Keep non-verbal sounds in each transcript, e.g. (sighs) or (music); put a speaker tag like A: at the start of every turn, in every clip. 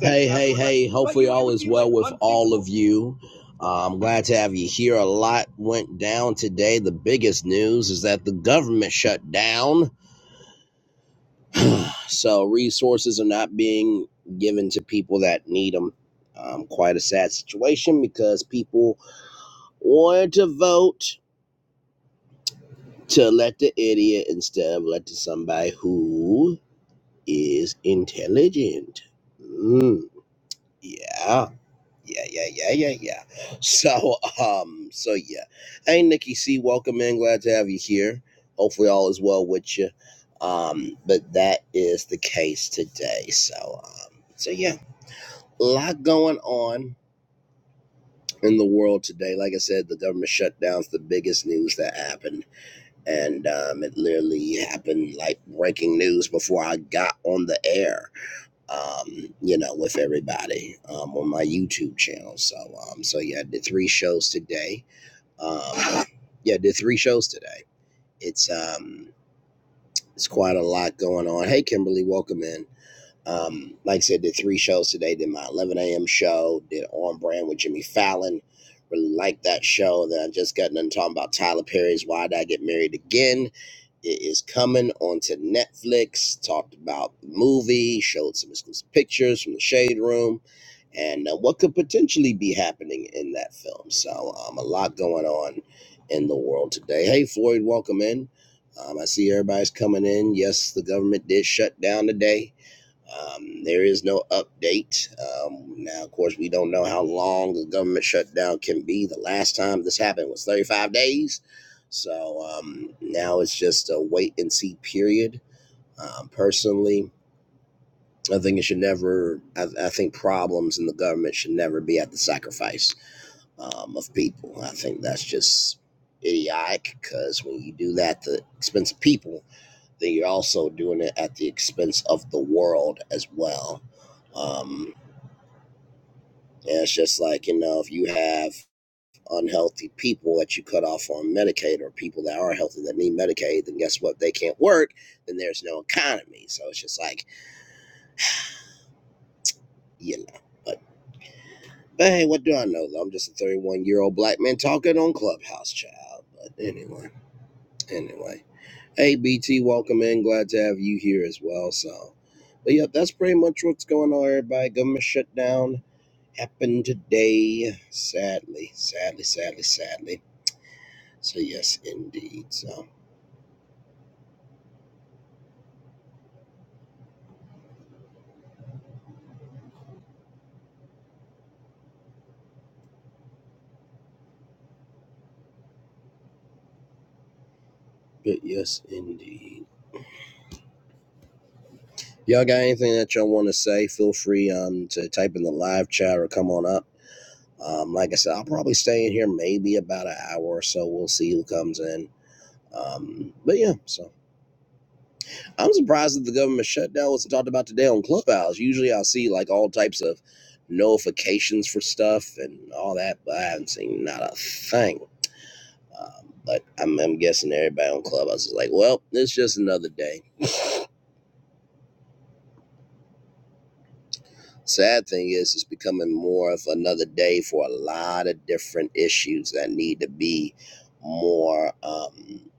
A: Hey, hey, hey. Hopefully, all is well with all of you. Uh, I'm glad to have you here. A lot went down today. The biggest news is that the government shut down. So, resources are not being given to people that need them. Um, quite a sad situation because people wanted to vote to let the idiot instead of let to somebody who is intelligent. Mm, yeah. Yeah, yeah, yeah, yeah, yeah. (laughs) So, um, so yeah. Hey, Nikki C, welcome in. Glad to have you here. Hopefully, all is well with you. Um, but that is the case today. So, um, so yeah, a lot going on in the world today. Like I said, the government shutdown's the biggest news that happened, and um, it literally happened like breaking news before I got on the air um, you know, with everybody um, on my YouTube channel. So, um, so yeah, I did three shows today. Um, yeah, I did three shows today. It's um, it's quite a lot going on. Hey, Kimberly, welcome in. Um, like I said, did three shows today. Did my 11 a.m. show. Did On Brand with Jimmy Fallon. Really liked that show. Then I just got done talking about Tyler Perry's Why Did I Get Married Again. It is coming onto Netflix. Talked about the movie. Showed some exclusive pictures from the Shade Room, and uh, what could potentially be happening in that film. So um, a lot going on in the world today. Hey Floyd, welcome in. Um, I see everybody's coming in. Yes, the government did shut down today um, there is no update. Um, now, of course, we don't know how long the government shutdown can be. The last time this happened was 35 days. So um, now it's just a wait and see period. Um, personally, I think it should never, I, I think problems in the government should never be at the sacrifice um, of people. I think that's just idiotic because when you do that, the expense of people you are also doing it at the expense of the world as well. Um, and it's just like, you know, if you have unhealthy people that you cut off on Medicaid or people that are healthy that need Medicaid, then guess what? They can't work, then there's no economy. So it's just like, you know. But, but hey, what do I know? I'm just a 31 year old black man talking on Clubhouse, child. But anyway, anyway. Hey, BT, welcome in. Glad to have you here as well. So, but yep, that's pretty much what's going on, everybody. Government shutdown happened today. Sadly, sadly, sadly, sadly. So yes, indeed. So, but yes, indeed. Y'all got anything that y'all want to say? Feel free um to type in the live chat or come on up. Um, like I said, I'll probably stay in here maybe about an hour or so. We'll see who comes in. Um, but yeah, so I'm surprised that the government shutdown wasn't talked about today on Clubhouse. Usually, I'll see like all types of notifications for stuff and all that, but I haven't seen not a thing. Um, but I'm, I'm guessing everybody on Clubhouse is like, well, it's just another day. Sad thing is, it's becoming more of another day for a lot of different issues that need to be more, um,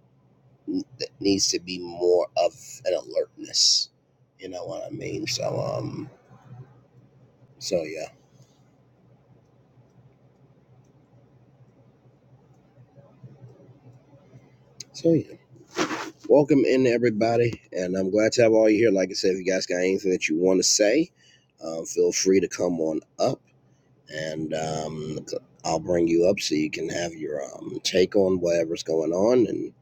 A: that needs to be more of an alertness. You know what I mean? So, um, so yeah. So yeah. Welcome in everybody, and I'm glad to have all you here. Like I said, if you guys got anything that you want to say, um, feel free to come on up and um, I'll bring you up so you can have your um, take on whatever's going on. And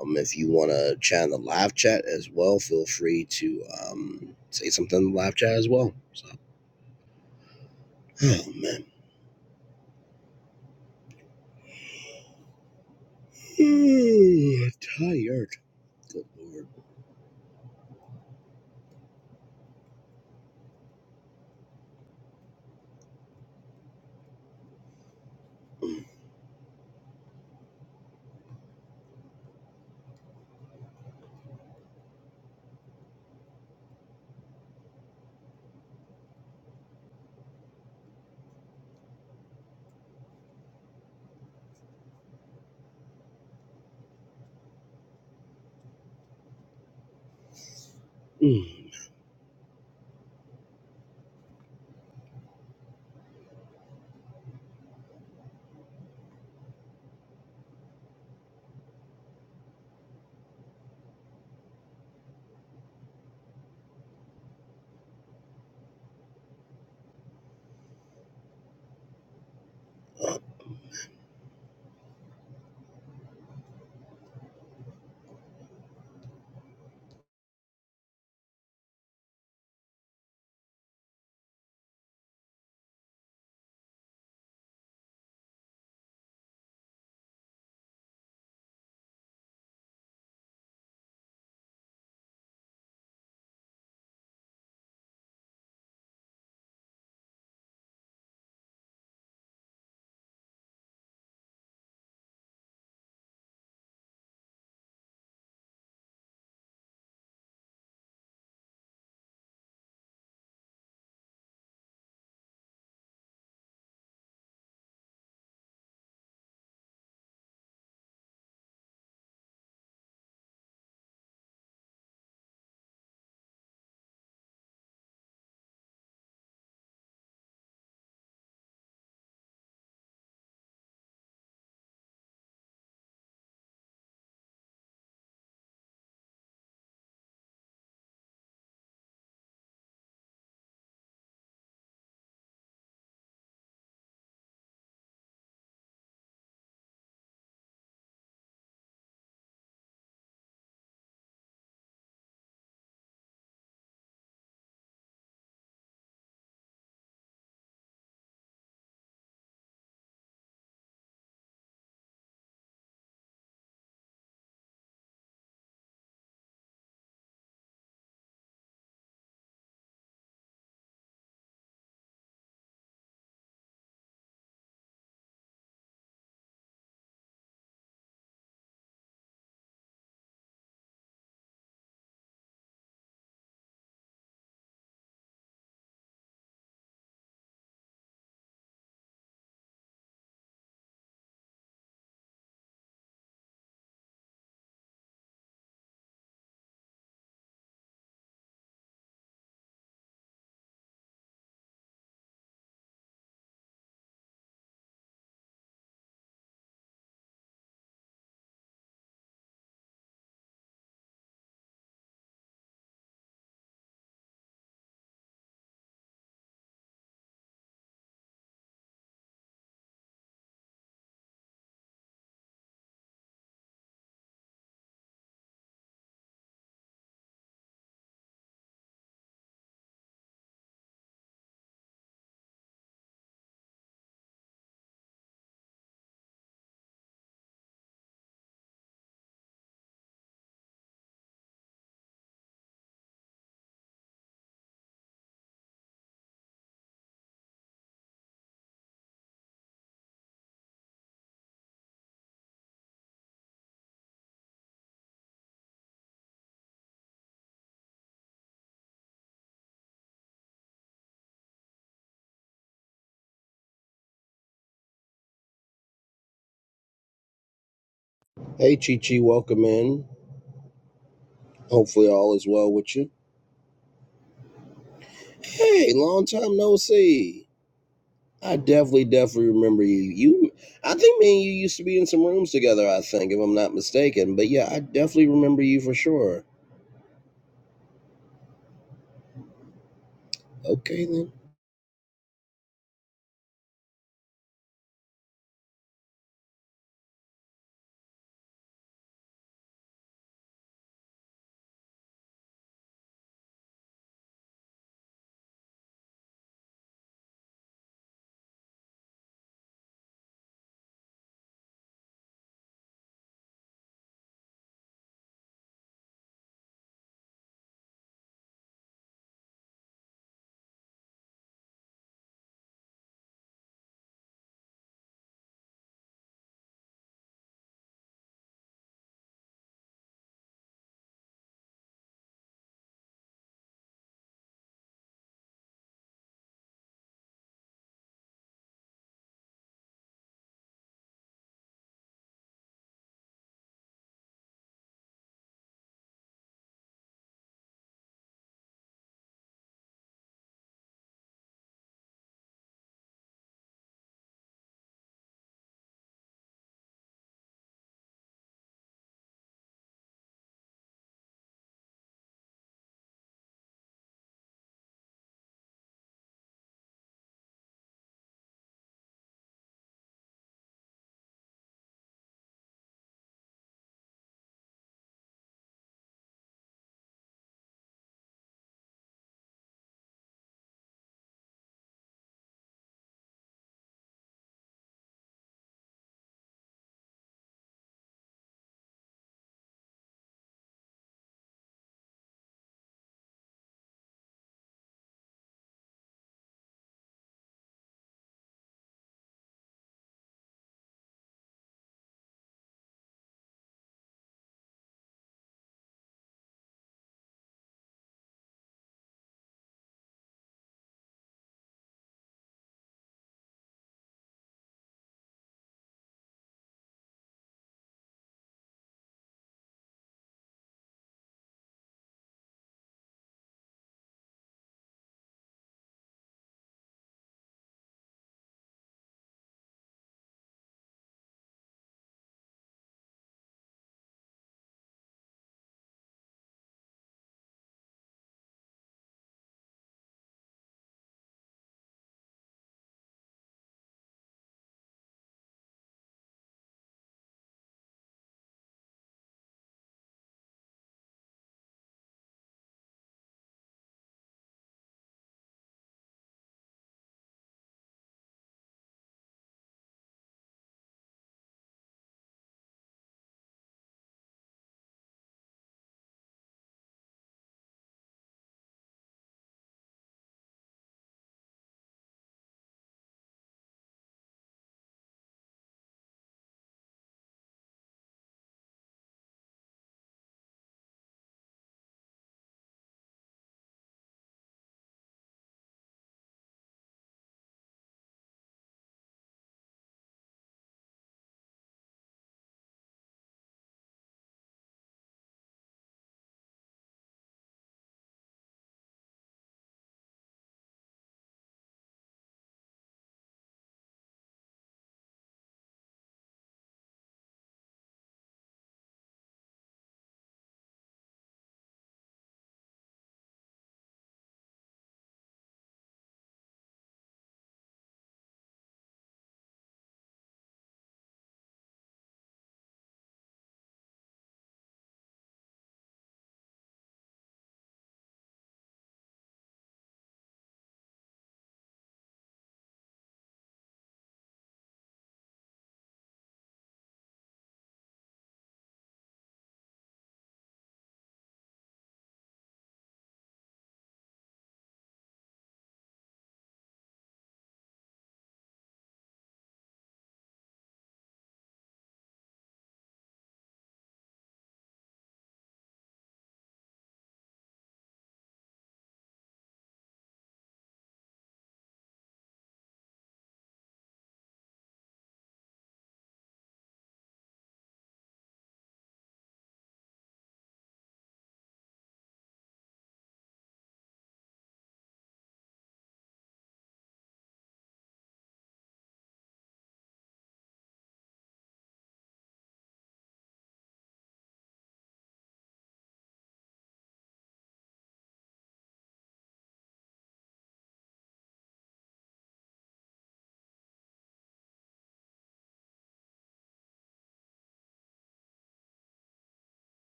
A: um, if you want to chat in the live chat as well, feel free to um, say something in the live chat as well. So, oh man, Ooh, tired. Good lord. Mm, mm. Uh, Hey, Chi Chi, welcome in. Hopefully, all is well with you. Hey, long time no see. I definitely, definitely remember you. You, I think me and you used to be in some rooms together. I think, if I'm not mistaken. But yeah, I definitely remember you for sure. Okay then.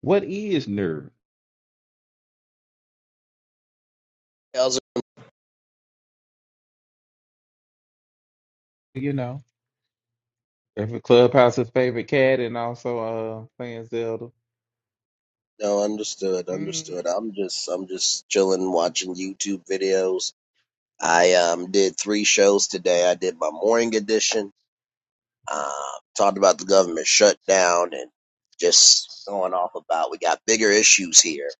B: What is nerd?
A: How's it-
B: You know, if a Clubhouse's favorite cat and also uh playing Zelda.
A: No, understood, understood.
B: Mm-hmm.
A: I'm just, I'm just chilling, watching YouTube videos. I um did three shows today. I did my morning edition. Uh, talked about the government shutdown and just going off about we got bigger issues here.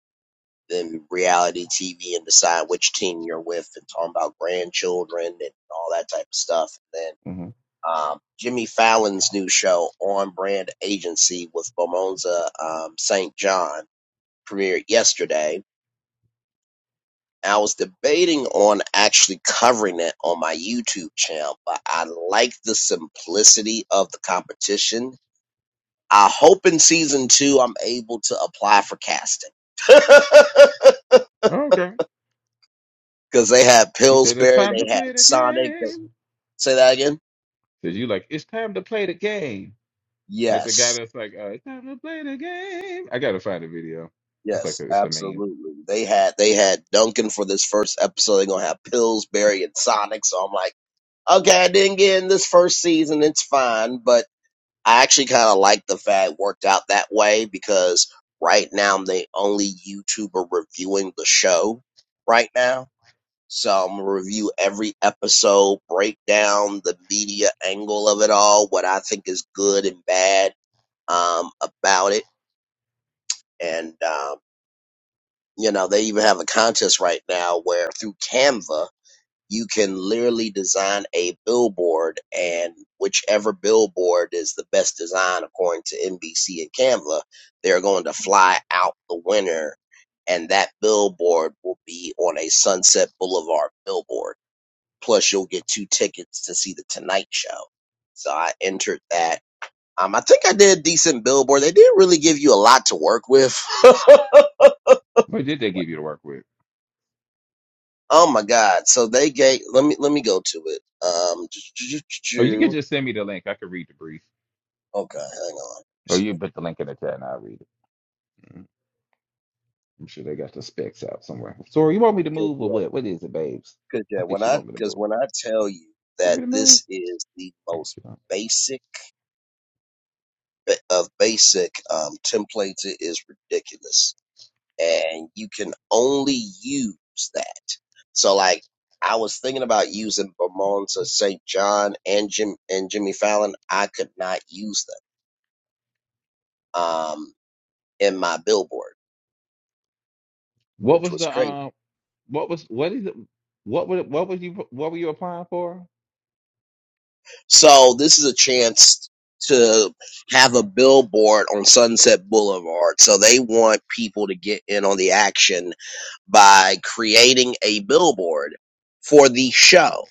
A: than reality TV and decide which team you're with and talking about grandchildren and all that type of stuff. And then
B: Mm-hmm.
A: um, Jimmy Fallon's new show, On Brand Agency, with Bomonza um, St. John, premiered yesterday. I was debating on actually covering it on my YouTube channel, but I like the simplicity of the competition. I hope in season two I'm able to apply for casting. (laughs)
B: Okay.
A: because they had
B: You said it's
A: Pillsbury,
B: time to
A: they had
B: play the
A: Sonic. They,
B: game.
A: say that again.
B: Cause you like it's time to play the game. Like the guy
A: Yes,
B: that's like, uh, it's time to play the game. I gotta find a video. It's like a,
A: yes,
B: it's a meme.
A: absolutely. They had they had Duncan for this first episode. They're gonna have Pillsbury and Sonic. So I'm like, okay, I didn't get in this first season. It's fine, but I actually kind of like the fact it worked out that way because right now I'm the only YouTuber reviewing the show right now. So I'm gonna review every episode, break down the media angle of it all, what I think is good and bad um, about it, and um, you know they even have a contest right now where through Canva you can literally design a billboard, and whichever billboard is the best design according to NBC and Canva, they're going to fly out the winner, and that billboard will be on a Sunset Boulevard billboard Plus, you'll get two tickets to see the Tonight Show. So I entered that. Um, I think I did a decent billboard. They didn't really give you a lot to work with.
B: What did they give you to work with?
A: Oh my God! So they gave. Let me let me go to it. Um,
B: Or you could just send me the link. I could read the brief.
A: (tsk) okay, hang on.
B: Or you
A: Cause
B: put the link in the chat and I'll read it. Mm, I'm sure they got the specs out somewhere. Sorry, you want me to move or
A: yeah,
B: what? What is it, babes?
A: cause
B: I
A: yeah,
B: think
A: when
B: she
A: I
B: want me to
A: because
B: move.
A: when I tell you
B: Want
A: that
B: me to move?
A: this is the
B: I guess
A: most
B: you do
A: basic of basic um templates, it is ridiculous. and you can only use that. So like I was thinking about using Vermont St. John and Jim and Jimmy Fallon. I could not use them um in my billboard,
B: What
A: which
B: was
A: was
B: the
A: crazy.
B: um? What was what is it? What were what was you what were you applying for?
A: So this is a chance to have a billboard on Sunset Boulevard. So they want people to get in on the action by creating a billboard for the show.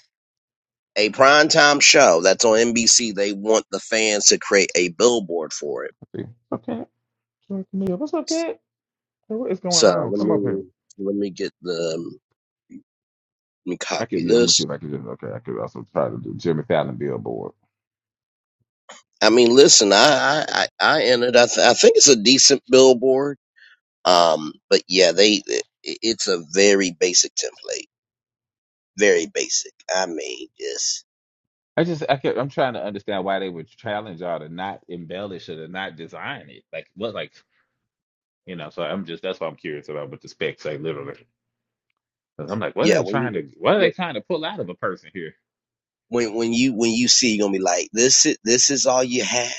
A: a primetime show that's on NBC, they want the fans to create a billboard for it.
B: Let's see. Okay, Sure, Camille, what's up, kid? Hey, What is going
A: So
B: on?
A: let
B: Come up here.
A: me let me get the um, let me
B: I could
A: copy
B: yeah. Let me see
A: this.
B: if I could just okay. I could also try to do Jimmy Fallon billboard.
A: I mean, listen, I I I I ended. I, th- I think it's a decent billboard. Um, but yeah, they it, it's a very basic template, very basic. I mean, just
B: I just I could, I'm trying to understand why they would challenge y'all to not embellish it or to not design it. Like what like you know. So I'm just that's what I'm curious about what the specs say literally. 'Cause I'm like, what are
A: yeah,
B: they
A: when
B: trying
A: you
B: to what are they trying to pull out of a person here?
A: when when you when you see, you're gonna be like, this is this is all you have.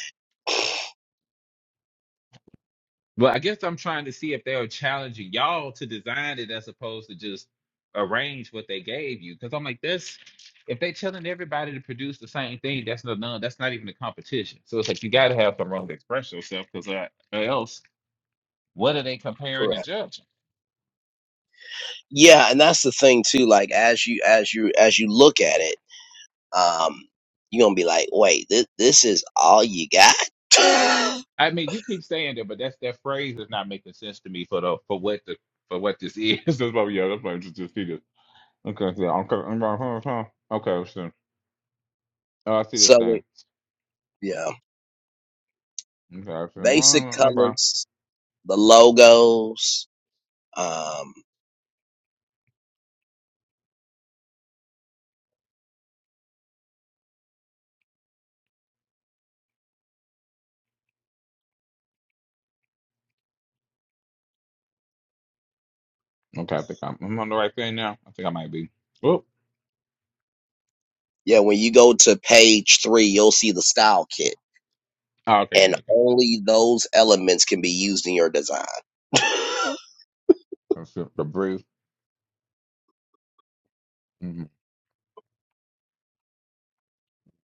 B: Well, I guess I'm trying to see if they are challenging y'all to design it as opposed to just arrange what they gave you. Because I'm like, this if they telling everybody to produce the same thing, that's no none. That's not even a competition. So it's like you got to have some room to express yourself, because uh, or else what are they comparing and
A: Correct.
B: judging?
A: Yeah, and that's the thing too. Like as you as you as you look at it. um, you're gonna be like, wait, this this is all you got?
B: I mean, you keep saying that, but that's that phrase is not making sense to me for the for what the for what this is. (laughs) that's what yeah, that's what I just just figured. Okay, so okay, okay, okay, okay, so, oh, I
A: (laughs)
B: see this
A: so
B: thing.
A: yeah,
B: Okay, I
A: basic
B: see. uh,
A: colors, the logos. Um,
B: Okay, I think I'm, I'm on the right thing now. I think I might be. Whoop.
A: yeah, when you go to page three, you'll see the style kit,
B: Oh, okay, I'm
A: and
B: looking.
A: only those elements can be used in your design. (laughs)
B: Let's see. The brief. Mhm.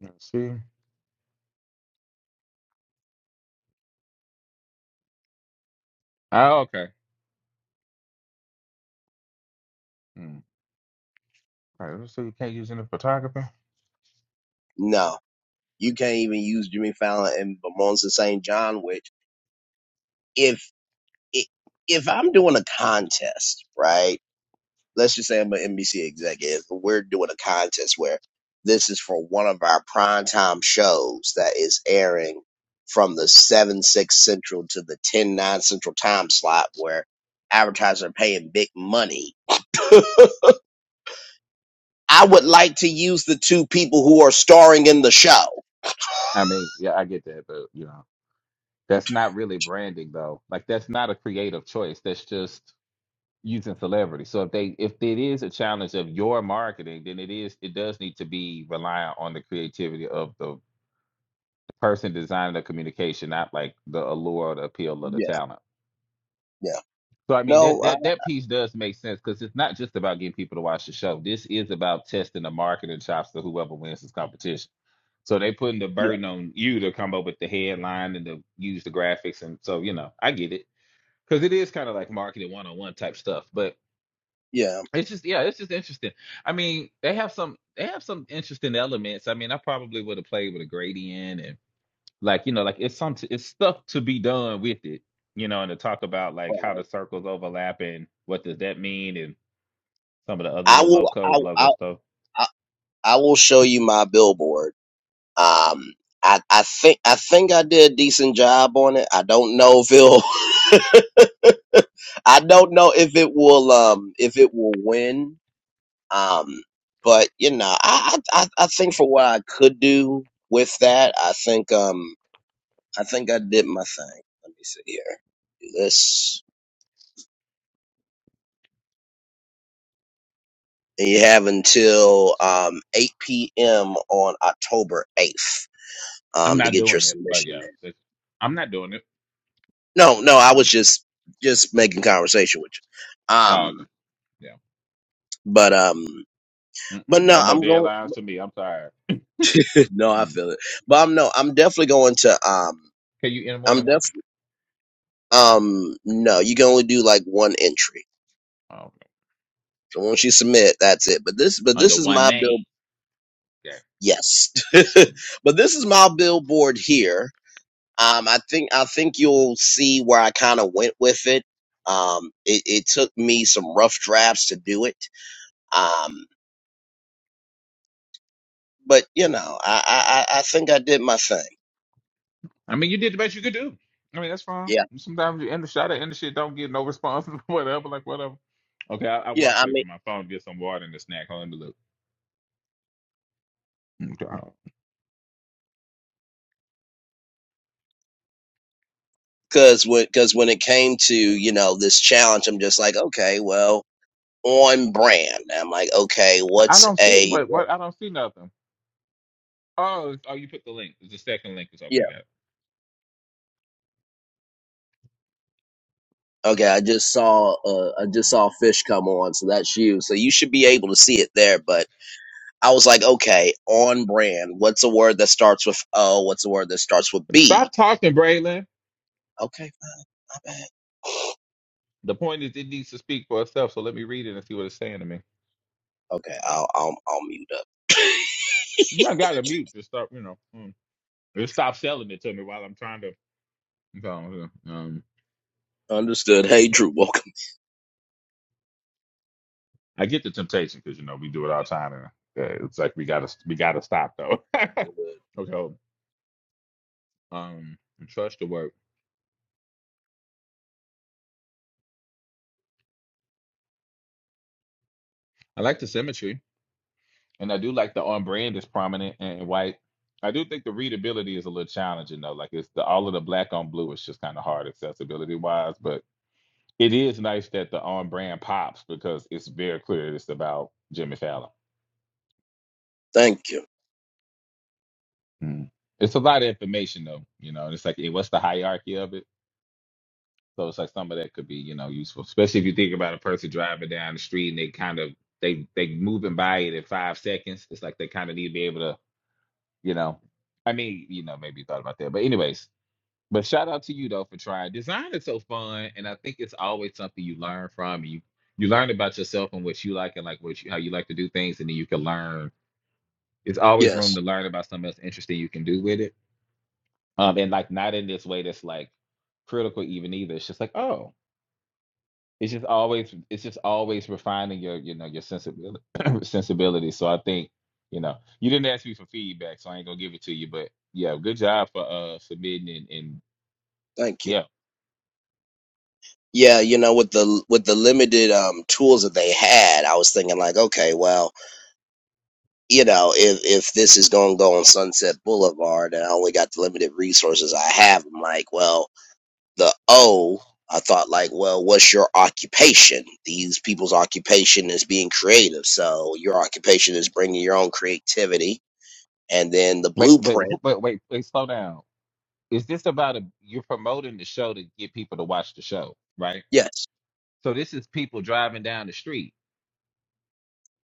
B: Let's see. Oh, okay. Mm. All right, so you can't use any photography?
A: no, you can't even use Jimmy Fallon and Monza St. John. Which if if I'm doing a contest, right? let's just say I'm an NBC executive. and We're doing a contest where this is for one of our primetime shows that is airing from the 7 6 central to the 10 9 central time slot where advertisers are paying big money. (laughs) I would like to use the two people who are starring in the show.
B: I mean, yeah, I get that, but you know, that's not really branding though. Like that's not a creative choice. That's just using celebrity. So if they if it is a challenge of your marketing, then it is it does need to be reliant on the creativity of the person designing the communication, not like the allure or the appeal of the
A: Yeah,
B: talent.
A: yeah.
B: So I mean that
A: No, I,
B: that that piece does make sense because it's not just about getting people to watch the show. This is about testing the marketing chops of whoever wins this competition. So they putting the
A: yeah,
B: burden on you to come up with the headline and to use the graphics and so you know I get it because it is kind of like marketing one on one type stuff. But
A: yeah.
B: it's just yeah, it's just interesting. I mean they have some they have some interesting elements. I mean I probably would have played with a gradient and like you know like it's some it's stuff to be done with it you know and to talk about like how the circles overlap and what does that mean and some of the other
A: I
B: little
A: will,
B: low code
A: I,
B: logo
A: I,
B: stuff
A: I, I will show you my billboard Um, I, I think I think I did a decent job on it. I don't know if it'll (laughs) I don't know if it will um if it will win. Um but you know, I I I I think for what I could do with that, I think um I think I did my thing. Let me see here. Do this. And you have until um eight PM on October eighth
B: i'm
A: um to
B: not
A: get your
B: doing it but
A: submission
B: yeah
A: in.
B: it's, i'm not doing it
A: No, no, I was
B: Mm-mm.
A: just just making conversation with you.
B: oh
A: Um
B: okay yeah
A: But um, but
B: Mm-mm.
A: no,
B: no more
A: I'm going.
B: deadlines to me i'm tired
A: (laughs) no, I
B: Mm.
A: feel it. But I'm no, I'm definitely going to um,
B: can you enter more
A: I'm
B: than one
A: definitely um, no, you can only do like one entry.
B: oh, okay.
A: So once you submit, that's it. But this, but
B: under
A: this is
B: one
A: my
B: name
A: bill.
B: yeah
A: Yes,
B: Mm.
A: (laughs) but this is my billboard here. Um, I think I think you'll see where I kind of went with it. Um, it, it took me some rough drafts to do it. Um, but you know, I I I I think I did my thing.
B: i mean you did the best you could do i mean that's fine
A: Yeah,
B: sometimes you end the shot at end the shit don't get no response (laughs) or whatever like whatever okay i, I
A: yeah.
B: walked
A: I
B: away
A: mean.
B: from my phone to get some water and a snack Hold on Okay.
A: Cause when, cause when it came to, you know, this challenge, I'm just like, okay, well, on brand. I'm like, okay,
B: I
A: what's
B: don't see
A: a,
B: what what I don't see nothing. Oh, it's- oh, you put the link. It's the second link is
A: yeah.
B: okay. Got
A: Okay. I just saw, uh, I just saw fish come on. So that's you. So you should be able to see it there. But I was like, okay, on brand. What's a word that starts with O? What's a word that starts with
B: it.
A: B?
B: Stop talking, Braylon.
A: Okay. My bad.
B: The point is, it needs to speak for itself. So let me read it and see what it's saying to me.
A: Okay. I'll, I'll, I'll mute up.
B: You ain't got to mute. Just start, you know. mm. Just stop selling it to me while I'm trying to. so, Um,
A: Understood. Hey, Drew. Welcome.
B: I get the temptation because you know we do it all the time, and uh, it's like we gotta we gotta stop though. (laughs) okay. Um, and trust the work. I like the symmetry. And I do like the on brand is prominent and white. I do think the readability is a little challenging though. Like it's the all of the black on blue is just kind of hard accessibility wise, but it is nice that the on brand pops because it's very clear that it's about Jimmy Fallon.
A: Thank you.
B: Mm. It's a lot of information though, you know, and it's like eh, what's the hierarchy of it? So it's like some of that could be, you know, useful, especially if you think about a person driving down the street and they kind of they they moving by it in five seconds. It's like they kind of need to be able to, you know, I mean, you know, maybe you thought about that, but anyways, But shout out to you though for trying. Design is so fun, and I think it's always something you learn from. You you learn about yourself and what you like and like what you, how you like to do things, and then you can learn. It's always room
A: Yes.
B: to learn about something else interesting you can do with it. Um, and like not in this way that's like critical even either. It's just like oh, it's just always it's just always refining your you know your sensibility (clears throat) sensibility. So I think you know you didn't ask me for feedback, so I ain't gonna give it to you. But yeah, good job for uh submitting and and
A: Thank you.
B: yeah
A: Yeah, you know, with the with the limited um, tools that they had, I was thinking like, okay, well, you know, if if this is going to go on Sunset Boulevard and I only got the limited resources I have, I'm like, well, the O, I thought like, well, what's your occupation? These people's occupation is being creative, so your occupation is bringing your own creativity, and then the
B: Wait, wait,
A: blueprint.
B: who- wait, wait, wait, slow down. Is this about a you're promoting the show to get people to watch the show, right?
A: Yes,
B: So this is people driving down the street.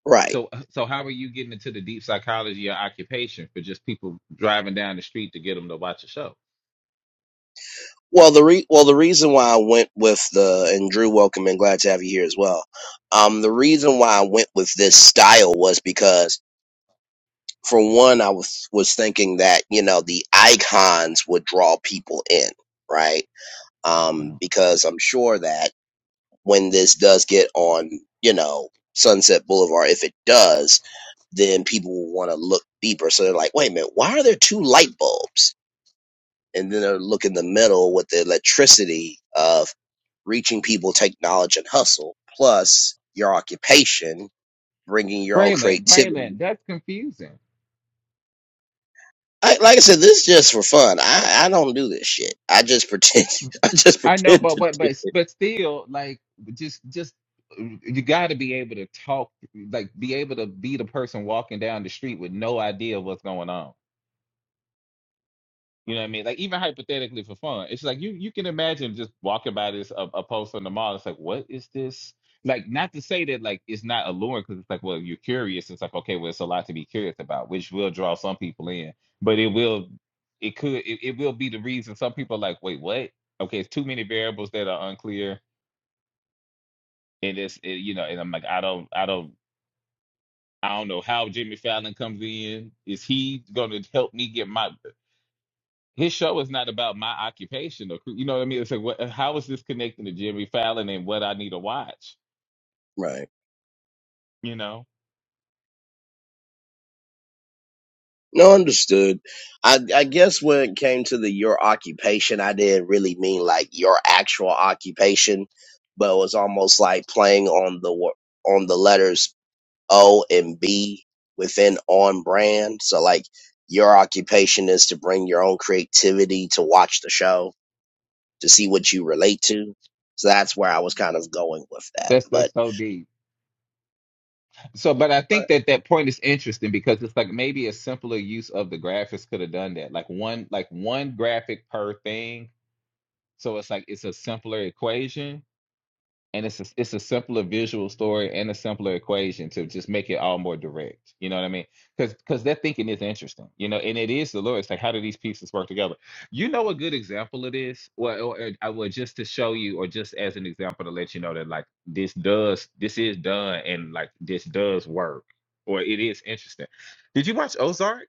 A: right.
B: So so how are you getting into the deep psychology of occupation for just people driving down the street to get them to watch a show?
A: Well, the re- well the reason why I went with the and Drew, welcome and glad to have you here as well. Um, the reason why I went with this style was because, for one, I was was thinking that you know the icons would draw people in, right? Um,
B: Mm.
A: because I'm sure that when this does get on, you know, Sunset Boulevard, if it does, then people will want to look deeper. So they're like, wait a minute, why are there two light bulbs? and then they look in the middle with the electricity of reaching people, take knowledge and hustle, plus your occupation, bringing your own
B: Braylon,
A: creativity.
B: Braylon, that's confusing.
A: I, like I said, this is just for fun. I, I don't do this shit. I just pretend. (laughs) I just
B: I know,
A: pretend
B: but
A: to
B: but
A: do.
B: but but still, like just just you got to be able to talk, like be able to be the person walking down the street with no idea what's going on You know what I mean? Like even hypothetically for fun, it's like you you can imagine just walking by this a, a post on the mall. It's like, what is this? Like not to say that like it's not alluring because it's like, well, you're curious. It's like okay, well, it's a lot to be curious about, which will draw some people in, but it will it could it, it will be the reason some people are like, wait, what? Okay, it's too many variables that are unclear, and it's it, you know, and I'm like, I don't I don't I don't know how Jimmy Fallon comes in. Is he going to help me get my? his show is not about my occupation or cre- you know what I mean. It's like what, how is this connecting to Jimmy Fallon and what I need to watch?
A: Right.
B: You know,
A: No, understood. I, I guess when it came to the your occupation, I didn't really mean like your actual occupation, but it was almost like playing on the wo- on the letters O and B within on brand. So like your occupation is to bring your own creativity to watch the show to see what you relate to. So that's where I was kind of going with that.
B: That's
A: But
B: that's so deep. So, but I think that that point is interesting because it's like maybe a simpler use of the graphics could have done that. Like one like one graphic per thing. So it's like it's a simpler equation. and it's a, it's a simpler visual story and a simpler equation to just make it all more direct. You know what I mean? Because because that thinking is interesting. You know, and it is the Lord. It's like how do these pieces work together? You know, a good example of this, well, or, or I will just to show you, or just as an example to let you know that like this does this is done and like this does work, or it is interesting. Did you watch Ozark?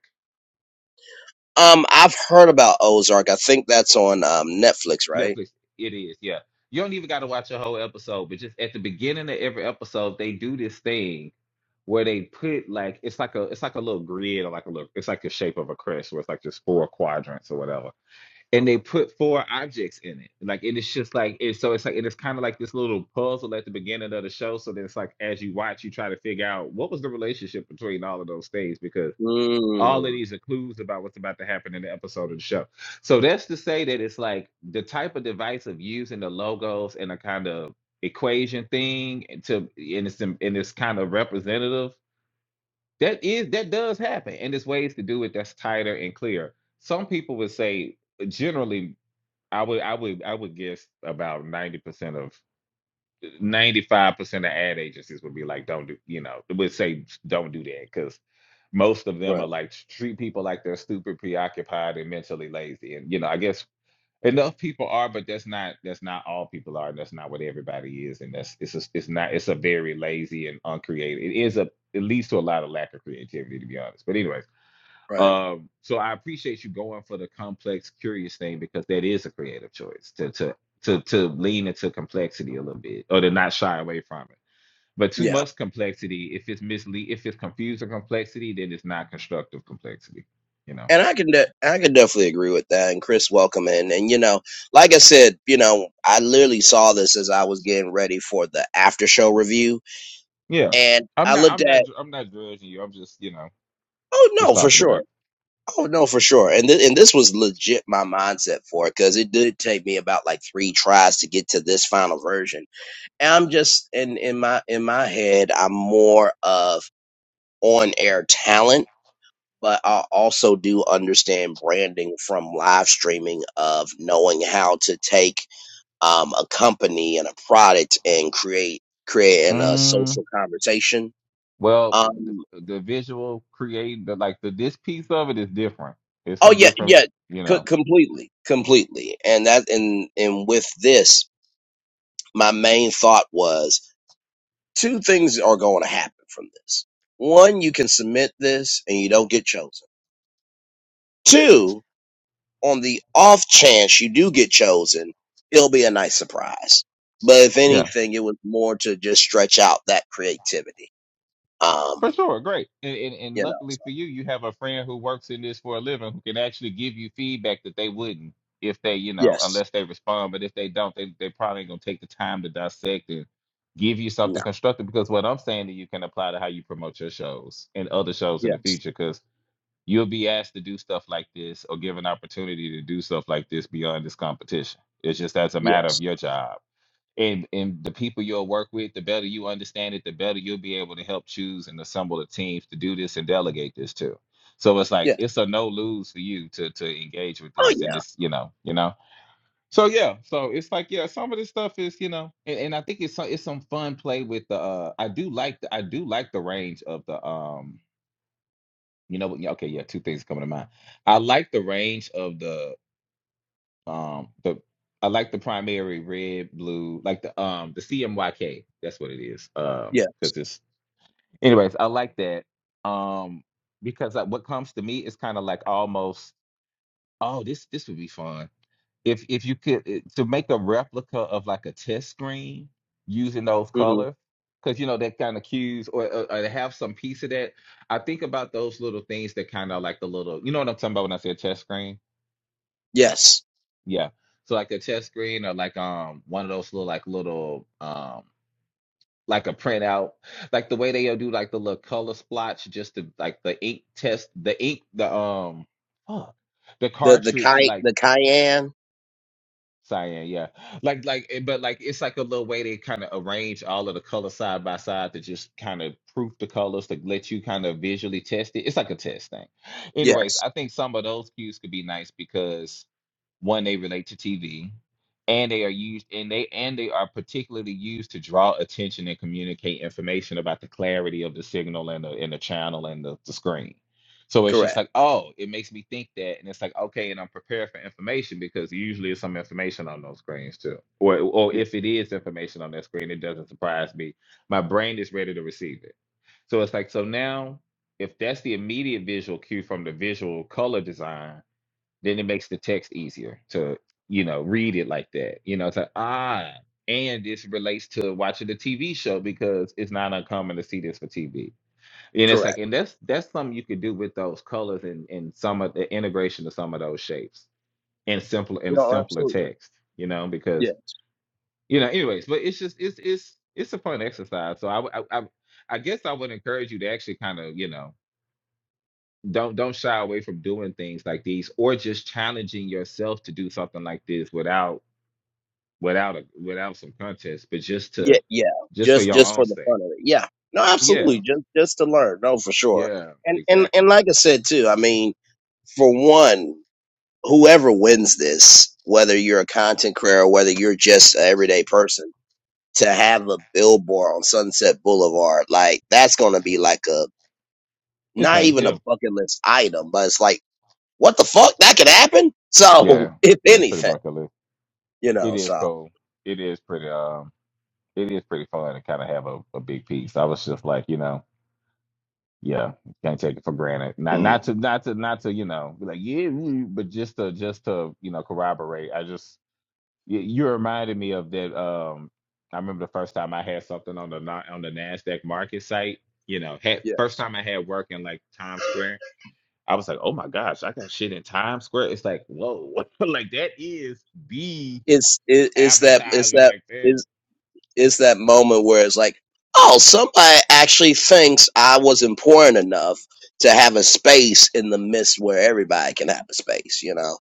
A: um, I've heard about Ozark. I think that's on um Netflix, right?
B: Netflix. It is, yeah. You don't even got to watch a whole episode, but just at the beginning of every episode, they do this thing where they put like it's like a it's like a little grid or like a little it's like the shape of a crest where it's like just four quadrants or whatever, and they put four objects in it. Like and it's just like it's so it's like and it's kind of like this little puzzle at the beginning of the show. So then it's like as you watch, you try to figure out what was the relationship between all of those things because all of
A: Mm,
B: these are clues about what's about to happen in the episode of the show. So that's to say that it's like the type of device of using the logos and a kind of equation thing to and it's in and it's kind of representative. That is that does happen, and there's ways to do it that's tighter and clear. Some people would say generally, I would I would I would guess about ninety percent of 95% of ad agencies would be like, don't do, you know, would say, don't do that because most of them are
A: right,
B: like treat people like they're stupid, preoccupied, and mentally lazy. And you know, I guess enough people are, but that's not that's not all people are, and that's not what everybody is. And that's it's a, it's not it's a very lazy and uncreative. It is a it leads to a lot of lack of creativity, to be honest. But anyways,
A: right,
B: um, so I appreciate you going for the complex, curious thing because that is a creative choice to to to to lean into complexity a little bit or to not shy away from it. But too
A: yeah.
B: much complexity, if it's mislead, if it's confusing complexity, then it's not constructive complexity. You know.
A: And I can de- I can definitely agree with that. And Chris, welcome in. And you know, like I said, you know, I literally saw this as I was getting ready for the after show review,
B: Yeah.
A: and
B: I'm
A: I
B: not.
A: looked
B: I'm
A: at.
B: not. I'm not judging you. I'm just. You know.
A: Oh
B: Just
A: no, for
B: talking about.
A: sure. Oh no, for sure. And th- and this was legit my mindset for it because it did take me about like three tries to get to this final version. And I'm just in in my in my head, I'm more of on air talent, but I also do understand branding from live streaming of knowing how to take um, a company and a product and create create an, a
B: Mm,
A: social conversation.
B: well,
A: Um.
B: the, the visual create the, like the this piece of it is different. It's
A: Oh
B: some
A: yeah,
B: different.
A: yeah,
B: You
A: c-
B: know.
A: completely, completely. And that, and and with this, my main thought was two things are going to happen from this. One, you can submit this and you don't get chosen. Two, on the off chance you do get chosen, it'll be a nice surprise. But if
B: Yeah.
A: anything, it was more to just stretch out that creativity.
B: For
A: Um,
B: sure, great. And, and and
A: you know,
B: luckily
A: so,
B: for you, you have a friend who works in this for a living who can actually give you feedback that they wouldn't if they, you know,
A: yes,
B: unless they respond. But if they don't, they they probably ain't gonna take the time to dissect and give you something
A: no,
B: constructive because what I'm saying that you can apply to how you promote your shows and other shows in the
A: yes,
B: future because you'll be asked to do stuff like this or given opportunity to do stuff like this beyond this competition. It's just that's a matter
A: yes,
B: of your job and and the people you'll work with, the better you understand it, the better you'll be able to help choose and assemble the teams to do this and delegate this to. So it's like
A: yes.
B: it's a no lose for you to to engage with
A: Oh
B: this and
A: yeah,
B: this, you know, you know. So yeah, so it's like yeah, some of this stuff is you know, and, and I think it's some it's some fun play with the. Uh, I do like the, I do like the range of the um. You know what? yeah, Okay, yeah, two things coming to mind. I like the range of the um, the I like the primary red, blue, like the um the CMYK. That's what it is. Um,
A: yeah,
B: because it's anyways, I like that. Um, because like, what comes to me is kind of like almost oh this this would be fun if if you could it- to make a replica of like a test screen using those
A: hmm
B: colors. Because you know that kind of cues, or, or, or to have some piece of that. I think about those little things that kind of like the little, you know what I'm talking about when I say a test screen
A: yes.
B: Yeah. So like a chess screen or like um one of those little like little um like a printout, like the way they'll do like the little color splotch just to like the ink test the ink the um fuck, the
A: The the
B: cartridge
A: Ky
B: like
A: the Cayenne.
B: cyan, yeah. Like like eh, but like it's like a little way they kind of arrange all of the colors side by side to just kind of proof the colors to let you kind of visually test it. It's like a test thing. Anyways,
A: Yes,
B: I think some of those cues could be nice because one, they relate to TV, and they are used and they and they are particularly used to draw attention and communicate information about the clarity of the signal and the and the channel and the, the screen. So it's just
A: correct,
B: like, oh, it makes me think that, and it's like, okay, and I'm prepared for information because usually it's some information on those screens too, or or if it is information on that screen, it doesn't surprise me. My brain is ready to receive it. So it's like, so now if that's the immediate visual cue from the visual color design, then it makes the text easier to you know read it like that you know it's like ah and this relates to watching the tv show because it's not uncommon to see this for tv and it's like
A: correct.
B: and that's that's something you could do with those colors and and some of the integration of some of those shapes and simpler in a
A: No,
B: simpler
A: absolutely.
B: text you know because
A: Yes.
B: you know anyways but it's just it's it's it's a fun exercise so i w- i, I I guess I would encourage you to actually kind of, you know, don't don't shy away from doing things like these or just challenging yourself to do something like this without without a, without some contest but just
A: Yeah,
B: to
A: yeah.
B: just for
A: Just
B: your
A: just
B: own
A: for the
B: sake
A: fun of it. Yeah. No,
B: yeah
A: absolutely. Just just to learn. No, for sure.
B: yeah
A: And and
B: exactly
A: and like I said too. I mean, for one, whoever wins this, whether you're a content creator or whether you're just an everyday person, to have a billboard on Sunset Boulevard, like that's going to be like a
B: it's
A: not
B: nice
A: even a
B: yeah
A: bucket list item, but it's like, what the fuck? That could happen. So,
B: yeah
A: (laughs) if
B: yeah it's pretty
A: anything.
B: bucket list
A: you
B: it
A: know
B: is
A: so
B: cool it is pretty um it is pretty fun to kind of have a, a big piece i was just like you know yeah can't take it for granted not
C: Mm,
B: not to not to not to you know be like yeah mm, but just to just to you know corroborate i just You, you reminded me of that. Um, I remember the first time I had something on the na- on the Nasdaq market site. You know, had,
A: yeah
B: first time I had work in like Times Square. I was like, oh my gosh, I got shit in Times Square. It's like, whoa, (laughs) like that is the
A: it's it, it's that it's
B: advertiser.
A: that
B: Like that.
A: is it's that moment where it's like oh somebody actually thinks i was important enough to have a space in the midst where everybody can have a space you know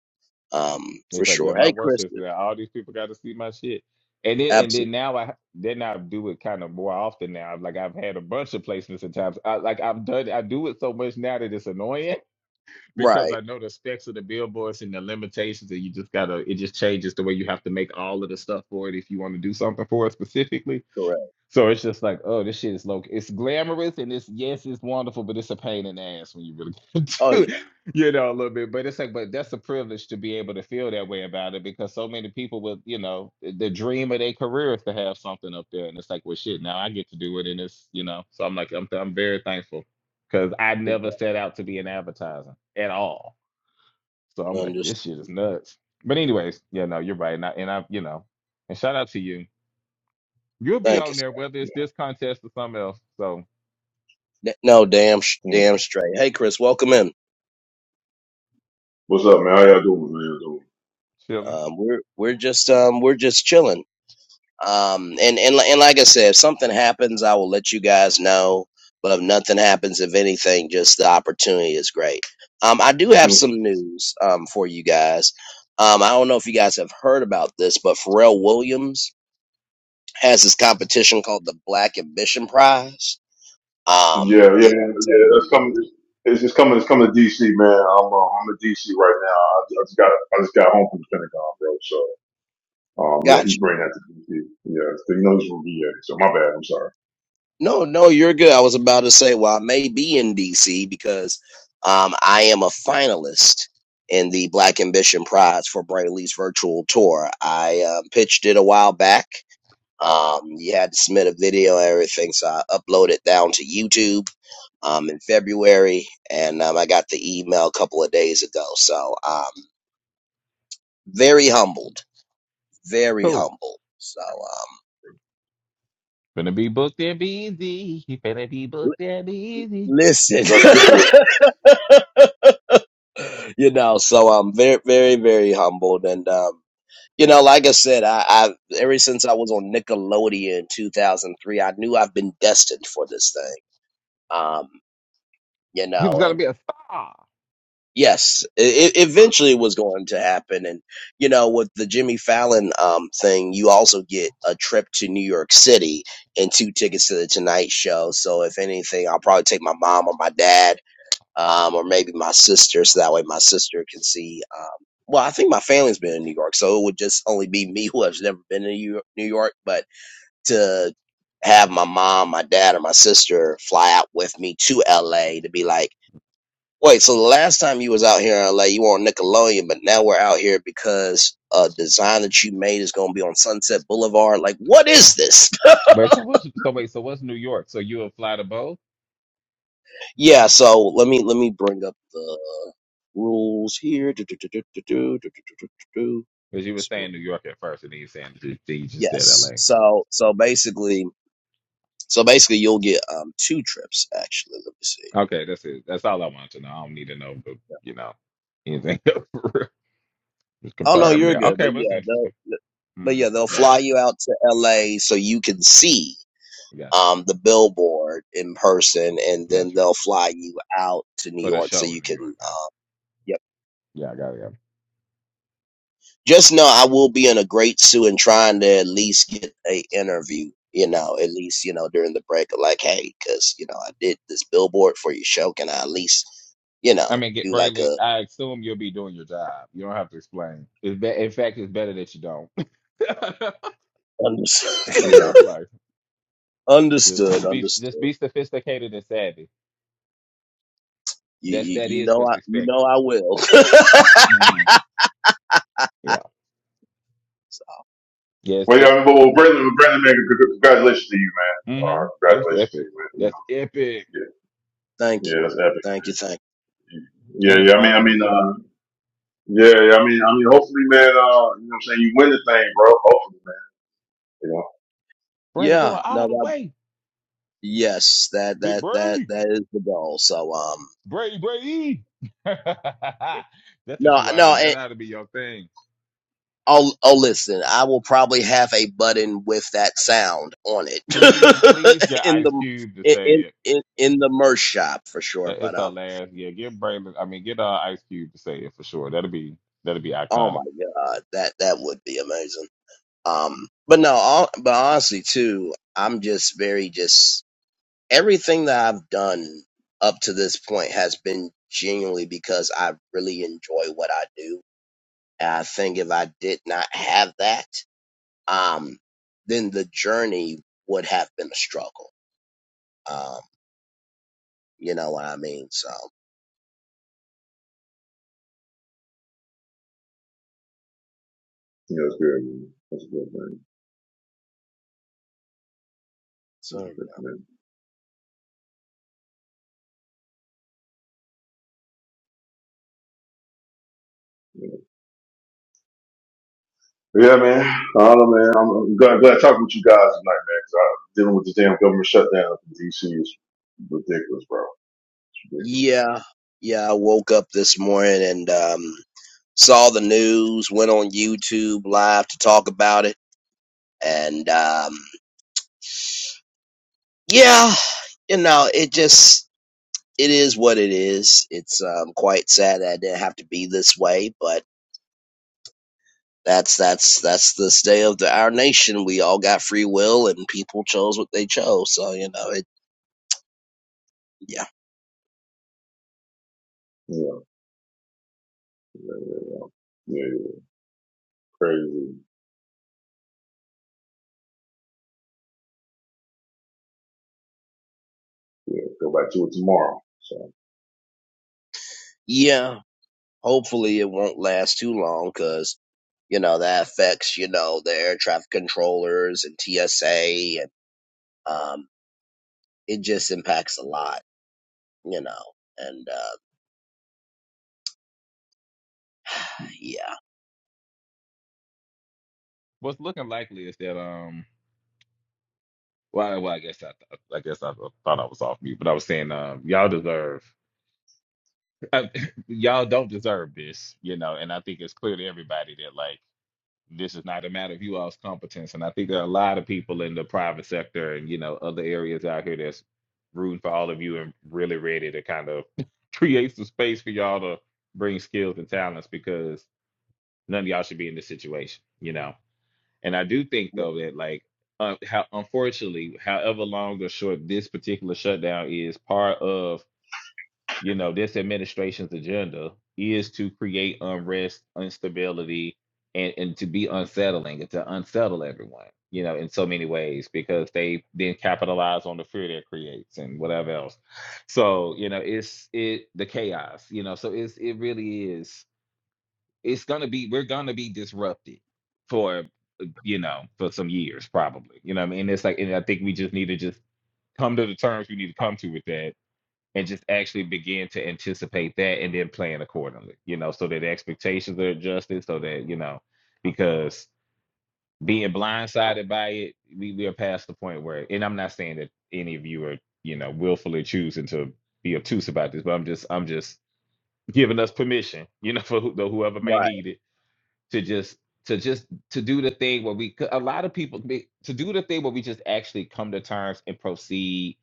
A: um for
B: It's like, yeah,
A: sure
B: my
A: hey
B: work
A: chris
B: is that all these people got to see my shit. And then and then
A: absolutely
B: now I then I do it kind of more often now. Like I've had a bunch of placements at times. I, like I've done I do it so much now that it's annoying because
A: right
B: I know the specs of the billboards and the limitations and you just gotta it just changes the way you have to make all of the stuff for it if you want to do something for it specifically.
A: correct
B: So it's just like, oh, this shit is low. It's glamorous and it's yes, it's wonderful, but it's a pain in the ass when you really (laughs) get
A: oh
B: to
A: yeah
B: it, you know, a little bit. But it's like, but that's a privilege to be able to feel that way about it because so many people with, you know, the dream of their career is to have something up there. And it's like, well shit, now I get to do it and it's, you know. So I'm like, I'm I'm very thankful because I never set out to be in advertising at all. So I'm like,
A: and just
B: this shit is nuts. But anyways, yeah, no, you're right. And I and I, you know, and shout out to you You'll be
A: thank you
B: on there whether it's
C: yeah,
B: this contest or something else. So
A: sir. no damn sh-
C: mm.
A: damn straight hey chris welcome in
C: What's up, man? How y'all doing? How y'all doing?
B: chilling.
A: um we're we're just um we're just chilling um and and and like i said if something happens i will let you guys know but if nothing happens if anything just the opportunity is great um i do have
C: Mm.
A: some news um for you guys um i don't know if you guys have heard about this but pharrell williams has this competition called the black ambition prize um
C: Yeah, yeah,
A: it,
C: yeah.
A: it's
C: yeah, That's
A: a
C: coming. It's, it's just coming. It's coming to DC, man. I'm uh, I'm in DC right now. I, I just got I just got home from the Pentagon, bro. So um, yeah,
A: gotcha
C: he's bringing that to DC. Yeah, so you know he's from VA. So my bad. I'm sorry.
A: No, no, you're good. I was about to say, well, I may be in DC because um, I am a finalist in the Black Ambition Prize for Brainley's virtual tour. I uh, pitched it a while back. Um, you had to submit a video and everything, so I uploaded down to YouTube um, in February, and um, I got the email a couple of days ago. So um, very humbled, very
B: Cool.
A: humbled. So um,
B: Finna be booked and busy. He finna be booked
A: l-
B: and busy.
A: listen.
C: That's
A: (laughs)
C: good.
A: you know, so I'm very, very, very humbled. And, um, you know, like I said, I, I ever since I was on Nickelodeon in 2003, I knew I've been destined for this thing. Um, you
B: He was
A: know,
B: gonna
A: and
B: be a star.
A: yes, it, it eventually was going to happen. And, you know, with the Jimmy Fallon, um, thing, you also get a trip to New York City and two tickets to the Tonight Show. So if anything, I'll probably take my mom or my dad um, or maybe my sister, so that way my sister can see. Um, well, I think my family's been in New York, so it would just only be me (laughs) who has never been to New York- New York. But to have my mom, my dad, or my sister fly out with me to LA to be like, wait, so the last time you was out here in LA, you were on Nickelodeon, but now we're out here because a design that you made is going to be on Sunset Boulevard. Like, what is
B: Mm.
A: this?
B: Wait, so what's so wait, so what's New York? So you'll fly to both?
A: (laughs) yeah, so let me let me bring up the rules here. Do, do, do, do, do, do, do, do, do, do,
B: Because you were
A: So,
B: saying New York at first and then you saying then you just said
A: yes.
B: LA.
A: So so basically, so basically, you'll get um two trips actually. Let me see.
B: Okay, that's it. That's all I want to know. I don't need to know but you know, anything (laughs) else for real. Just
A: Oh no,
B: confirm
A: you're
B: there.
A: good.
B: Okay,
A: But
B: well that's
A: yeah, they'll
B: interesting.
A: but yeah
B: Mm-hmm.
A: they'll fly you out to L.A. so you can see
B: Gotcha.
A: um the billboard in person, and then
B: Gotcha.
A: they'll fly you out to New
B: For the
A: York so
B: show
A: you
B: in New
A: can.
B: York, got it.
A: Um,
B: Yeah, I got it.
A: Just know I will be in a great suit and trying to at least get a interview. You know, at least you know during the break, like, hey, because you know I did this billboard for your show. Can I at least you
B: I
A: know
B: mean, get
A: do like
B: Braylon.
A: a
B: I assume you'll be doing your job. You don't have to explain. It's be- in fact, it's better that you don't. (laughs) the
A: understood,
B: play
C: Yeah.
B: by play.
A: (laughs)
B: Just,
A: understood,
B: just be, just
A: understood.
B: be sophisticated and savvy.
A: You,
B: That's
A: you
B: that
A: you
B: is
A: know
B: what's
A: I you know
B: expected.
A: I will.
B: hmm Yeah.
A: (laughs)
B: Yes.
C: Well,
B: It.
C: yeah. Well, well, Brandon, Brandon, man, c- c- congratulations to you, man.
B: hmm
C: Uh,
B: That's
C: congratulations to
B: epic.
C: you, man. You
B: That's
C: know,
B: epic
C: yeah,
A: thank
C: yeah.
A: you,
C: That's epic,
A: thank you,
C: man.
A: thank you.
C: Yeah,
B: and
C: yeah. I mean, I
B: inspiring
C: mean,
B: too.
C: uh, yeah, yeah. I mean, I mean. Hopefully, man. Uh, you know, what I'm saying you win the thing, bro. Hopefully. You know,
B: Braylon
A: Yeah,
B: going all
A: no,
B: the
A: that
B: way.
A: yes, that
B: Big
A: that that
B: Bray.
A: that is the goal. So um,
B: Bray Bray. (laughs) That's what
A: no,
B: you ought to.
A: no,
B: That ought to be your thing.
A: Oh, oh, listen, I will probably have a button with that sound on it
B: Please, please
A: (laughs)
B: get
A: in
B: Ice
A: the
B: Cube to say it.
A: in in in the merch shop for sure.
B: That
A: But
B: it's our
A: um,
B: last. Yeah, get Braylon. I mean, get uh, Ice Cube to say it for sure. That'll be that'll be
A: oh
B: iconic.
A: my god, that that would be amazing. Um, but no, all, but honestly too, I'm just very just everything that I've done up to this point has been genuinely because I really enjoy what I do, and I think if I did not have that, um, then the journey would have been a struggle Um, you know what I mean? So,
C: yeah, that's good, man. That's a good thing. That's
A: Sorry.
C: a good thing. Yeah, yeah man. I don't know, man. I'm, I'm glad, glad talking with you guys tonight, man. 'cause I, dealing with this damn government shutdown in D.C. is ridiculous, bro. It's ridiculous.
A: yeah, yeah, I woke up this morning and um, saw the news, went on YouTube live to talk about it. And um, yeah, you know, it just, it is what it is. It's um, quite sad that it didn't have to be this way, but that's that's that's the state of the, our nation. We all got free will, and people chose what they chose. So you know, it yeah,
C: Yeah, yeah, yeah, yeah, crazy. Yeah, go back to it tomorrow. So,
A: yeah. Hopefully, it won't last too long, cause. you know that affects you know the air traffic controllers and TSA and um it just impacts a lot you know and uh yeah
B: What's looking likely is that um. Well, well, I guess I, I guess I thought I was off mute, but I was saying, um, y'all deserve, I, (laughs) y'all don't deserve this, you know. And I think it's clear to everybody that like this is not a matter of you all's competence. And I think there are a lot of people in the private sector and you know other areas out here that's rooting for all of you and really ready to kind of (laughs) create some space for y'all to bring skills and talents because none of y'all should be in this situation, you know. And I do think
A: Yeah.
B: though that like uh, how unfortunately, however long or short this particular shutdown is, part of you know this administration's agenda is to create unrest, instability, and and to be unsettling and to unsettle everyone, you know, in so many ways because they then capitalize on the fear that creates and whatever else. So you know, it's it the chaos, you know. So it's it really is it's gonna be we're gonna be disrupted for you know for some years probably you know what i mean it's like and i think we just need to just come to the terms we need to come to with that and just actually begin to anticipate that and then plan accordingly you know so that expectations are adjusted so that you know because being blindsided by it we, we are past the point where and i'm not saying that any of you are you know willfully choosing to be obtuse about this but i'm just i'm just giving us permission you know (laughs) for who, though whoever may
A: right
B: need it to just to just to do the thing where we c- a lot of people be- to do the thing where we just actually come to terms and proceed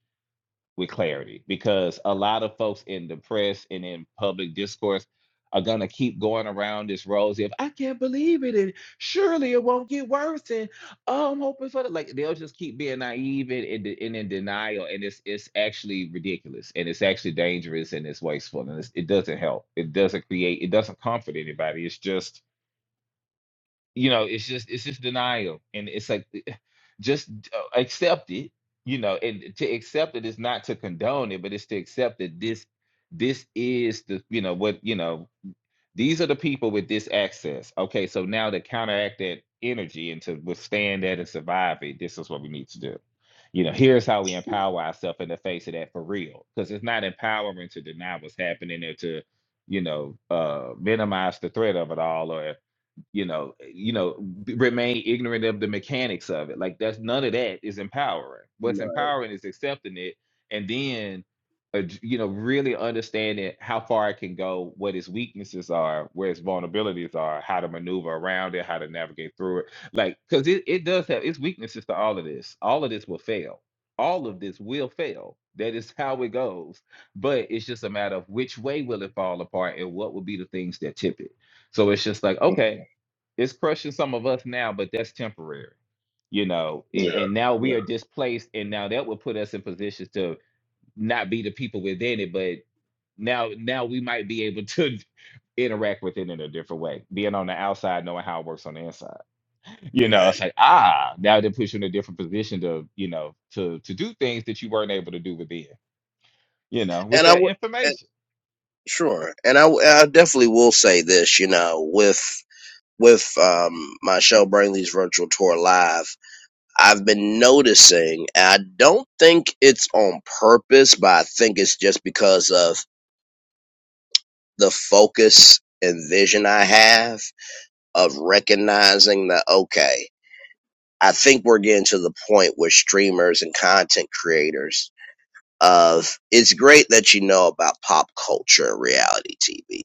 B: with clarity because a lot of folks in the press and in public discourse are gonna keep going around this rosy of I can't believe it and surely it won't get worse and oh I'm hoping for the like they'll just keep being naive and, and, de- and in denial and it's it's actually ridiculous and it's actually dangerous and it's wasteful and it's, it doesn't help it doesn't create it doesn't comfort anybody it's just you know it's just it's just denial and it's like eh, just uh, accept it you know and to accept it is not to condone it but it's to accept that this this is the you know what you know these are the people with this access okay so now to counteract that energy and to withstand that and survive it this is what we need to do you know here's how we empower ourselves in the face of that for real because it's not empowering to deny what's happening or to you know uh minimize the threat of it all or you know eh, you know b- remain ignorant of the mechanics of it like that's none of that is empowering what's
A: right
B: empowering is accepting it and then uh, j- you know really understanding how far it can go what its weaknesses are where its vulnerabilities are how to maneuver around it how to navigate through it like because it, it does have its weaknesses to all of this all of this will fail all of this will fail that is how it goes but it's just a matter of which way will it fall apart and what will be the things that tip it so it's just like,
C: (laughs)
B: okay, it's crushing some of us now, but that's temporary, you know. And
C: yeah,
B: and now
C: yeah.
B: we are displaced, and now that will put us in positions to not be the people within it, but now now we might be able to (laughs) interact with it in a different way. Being on the outside, knowing how it works on the inside, you know,
A: right
B: it's like ah, now they puts you in a different position to you know to to do things that you weren't able to do within, you know, with
A: and I
B: that
A: would and
B: information,
A: sure and I w- I definitely will say this you know with with um my show Brainley's virtual tour live I've been noticing and I don't think it's on purpose but I think it's just because of the focus and vision I have of recognizing that okay i think we're getting to the point with streamers and content creators of it's great that you know about pop culture and reality tv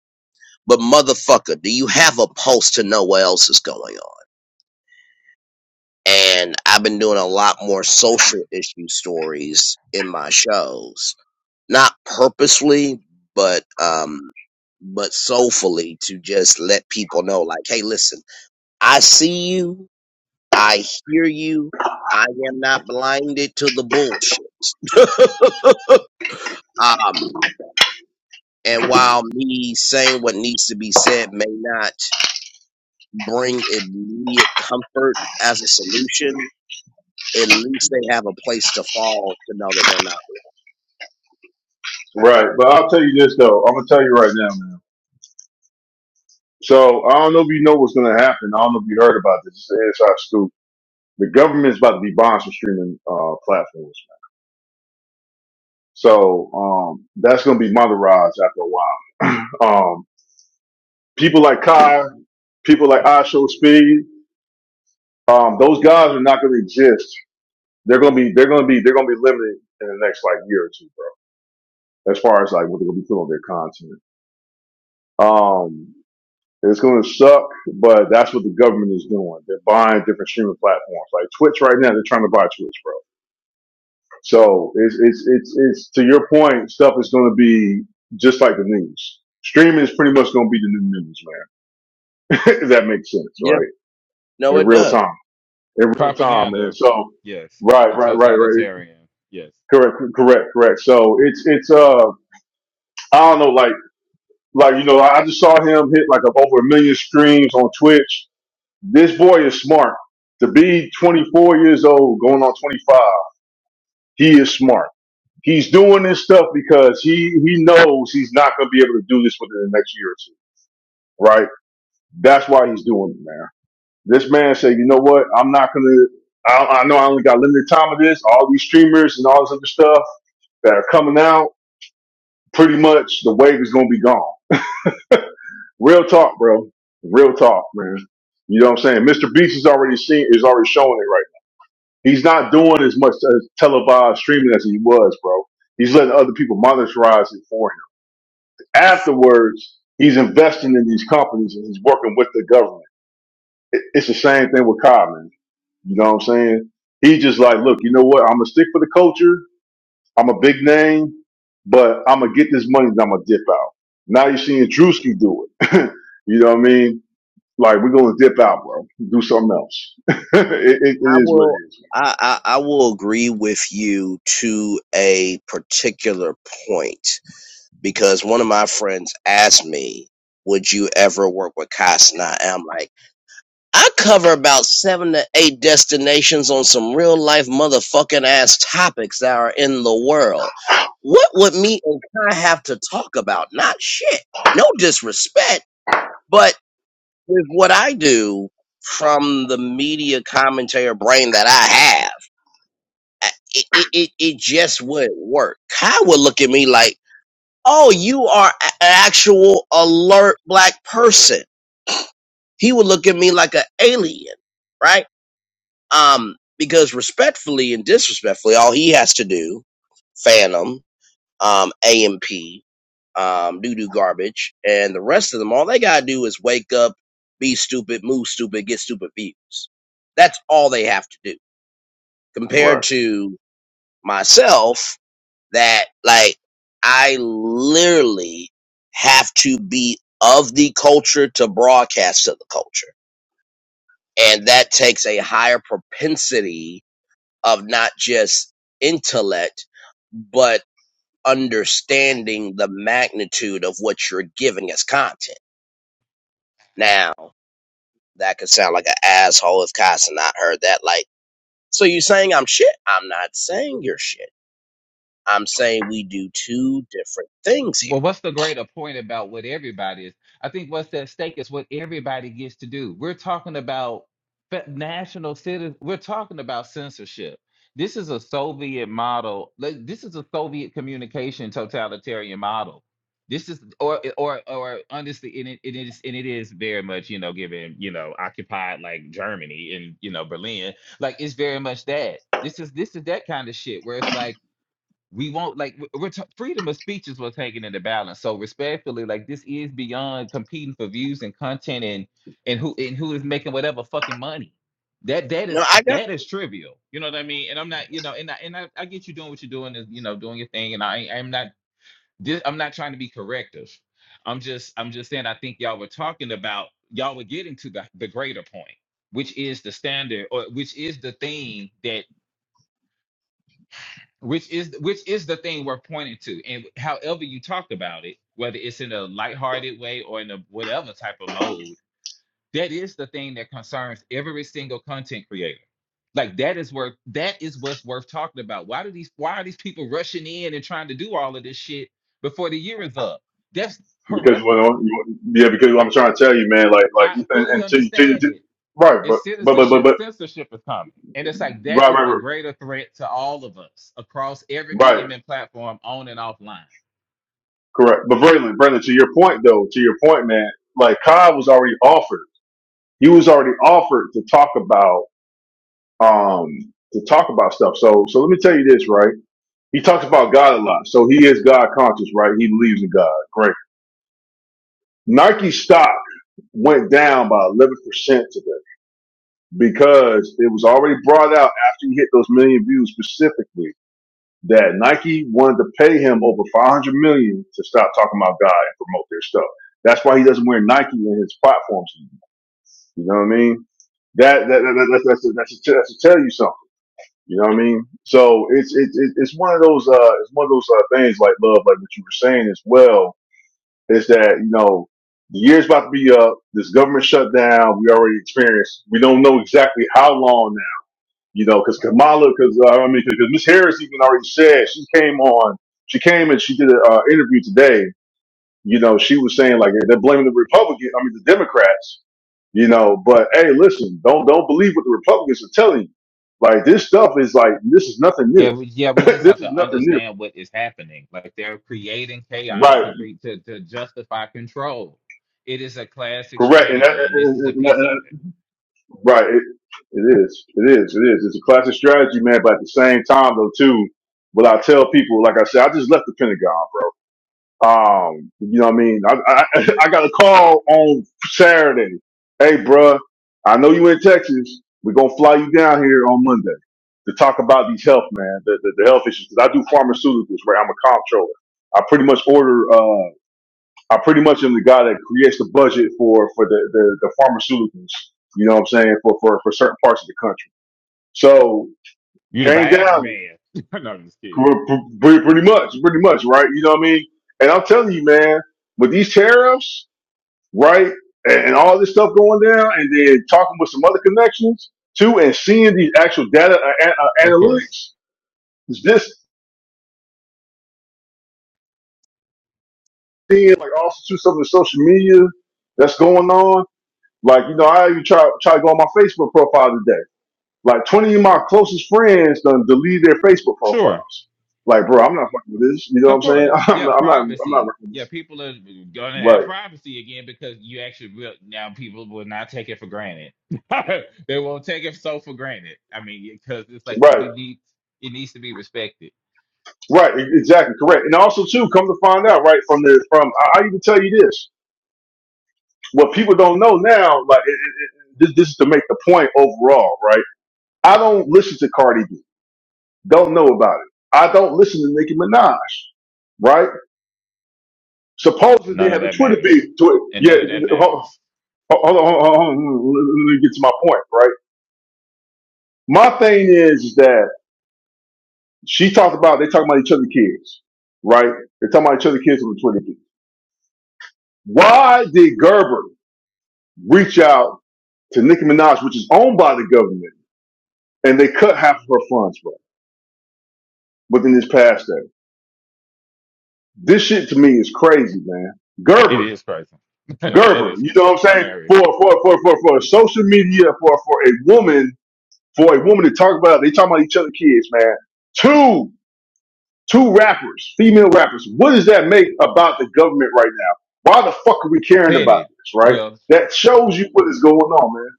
A: but motherfucker do you have a pulse to know what else is going on and i've been doing a lot more social issue stories in my shows not purposely but um but soulfully to just let people know like hey listen i see you I hear you. I am not blinded to the bullshit. Um, and while me saying what needs to be said may not bring immediate comfort as a solution, at least they have a place to fall to know that they're not.
C: Right, but I'll tell you this though. I'm gonna tell you right now, man. So I don't know if you know what's gonna happen. I don't know if you heard about this. It's an inside scoop. The government's about to be buying some streaming uh, platforms. So um, that's going to be Mother Rise after a while. Um, people like Kai, people like I Show Speed, um, those guys are not going to exist. They're going to be they're going to be they're going to be limited in the next like year or two, bro. As far as like what they're going to be putting on their content, um, it's going to suck, but that's what the government is doing. They're buying different streaming platforms like Twitch right now. They're trying to buy Twitch, bro. So it's it's it's it's to your point, stuff is gonna be just like the news. Streaming is pretty much gonna be the new news, man. (laughs) if that makes sense,
A: Yeah,
C: right?
A: no,
C: In
A: it
C: real
A: does.
C: time. In real time. And
B: propaganda,
C: so
B: yes,
C: right,
B: and
C: right, right, right.
B: totalitarian, yes.
C: Correct, correct, correct. So it's it's uh I don't know, like like you know, I I just saw him hit like over a million streams on Twitch. This boy is smart. To be twenty four years old, going on twenty five, he is smart He's doing this stuff because he he knows he's not going to be able to do this within the next year or two, right? That's why he's doing it, man. This man said, you know what? I'm not going to. I, I know I only got limited time of this. All these streamers and all this other stuff that are coming out, pretty much the wave is going to be gone. Real talk, bro. Real talk, man. You know what I'm saying? Mr. Beast is already seen is already showing it right. now. He's not doing as much uh, televised streaming as he was, bro. He's letting other people monetize it for him Afterwards, he's investing in these companies and he's working with the government. It- It's the same thing with Cobb, man. You know what I'm saying? He's just like, look, you know what? I'm gonna stick for the culture. I'm a big name, but I'm gonna get this money and I'm gonna dip out. Now you're seeing Drewski do it. (laughs) you know what I mean? Like we're gonna dip out, bro. Do something else. (laughs) it, it,
A: I
C: it is what
A: will.
C: it is. man.
A: I, I, I will agree with you to a particular point because one of my friends asked me, "Would you ever work with Cosna?" And I'm like. I cover about seven to eight destinations on some real life motherfucking ass topics that are in the world. What would me and Kai have to talk about? Not shit. No disrespect, but with what I do from the media commentator brain that I have, I- it, it, it it just wouldn't work. Kai would look at me like, oh, you are a- an actual alert black person. He would look at me like an alien, right? Um, because respectfully and disrespectfully, all he has to do, Phantom, um, AMP, um, doo doo garbage, and the rest of them, all they gotta do is wake up, be stupid, move stupid, get stupid views. That's all they have to do. Compared
C: Right.
A: to myself, that like I literally have to be of the culture to broadcast to the culture. And that takes a higher propensity of not just intellect, but understanding the magnitude of what you're giving as content. Now, that could sound like an asshole if Casa not heard that. Like, so you saying I'm shit? I'm not saying you're shit. I'm saying we do two different things here.
B: Well, what's the greater point about what everybody is? I think what's at stake is what everybody gets to do. We're talking about fe- national citizen. We're talking about censorship. This is a Soviet model. like, This is a Soviet communication totalitarian model. This is, or or or honestly, and it, it is, and it is very much, you know, given you know, occupied like Germany and you know Berlin, like it's very much that. This is this is that kind of shit where it's like we won't like w- we're t- freedom of speech is what's hanging in the balance. So respectfully, like this is beyond competing for views and content and and who and who is making whatever fucking money. That that
A: No,
B: is
A: I got
B: that is trivial. You know what I mean? And I'm not, you know, and I and I, I get you doing what you're doing is you know doing your thing. And I I'm not this, I'm not trying to be corrective. I'm just I'm just saying I think y'all were talking about y'all were getting to the the greater point, which is the standard or which is the thing that which is which is the thing we're pointing to and however you talk about it whether it's in a lighthearted way or in a whatever type of mode that is the thing that concerns every single content creator like that is worth that is what's worth talking about why do these why are these people rushing in and trying to do all of this shit before the year is up that's
C: Because
B: horrific
C: well, you- yeah, because I'm trying to tell you, man. Like, like,
B: i
C: and,
B: fully
C: and to, to,
B: understand
C: to-
B: it
C: right,
B: it's
C: but, but, but, but,
B: citizenship
C: but,
B: censorship is coming and it's like that
C: right,
B: is
C: right,
B: the
C: right.
B: greater threat to all of us across every
C: right.
B: medium and platform on and offline
C: Correct. But Braylon, Braylon, to your point though, to your point, man, like Cobb was already offered. He was already offered to talk about um to talk about stuff. So so let me tell you this, right? He talks about God a lot. So he is God conscious, right? He believes in God. Great. Nike stock went down by eleven percent today because it was already brought out after he hit those million views specifically that Nike wanted to pay him over 500 million dollars to stop talking about God and promote their stuff. That's why he doesn't wear Nike in his platforms. anymore. You know what I mean? That that, that, that that's that's that's to, that's to tell you something. You know what I mean? So it's it's it's it's one of those uh it's one of those uh, things like love, like what you were saying as well, is that you know the year's about to be up. This government shutdown we already experienced. We don't know exactly how long you know, because Kamala, because uh, I mean, because Miss Harris even already said she came on, she came and she did an uh, interview today. You know, she was saying like they're blaming the Republican, I mean the Democrats. You know, but hey, listen, don't don't believe what the Republicans are telling you. Like this stuff is like this is nothing
B: Yeah,
C: new.
B: we, yeah,
C: (laughs)
B: we just
C: this
B: have
C: is
B: to
C: nothing new.
B: understand what is happening. Like they're creating chaos
A: right.
B: to
C: Right,
B: create to, to justify control. It is a classic
C: correct, and, that-
B: strategy, and this
C: and-
B: is a
C: and- and-
B: piece of
C: and-
B: it.
C: right. It, it is, it is, it is. It's a classic strategy, man. But at the same time, though, too, what I tell people, like I said, I just left the Pentagon, bro. Um, you know what I mean? I, I, (laughs) I got a call on Saturday. Hey, bruh, I know you in Texas. We're going to fly you down here on Monday to talk about these health, man, the, the, the health issues. 'Cause I do pharmaceuticals, right? I'm a comptroller. I pretty much order, uh, I pretty much am the guy that creates the budget for, for the, the, the pharmaceuticals, you know what I'm saying, for, for, for certain parts of the country. So
B: You the
C: came
B: Viagra
C: down
B: man. (laughs) no, I'm just kidding.
C: Pre- pre- Pretty much, pretty much, right? You know what I mean? And I'm telling you, man, with these tariffs, right, and, and all this stuff going down, and then talking with some other connections too, and seeing these actual data uh, a- uh,
B: Of course.
C: analytics, is this seeing like also too some of the social media that's going on? Like, you know, I even try try to go on my Facebook profile today. Like, 20 of my closest friends done delete their Facebook
B: Sure.
C: profiles. Like, bro, I'm not fucking with this. You know what
B: Of
C: I'm saying? (laughs)
B: course.
C: I'm
B: Yeah,
C: not, I'm not, I'm not
B: privacy.
C: working with
B: Yeah,
C: this.
B: people are gonna have
C: Right,
B: privacy again because you actually will now people will not take it for granted. (laughs) they won't take it so for granted. I mean, because it's like
C: right.
B: you need it needs to be respected
C: Right, e- exactly, correct. And also too, come to find out, right, from the from I, I even tell you this. What people don't know now, like it, it, it, this, this is to make the point overall, right? I don't listen to Cardi B. Don't know about it. I don't listen to Nicki Minaj, right? Supposedly they
B: None of
C: have a
B: that
C: Twitter beef.
B: matters.
C: Twitter,
B: And
C: yeah.
B: none of that
C: Hold,
B: matters.
C: hold on, hold on, hold on. Let me get to my point, right? My thing is, is that she talked about they talking about each other kids, right? They're talking about each other kids on the Twitter beef. Why did Gerber? reach out to Nicki Minaj, which is owned by the government, and they cut half of her funds bro, within this past day. This shit to me is crazy, man.
B: It
C: Gerber,
B: is crazy. (laughs) that
C: Gerber,
B: is
C: you know what I'm saying?
B: hilarious.
C: For for for for for social media, for for a woman, for a woman to talk about, they talking about each other kids, man. Two two rappers, female rappers. What does that make about the government right now? Why the fuck are we caring about
B: Petty.
C: this, right?
B: Well,
C: That shows you what is going on, man.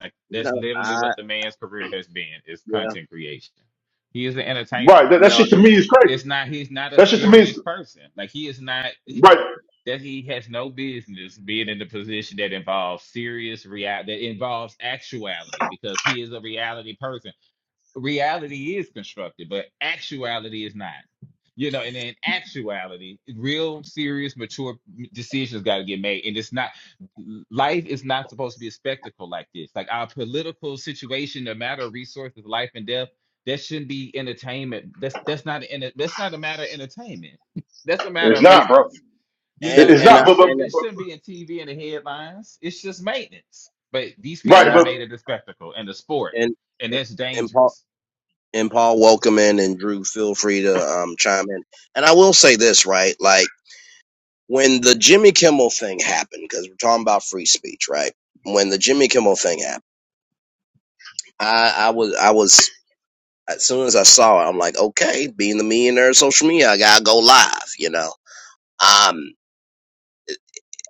B: like,
A: No,
B: that's literally
A: I
B: what the man's career has been is
A: yeah.
B: content creation. He is an entertainer.
C: Right. That, that
A: No,
C: shit to me is crazy.
B: It's not he's not a
C: That shit to me
B: serious
C: is
B: person. Like he is not he-
C: right.
B: that he has no business being in the position that involves serious real that involves actuality because he is a reality person. reality is constructed, but actuality is not. You know, and in actuality, real, serious, mature decisions got to get made. And it's not, life is not supposed to be a spectacle like this. Like our political situation, the matter of resources, life and death, that shouldn't be entertainment. That's that's not an that's not a matter of entertainment. (laughs) That's a matter
C: It's
B: of
A: and
C: not, bro.
B: maintenance. You
C: It-
B: know,
A: and
C: It's
B: like
A: and I,
C: not.
B: this
C: But, but
B: should
A: and
B: this
C: but
B: shouldn't be in TV and the headlines. It's just maintenance. But these people
A: and
C: right.
B: have
A: I
C: But
B: made it a spectacle and a sport,
A: and
B: and
A: and,
B: that's
A: and,
B: dangerous
A: And Paul, welcome in, and Drew, feel free to um, chime in. And I will say this, right? Like when the Jimmy Kimmel thing happened, because we're talking about free speech, right? When the Jimmy Kimmel thing happened, I, I was, I was, as soon as I saw it, I'm like, okay, being the millionaire of social media, I gotta go live, you know. Um,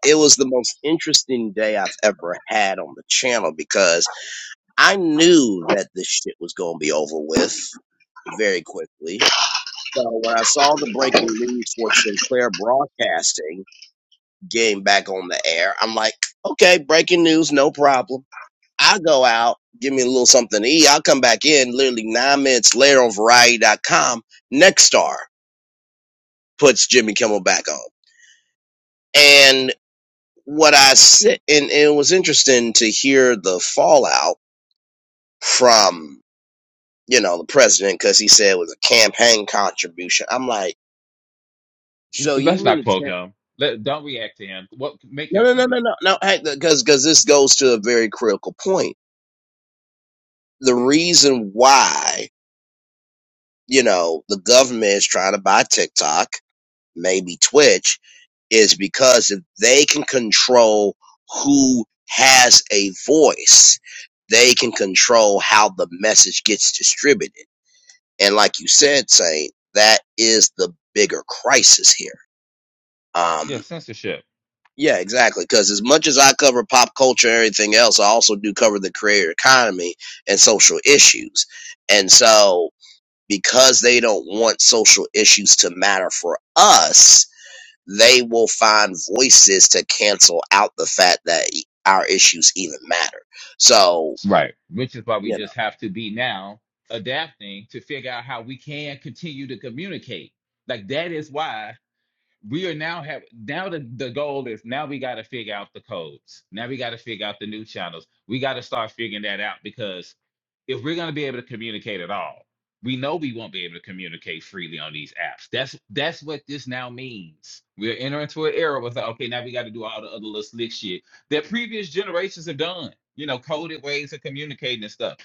A: it was the most interesting day I've ever had on the channel because I knew that this shit was gonna be over with very quickly So when I saw the breaking news for Sinclair Broadcasting getting back on the air, I'm like, okay, breaking news, no problem. I go out, give me a little something to eat. I'll come back in literally nine minutes later on variety.com. Next star puts Jimmy Kimmel back on. And what I said, and, and it was interesting to hear the fallout from, you know, the president because he said it was a campaign contribution. I'm like,
B: Just-
A: so
B: Let's
A: you
B: not
A: mean to
B: quote him. Let don't react to him. What make
A: No,
B: your
A: no, no,
B: point?
A: no, no, no. Because because this goes to a very critical point. The reason why you know the government is trying to buy TikTok, maybe Twitch, is because if they can control who has a voice, they can control how the message gets distributed. And like you said, Saint, that is the bigger crisis here.
B: Yeah,
A: Um.
B: censorship.
A: Yeah, exactly. Because as much as I cover pop culture and everything else, I also do cover the creator economy and social issues. And so, because they don't want social issues to matter for us, they will find voices to cancel out the fact that e- our issues even matter. So,
B: Right. Which is why we
A: you know,
B: just have to be now adapting to figure out how we can continue to communicate. Like that is why we are now have now the, the goal is now we got to figure out the codes now we got to figure out the new channels we got to start figuring that out because if we're going to be able to communicate at all we know we won't be able to communicate freely on these apps that's that's what this now means we're entering into an era with okay now we got to do all the other little slick shit that previous generations have done you know coded ways of communicating and stuff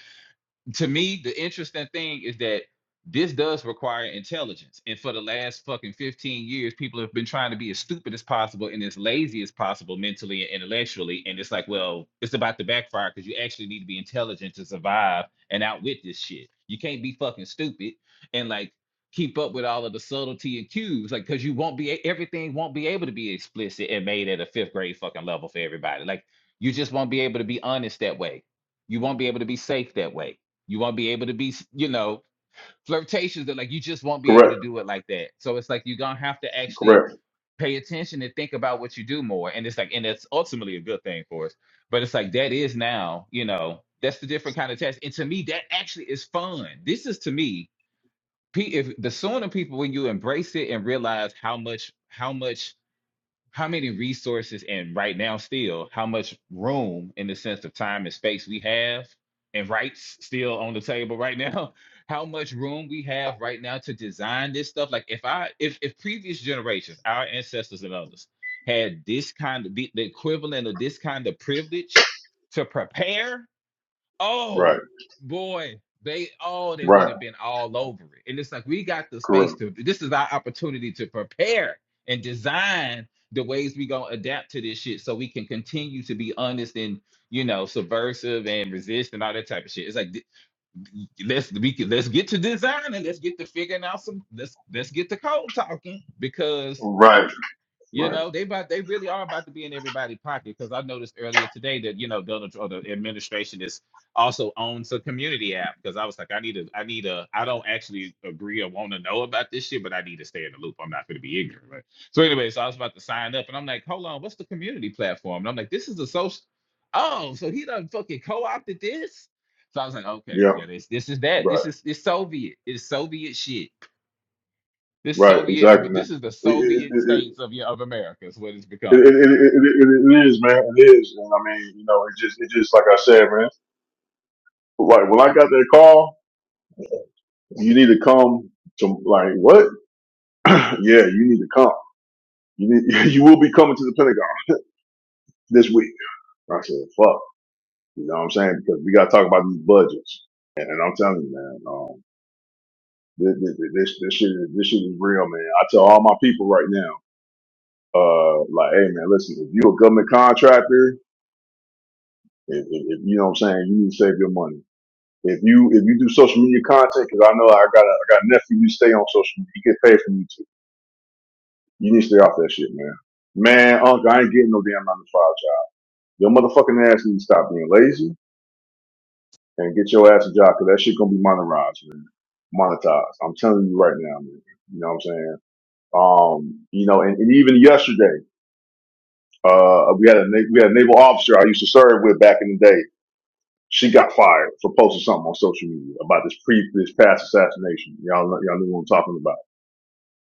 B: to me, the interesting thing is that this does require intelligence. And for the last fucking 15 years, people have been trying to be as stupid as possible and as lazy as possible mentally and intellectually. And it's like, well, it's about to backfire because you actually need to be intelligent to survive and outwit this shit. You can't be fucking stupid and like keep up with all of the subtlety and cues. Like, cause you won't be everything won't be able to be explicit and made at a fifth grade fucking level for everybody. Like you just won't be able to be honest that way. You won't be able to be safe that way you won't be able to be, you know, flirtations. that like you just won't be able to
C: correct.
B: do it like that. So it's like you're gonna have to actually
C: Correct.
B: pay attention and think about what you do more. And it's like, and that's ultimately a good thing for us. But it's like that is now, you know, that's the different kind of test. And to me, that actually is fun. This is to me, pe- if the sooner people when you embrace it and realize how much how much how many resources and right now still how much room in the sense of time and space we have and rights still on the table right now (laughs) how much room we have right now to design this stuff like if i if if previous generations our ancestors and others had this kind of the, the equivalent of this kind of privilege to prepare
C: Right.
B: Oh boy, they oh they would
C: Right.
B: have been all over it. And it's like we got the space
C: Correct.
B: to this is our opportunity to prepare and design the ways we gonna adapt to this shit so we can continue to be honest and you know subversive and resist and all that type of shit. It's like th- let's we can, let's get to design and let's get to figuring out some let's let's get to code talking because
C: Right.
B: you
C: Right.
B: know, they about they really are about to be in everybody's pocket because I noticed earlier today that you know Donald Trump, the administration is also owns a community app because I was like, I need a, I need a, I don't actually agree or want to know about this shit, but I need to stay in the loop. I'm not going to be ignorant. Right? So anyway, so I was about to sign up, and I'm like, hold on, what's the community platform? And I'm like, this is a social. Oh, so he done fucking co-opted this. So I was like, okay,
C: Yeah.
B: yeah, this this is that. This
C: Right.
B: is it's Soviet. It's Soviet shit. This
C: Right.
B: Soviet of
C: Exactly, man.
B: this is the
C: It, it,
B: Soviet
C: it, it,
B: states of your of America is what it's
C: it, it, it,
B: becoming.
C: it it is, man. It is. And I mean, you know, it just it just like I said, man. Like when I got that call, you need to come to like what? (clears throat) yeah, you need to come. You need, (laughs) you will be coming to the Pentagon this week. I said, fuck. You know what I'm saying? Because we got to talk about these budgets. And, and I'm telling you, man. um, This, this, this, shit, is- this shit is real, man. I tell all my people right now, uh, like, hey, man, listen, if you a government contractor, if, if, if you know what I'm saying, you need to save your money. If you if you do social media content, because I know I got a, I got a nephew, you stay on social media, he get paid from YouTube. You need to stay off that shit, man. Man, uncle, I ain't getting no damn nine to five job. Your motherfucking ass needs to stop being lazy and get your ass a job, because that shit gonna be monetized, man. Monetized. I'm telling you right now, man. You know what I'm saying? Um, you know, and, and even yesterday. Uh, we had a na- we had a naval officer I used to serve with back in the day. She got fired for posting something on social media about this pre this past assassination. Y'all know- y'all knew what I'm talking about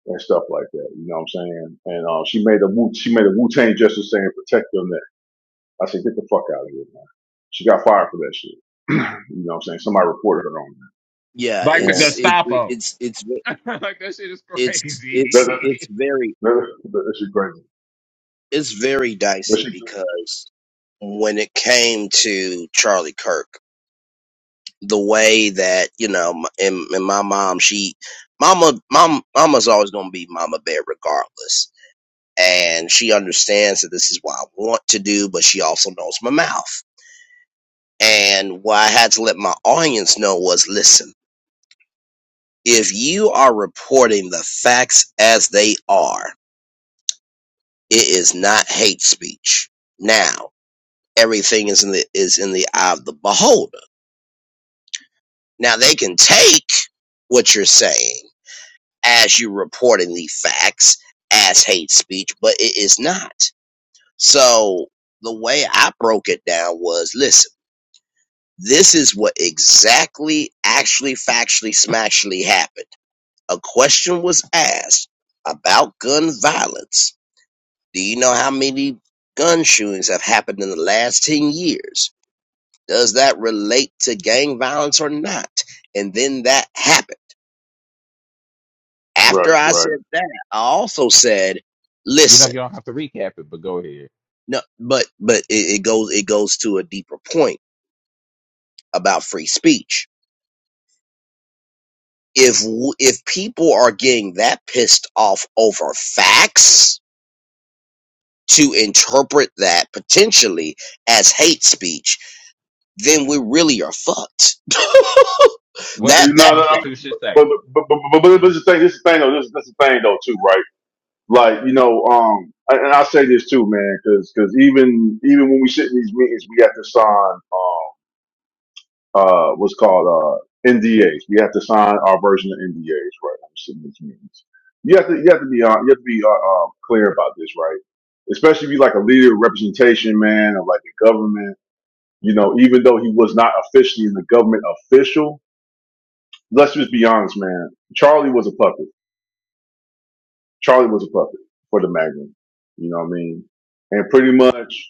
C: and stuff like that. You know what I'm saying? And uh, she made a Wu she made a Wu Tang gesture saying protect your neck. I said get the fuck out of here, man. She got fired for that shit. (clears throat) you know what I'm saying? Somebody reported her on
A: yeah,
B: Like
C: that.
B: the
C: And
A: it's it, it
B: Gestapo.
A: it's it's
B: (laughs) like that shit is
A: it's
C: that
A: it's
C: that,
A: it's
B: crazy.
A: very
C: that, that shit crazy.
A: it's very
C: That shit
A: dicey
C: crazy.
A: because when it came to Charlie Kirk. the way that you know and, and my mom she mama mom mama's always going to be mama bear regardless and she understands that this is what i want to do but she also knows my mouth and what i had to let my audience know was listen if you are reporting the facts as they are it is not hate speech now everything is in the is in the eye of the beholder now they can take what you're saying as you reportedly facts as hate speech, but it is not. So the way I broke it down was listen, this is what exactly, actually, factually, smashly happened. A question was asked about gun violence. Do you know how many gun shootings have happened in the last 10 years? Does that relate to gang violence or not? And then that happened.
C: Right,
A: After I
C: right.
A: said that, I also said,
B: (laughs) you know,
A: listen,
B: you don't have to recap it, but go ahead.
A: No, but but it, it goes it goes to a deeper point about free speech. If w- if people are getting that pissed off over facts to interpret that potentially as hate speech, then we really are fucked. (laughs)
C: You,
B: What
A: that
B: does
C: you
B: the
C: know,
A: that
C: I mean,
B: Constitution
C: but, but,
B: say?
C: but, but, but, but, but
B: Mhm.
C: this is the thing. This is the thing though. This, this is the thing though too, right? Like you know, um, and I say this too, man, because even even when we sit in these meetings, we have to sign um uh what's called uh NDAs. We have to sign our version of NDAs, right? When we sit in these meetings, you have to you have to be on you have to be uh, uh, clear about this, right? Especially if you like a leader of representation, man, or like the government. You know, even though he was not officially in the government official, let's just be honest, man. Charlie was a puppet. Charlie was a puppet for the Magnum. You know what I mean? And pretty much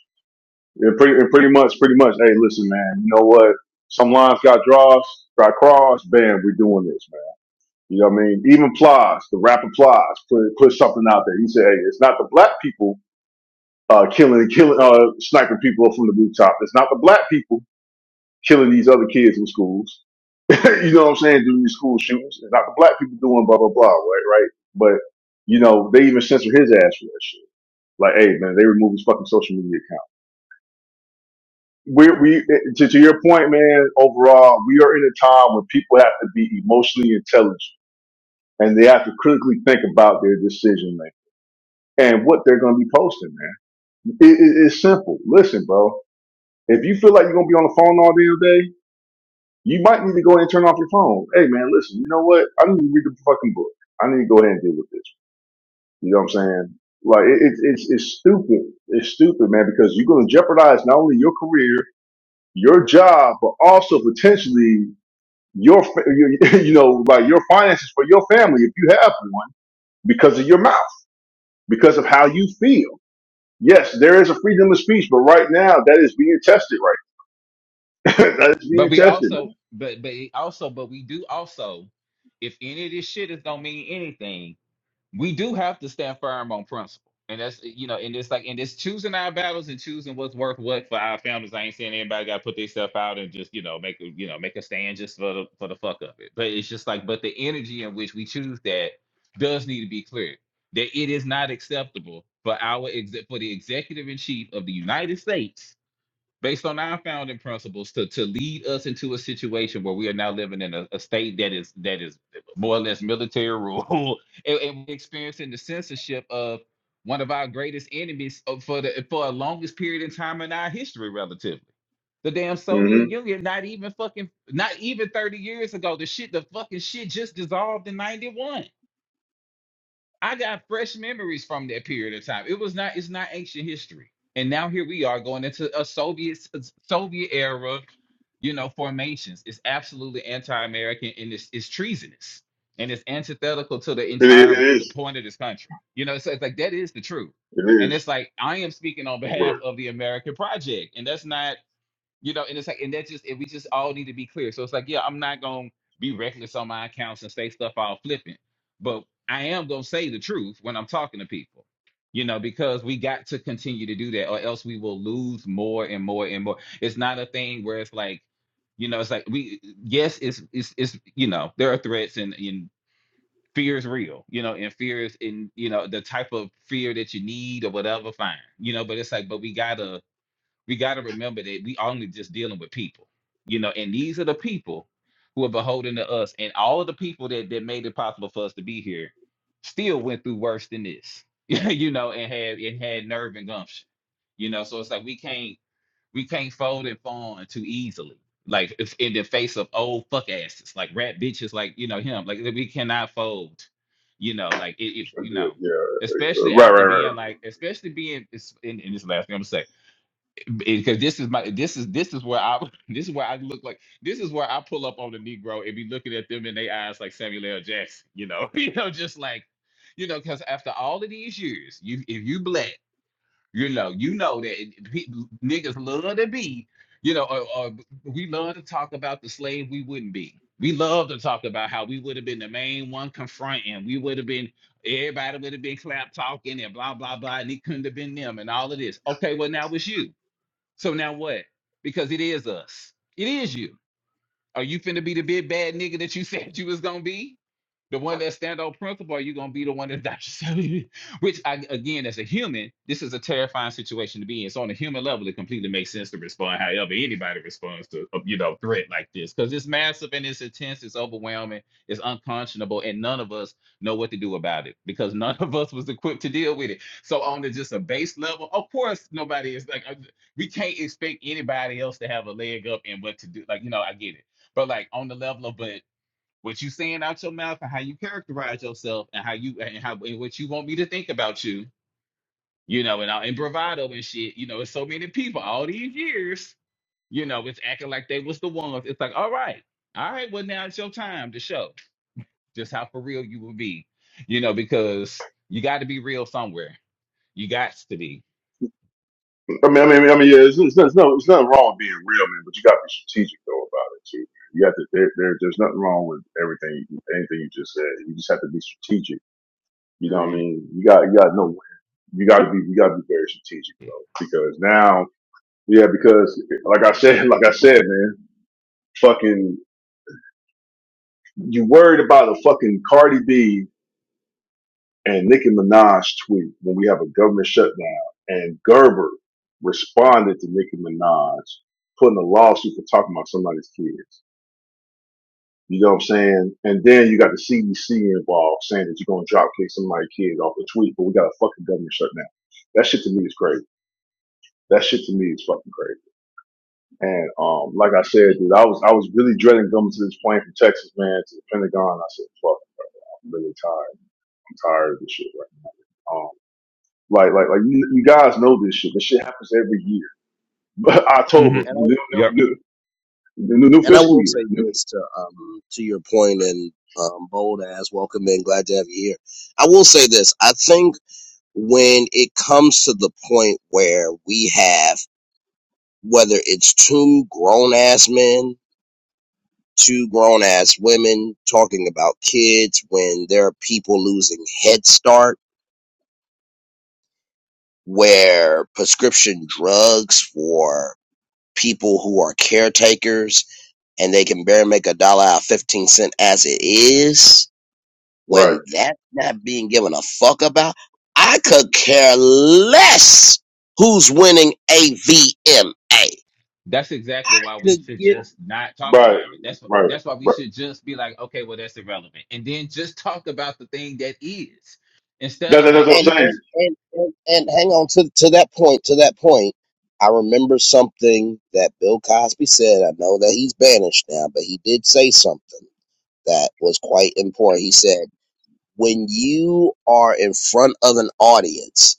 C: Yeah, pretty, pretty much, pretty much. Hey, listen, man. You know what? Some lines got draws, got crossed. Bam, we're doing this, man. You know what I mean? Even Plies, the rapper Plies, put put something out there. He said, "Hey, it's not the black people uh, killing, killing, uh, sniping people up from the rooftop. It's not the black people killing these other kids in schools. (laughs) you know what I'm saying? Doing these school shootings. It's not the black people doing blah blah blah. Right, right. But you know, they even censor his ass for that shit. Like, hey, man, they remove his fucking social media we we to, to your point, man. Overall, we are in a time where people have to be emotionally intelligent and they have to critically think about their decision making and what they're going to be posting, man. It, it, it's simple. Listen, bro. If you feel like you're going to be on the phone all damn day, you might need to go ahead and turn off your phone. Hey, man, listen. You know what? I need to read the fucking book. I need to go ahead and deal with this. You know what I'm saying? Like it, it, it's it's stupid. It's stupid, man, because you're going to jeopardize not only your career, your job, but also potentially your, fa- you (laughs) you know, like your finances for your family if you have one because of your mouth, because of how you feel. Yes, there is a freedom of speech, but right now that is being tested. Right, (laughs) that is
B: But
C: being
B: we
C: tested,
B: also
C: man.
B: but but it also but we do also if any of this shit is gonna mean anything, we do have to stand firm on principle. And that's eh, you know, and it's like and it's choosing our battles and choosing what's worth what for our families. I ain't saying anybody gotta put themselves out and just, you know, make a you know, make a stand just for the for the fuck of it. But it's just like, but the energy in which we choose that does need to be clear. That it is not acceptable for our exec for the executive in chief of the United States based on our founding principles to, to lead us into a situation where we are now living in a, a state that is that is more or less military rule (laughs) and, and we're experiencing the censorship of one of our greatest enemies for the for a longest period in time in our history relatively the damn soviet
C: hmm
B: union not even fucking not even 30 years ago the shit the fucking shit just dissolved in 91 I got fresh memories from that period of time. It was not it's not ancient history. And now here we are going into a Soviet Soviet era, you know, formations. It's absolutely anti-American and it's it's treasonous. And it's antithetical to the
C: It, i-
B: entire
C: it
B: the
C: is.
B: point of this country. You know, so it's like that is the truth.
C: It
B: And
C: is.
B: it's like I am speaking on behalf
C: Right,
B: of the American project. And that's not you know, and it's like, and that just, and we just all need to be clear. So it's like, yeah, I'm not gonna be reckless on my accounts and say stuff all flippant, but I am gonna say the truth when I'm talking to people, you know, because we got to continue to do that, or else we will lose more and more and more. It's not a thing where it's like, you know, it's like we, yes, it's it's it's you know, there are threats and and fear is real, you know, and fear is in you know the type of fear that you need or whatever, fine, you know, but it's like, but we gotta we got to remember that we only just dealing with people, you know, and these are the people who are beholden to us, and all of the people that that made it possible for us to be here still went through worse than this, (laughs) you know, and had and had nerve and gumption, you know. So it's like we can't we can't fold and fawn too easily, like if, in the face of old fuck asses, like rat bitches, like you know him, like we cannot fold, you know, like i- if
C: I
B: you
C: did,
B: know,
C: yeah. Uh,
B: especially
C: Right,
B: after
C: right, right.
B: being like, especially being, it's- and, and this is the last thing I'm gonna say because this is my this is this is where I (laughs) this is where I look like this is where I pull up on the Negro and be looking at them in their eyes like Samuel L. Jackson, you know, (laughs) you know, just like, you know, because after all of these years, you if you black, you know, you know that it- pe- niggas love to be, you know, or, or we love to talk about the slave we wouldn't be. We love to talk about how we would have been the main one confronting. We would have been everybody would have been clap talking and blah blah blah, and it couldn't have been them and all of this. Okay, well now it's you so now what? Because it is us. It is you. Are you finna be the big bad nigga that you (laughs) said you was gonna be? The one that stand on principle, or you gonna be the one that die yourself? (laughs) Which I again, as a human, this is a terrifying situation to be in. So on a human level, it completely makes sense to respond however anybody responds to a, you know threat like this because it's massive and it's intense, it's overwhelming, it's unconscionable, and none of us know what to do about it because (laughs) none of us was equipped to deal with it. So on the just a base level, of course, nobody is like uh, we can't expect anybody else to have a leg up and what to do. Like you know, I get it but like on the level of but what you saying out your mouth and how you characterize yourself and how you and how and what you want me to think about you, you know, and all and bravado and shit, you know, it's so many people all these years, you know, it's acting like they was the ones. It's like, all right, all right, well now it's your time to show just how for real you will be, you know, because you got to be real somewhere. You got to be.
C: I mean, I mean, I mean, yeah. It's, it's, it's no, it's nothing wrong with being real, man. But you got to be strategic though about it too. You have to. There, there, there's nothing wrong with everything, anything you just said. You just have to be strategic. You know what I
B: Great.
C: mean? You got, you got to know you got to be you got to be very strategic though, because now yeah, because like I said, (laughs) like I said, man, fucking you worried about a fucking Cardi B and Nicki Minaj tweet when we have a government shutdown, and Gerber responded to Nicki Minaj putting a lawsuit for talking about somebody's kids. You know what I'm saying? And then you got the CDC involved saying that you're gonna drop kick somebody's kid off a tweet, but we got a fucking government shutdown. That shit to me is crazy. That shit to me is fucking crazy. And um, like I said, dude, I was I was really dreading coming to this plane from Texas, man, to the Pentagon. I said, fuck, I'm really tired. I'm tired of this shit right now. Um, like like like you, you guys know this shit. This shit happens every year. (laughs) But
B: hmm
C: October,
A: and I,
C: new
B: Yep.
C: new new new, new
A: and I
C: fiscal
A: will
C: year.
A: say
C: New,
A: this to um to your point and um bold ass welcome in glad to have you here. I will say this. I think when it comes to the point where we have whether it's two grown ass men, two grown ass women talking about kids when there are people losing head start, where prescription drugs for people who are caretakers and they can barely make a dollar out of 15 cent as it is,
C: right,
A: when that's not being given a fuck about, I could care less who's winning AVMA. I
B: That's exactly why we
A: could
B: should
A: get
B: just not talk
C: right,
B: about it. That's wh-
C: right,
B: that's why we
C: right.
B: should just be like, okay, well, that's irrelevant, and then just talk about the thing that is, instead
C: That,
B: of
C: that- that's
B: like
C: what I'm
A: and
B: even
A: and
C: saying.
A: and and, and hang on to to that point. To that point, I remember something that Bill Cosby said. I know that he's banished now, but he did say something that was quite important. He said, "When you are in front of an audience,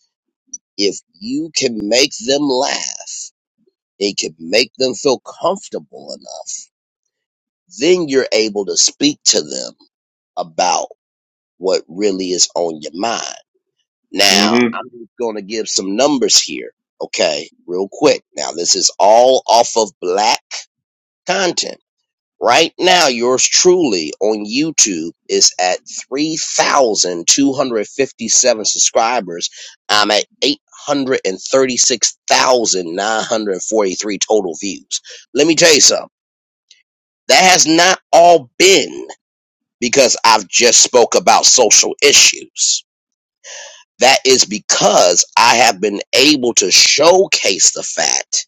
A: if you can make them laugh, it can make them feel comfortable enough, then you're able to speak to them about what really is on your mind." Now,
C: hmm
A: I'm just going to give some numbers here, okay, real quick. Now, this is all off of black content. Right now, yours truly on YouTube is at 3,257 subscribers. I'm at 836,943 total views. Let me tell you something. That has not all been because I've just spoke about social issues That is because I have been able to showcase the fact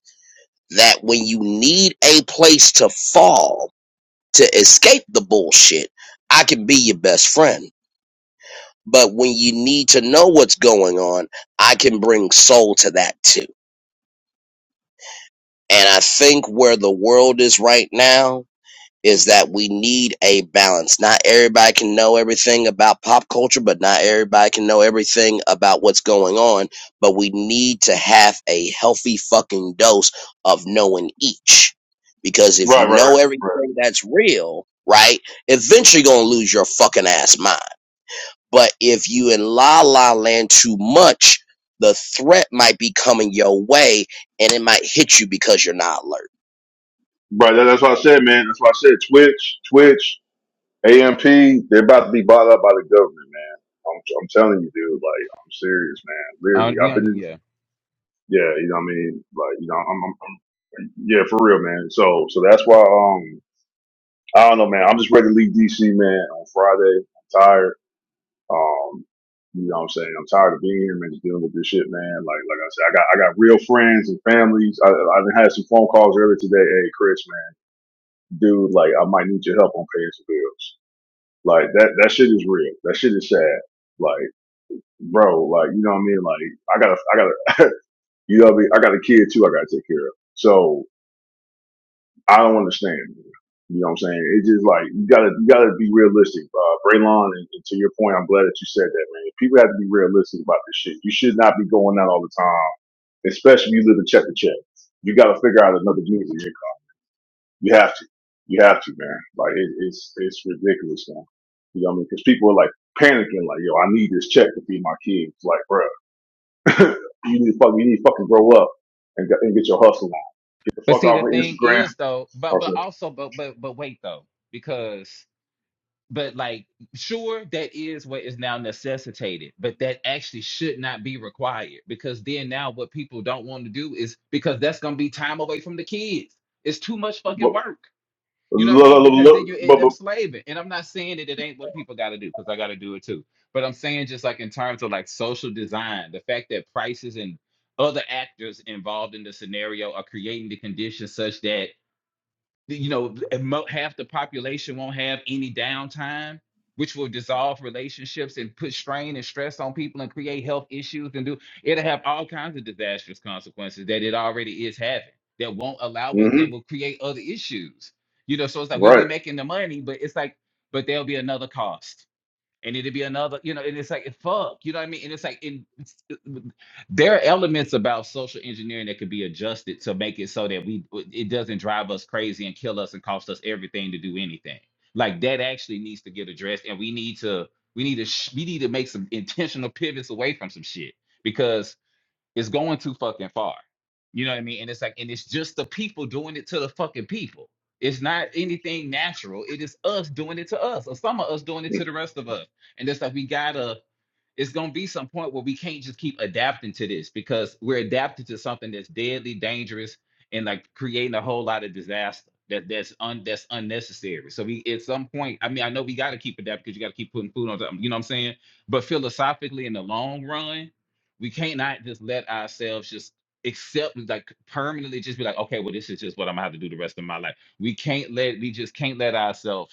A: that when you need a place to fall to escape the bullshit, I can be your best friend. But when you need to know what's going on, I can bring soul to that too. And I think where the world is right now, is that we need a balance. Not everybody can know everything about pop culture, but not everybody can know everything about what's going on. But we need to have a healthy fucking dose of knowing each. Because if
C: Right,
A: you
C: right, right,
A: know
C: right.
A: everything that's real, right, eventually you're gonna lose your fucking ass mind. But if you in la la land too much, the threat might be coming your way and it might hit you because you're not alert.
C: Right. That, that's what I said, man. That's what I said. Twitch, Twitch. AMP, they're about to be bought up by the government, man. I'm, I'm telling you, dude. Like, I'm serious, man.
B: uh,
C: Literally,
B: be
C: I've been,
B: under yeah.
C: in- yeah, you know what I mean? Like, you know, I'm, I'm, I'm yeah, for real, man. So, so that's why, um, I don't know, man. I'm just ready to leave DC, man, on Friday. I'm tired. Um, you know what I'm saying? I'm tired of being here, man, just dealing with this shit, man. Like, like I said, I got, I got real friends and families. I, I done had some phone calls earlier today. Hey, Chris, man, dude, like, I might need your help on paying some bills. Like that that shit is real. That shit is sad. Like, bro, like you know what I mean? Like I gotta I gotta (laughs) you know what I mean? I got a kid too I gotta take care of. So I don't understand. You know what I'm saying? It's just like you gotta you gotta be realistic, uh Braylon and, and to your point, I'm glad that you said that, man. People have to be realistic about this shit. You should not be going out all the time, especially if you live in check to check. You gotta figure out another music. You have to. You have to, man. Like it, it's it's ridiculous now. You know what I mean? Because people are like panicking, like, "Yo, I need this check to feed my kids." Like, bruh, (laughs) you need to fuck, you need to fucking grow up and get, and get your hustle on. Get the
B: But
C: fuck
B: see,
C: off
B: the
C: of
B: thing
C: Instagram.
B: is though,
C: I
B: but
C: was
B: but
C: like,
B: also, but but but wait though, because but like sure that is what is now necessitated, but that actually should not be required because then now what people don't want to do is because that's gonna be time away from the kids. It's too much fucking
C: but,
B: work You know what I mean?
C: look,
B: Because then you end
C: but,
B: up
C: but,
B: slaving. And I'm not saying that it ain't what people got to do, because I got to do it too. But I'm saying just like in terms of like social design, the fact that prices and other actors involved in the scenario are creating the conditions such that you know, half the population won't have any downtime, which will dissolve relationships and put strain and stress on people and create health issues and do it'll have all kinds of disastrous consequences that it already is having that won't allow us
C: hmm
B: that will create other issues. You know, so it's like we'll be
C: right.
B: making the money, but it's like, but there'll be another cost and it'd be another, you know, and it's like fuck, you know what I mean? And it's like in it's- uh, there are elements about social engineering that could be adjusted to make it so that we it doesn't drive us crazy and kill us and cost us everything to do anything. Like that actually needs to get addressed, and we need to we need to sh- we need to make some intentional pivots away from some shit because it's going too fucking far. You know what I mean? And it's like, and it's just the people doing it to the fucking people. It's not anything natural. It is us doing it to us, or some of us doing it
C: It,
B: to the rest of us. And it's like we gotta it's going to be some point where we can't just keep adapting to this because we're adapted to something that's deadly dangerous and like creating a whole lot of disaster that that's un that's unnecessary. So we at some point, I mean, I know we got to keep adapting because you got to keep putting food on top. You know what I'm saying? But philosophically, in the long run, we can't not just let ourselves just accept like permanently just be like, okay, well, this is just what I'm gonna have to do the rest of my life. We can't let we just can't let ourselves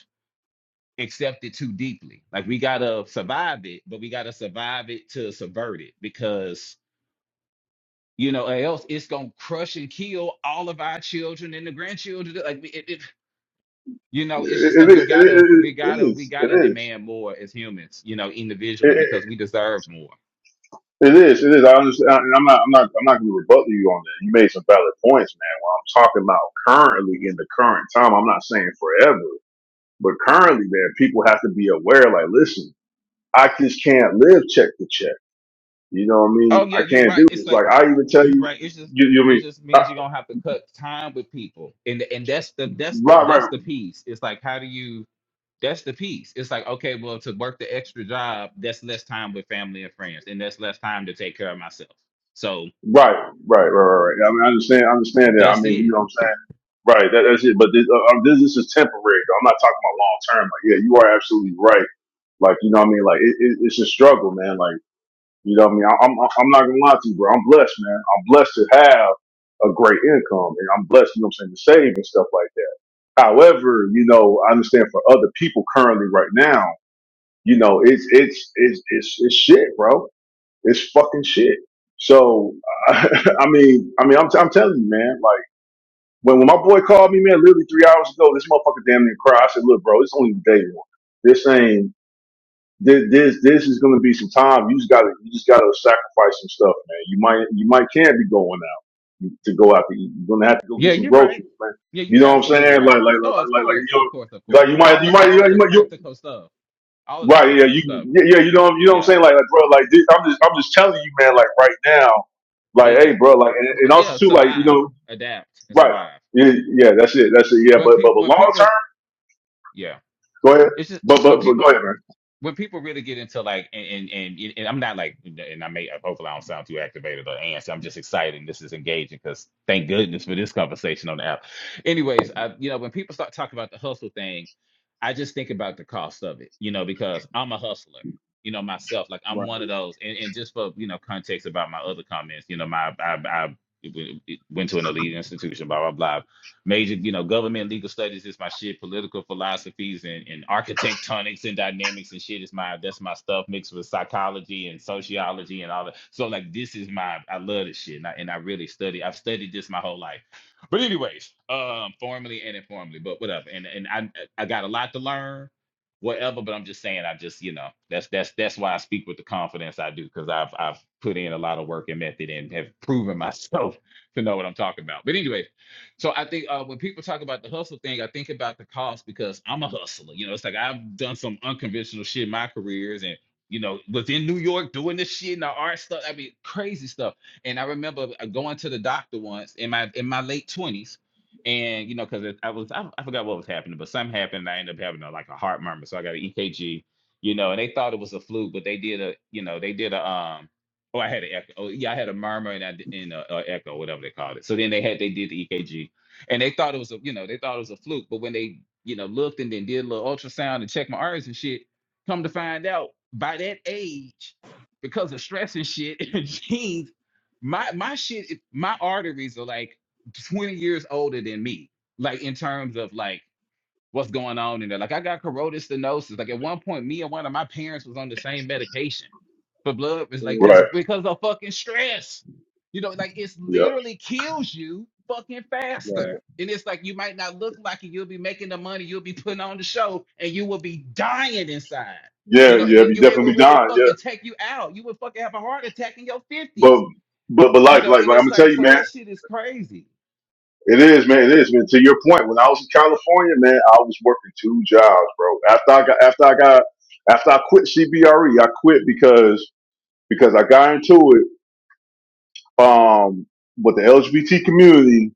B: accept it too deeply. Like we gotta survive it, but we gotta survive it to subvert it because you know, or else it's gonna crush and kill all of our children and the grandchildren. Like we- it, it, you know, it's just like
C: it, it,
B: we gotta, we
C: it, it
B: gotta, we
C: is. It
B: gotta
C: is.
B: demand more as humans, you know, individually
C: It, it,
B: because we deserve more.
C: it is. It is. I understand. And I'm not. I'm not. I'm not going to rebut you on that. You made some valid points, man. What I'm talking about currently in the current time. I'm not saying forever. But currently, man, people have to be aware. Like, listen, I just can't live check to check. You know what I
B: Oh
C: mean?
B: yeah,
C: I
B: you're
C: can't
B: right.
C: do
B: It's
C: this.
B: like
C: Like, I even tell
B: you're
C: you,
B: right. It's just.
C: you, you know what I
B: It
C: mean?
B: just means
C: I-
B: you're gonna have to cut time with people, and and that's the that's the
C: Right,
B: that's
C: right,
B: the piece. It's like how do you That's the piece. It's like, okay, well, to work the extra job, that's less time with family and friends, and that's less time to take care of myself. So
C: right, right, right, right. right. I mean, I understand, I understand that. I
B: that's
C: mean, you
B: it.
C: know what I'm saying? Right, that, that's it. But this, uh, um, this, this is temporary. Though. I'm not talking about long term. Like, yeah, you are absolutely right. Like, you know what I mean? Like, it, it, it's a struggle, man. Like, you know what I mean? I, I'm, I'm not gonna lie to you, bro. I'm blessed, man. I'm blessed to have a great income, and I'm blessed. You know what I'm saying? To save and stuff like that. However, you know, I understand for other people currently right now, you know, it's it's it's it's, it's shit, bro. It's fucking shit. So, (laughs) I mean, I mean, I'm I'm telling you, man. Like when when my boy called me, man, literally three hours ago, this motherfucker damn near cried. I said, look, bro, it's only day one. This ain't. This this, this is going to be some time. You just got to you just got to sacrifice some stuff, man. You might you might can't be going out to go out to eat. You're gonna have to go get
B: Yeah,
C: some
B: you're right.
C: groceries, man.
B: Yeah,
C: You
B: you're
C: know what I'm
B: absolutely
C: saying?
B: right.
C: Like like like
B: Oh,
C: like
B: of
C: like, like you
B: course, of course, of
C: know, like
B: course.
C: you
B: All
C: might you
B: the,
C: might you
B: all
C: might
B: of
C: you.
B: the
C: might you,
B: practical stuff. All of the
C: Right, yeah,
B: practical
C: you,
B: stuff.
C: yeah, yeah, you know, you know what I'm
B: Yeah,
C: saying, like, like, bro, like, this, I'm just, I'm just telling you, man, like, right now,
B: yeah,
C: like,
B: yeah,
C: hey, bro, like, and, and also
B: yeah.
C: too, like, you
B: Survive,
C: know,
B: adapt, and
C: right,
B: survive.
C: yeah, yeah, that's it, that's it, yeah,
B: When
C: but, but,
B: people,
C: but
B: when
C: long term,
B: people, yeah,
C: go ahead,
B: it's just
C: but,
B: when
C: but, but go
B: people
C: ahead, man,
B: when people really get into like and and, and, and I'm not like and I may hopefully I don't sound too activated or antsy. I'm just excited and this is engaging because thank goodness for this conversation on the app. Anyways, I you know when people start talking about the hustle thing, I just think about the cost of it, you know, because I'm a hustler, you know, myself. Like I'm
A: Right.
B: one of those and, and just for you know context about my other comments, you know, my I I went to an elite institution, blah blah blah major, you know, government legal studies is my shit. Political philosophies and, and architectonics and dynamics and shit is my that's my stuff mixed with psychology and sociology and all that. So like this is my I love this shit and I, and I really study. I've studied this my whole life. But anyways, um, formally and informally, but whatever. And and I I got a lot to learn, whatever. But I'm just saying, I just you know that's that's that's why I speak with the confidence I do because I've I've put in a lot of work and method and have proven (laughs) myself to know what I'm talking about. But anyways so I think uh, when people talk about the hustle thing, I think about the cost because I'm a hustler. You know, it's like I've done some unconventional shit in my careers and you know, was in New York doing this shit and the art stuff. I mean, crazy stuff. And I remember uh, going to the doctor once in my in my late twenties, and you know, because I was I, I forgot what was happening, but something happened. And I ended up having a, like a heart murmur, so I got an EKG. You know, and they thought it was a flu, but they did a you know they did a um Oh, I had an echo. Oh, yeah, I had a murmur and I d- and a, a echo, whatever they called it. So then they had they did the EKG, and they thought it was a you know they thought it was a fluke. But when they you know looked and then did a little ultrasound and checked my arteries and shit, come to find out by that age, because of stress and shit, (laughs) and genes, my my shit, it- my arteries are like twenty years older than me. Like in terms of like what's going on in there. Like I got corroded stenosis. Like at one point, me and one of my parents was on the same medication for blood. It's like because
C: right,
A: Mm,
B: because of fucking stress. You know, like it's
C: yeah,
B: literally kills you fucking
A: right.
B: faster. And it's like you might not look like it. You'll be making the money. You'll be putting on the show, and you will be dying inside.
C: yeah,
B: You know, and
C: yeah,
B: then
C: you
B: you it will
C: definitely
B: really
C: dying, yeah,
B: fucking take you out. You would fucking have a heart attack in your
C: But
B: fifties.
C: but but
B: You
C: like
B: know,
C: like
B: and
C: like I'm
B: it's
C: gonna tell
B: like
C: you,
B: so
C: man,
B: that shit is crazy.
C: it is, man, it is, man. To your point, when I was in California, man, I was working two jobs, bro. After I got after I got after I quit CBRE, I quit because because I got into it um with the LGBT community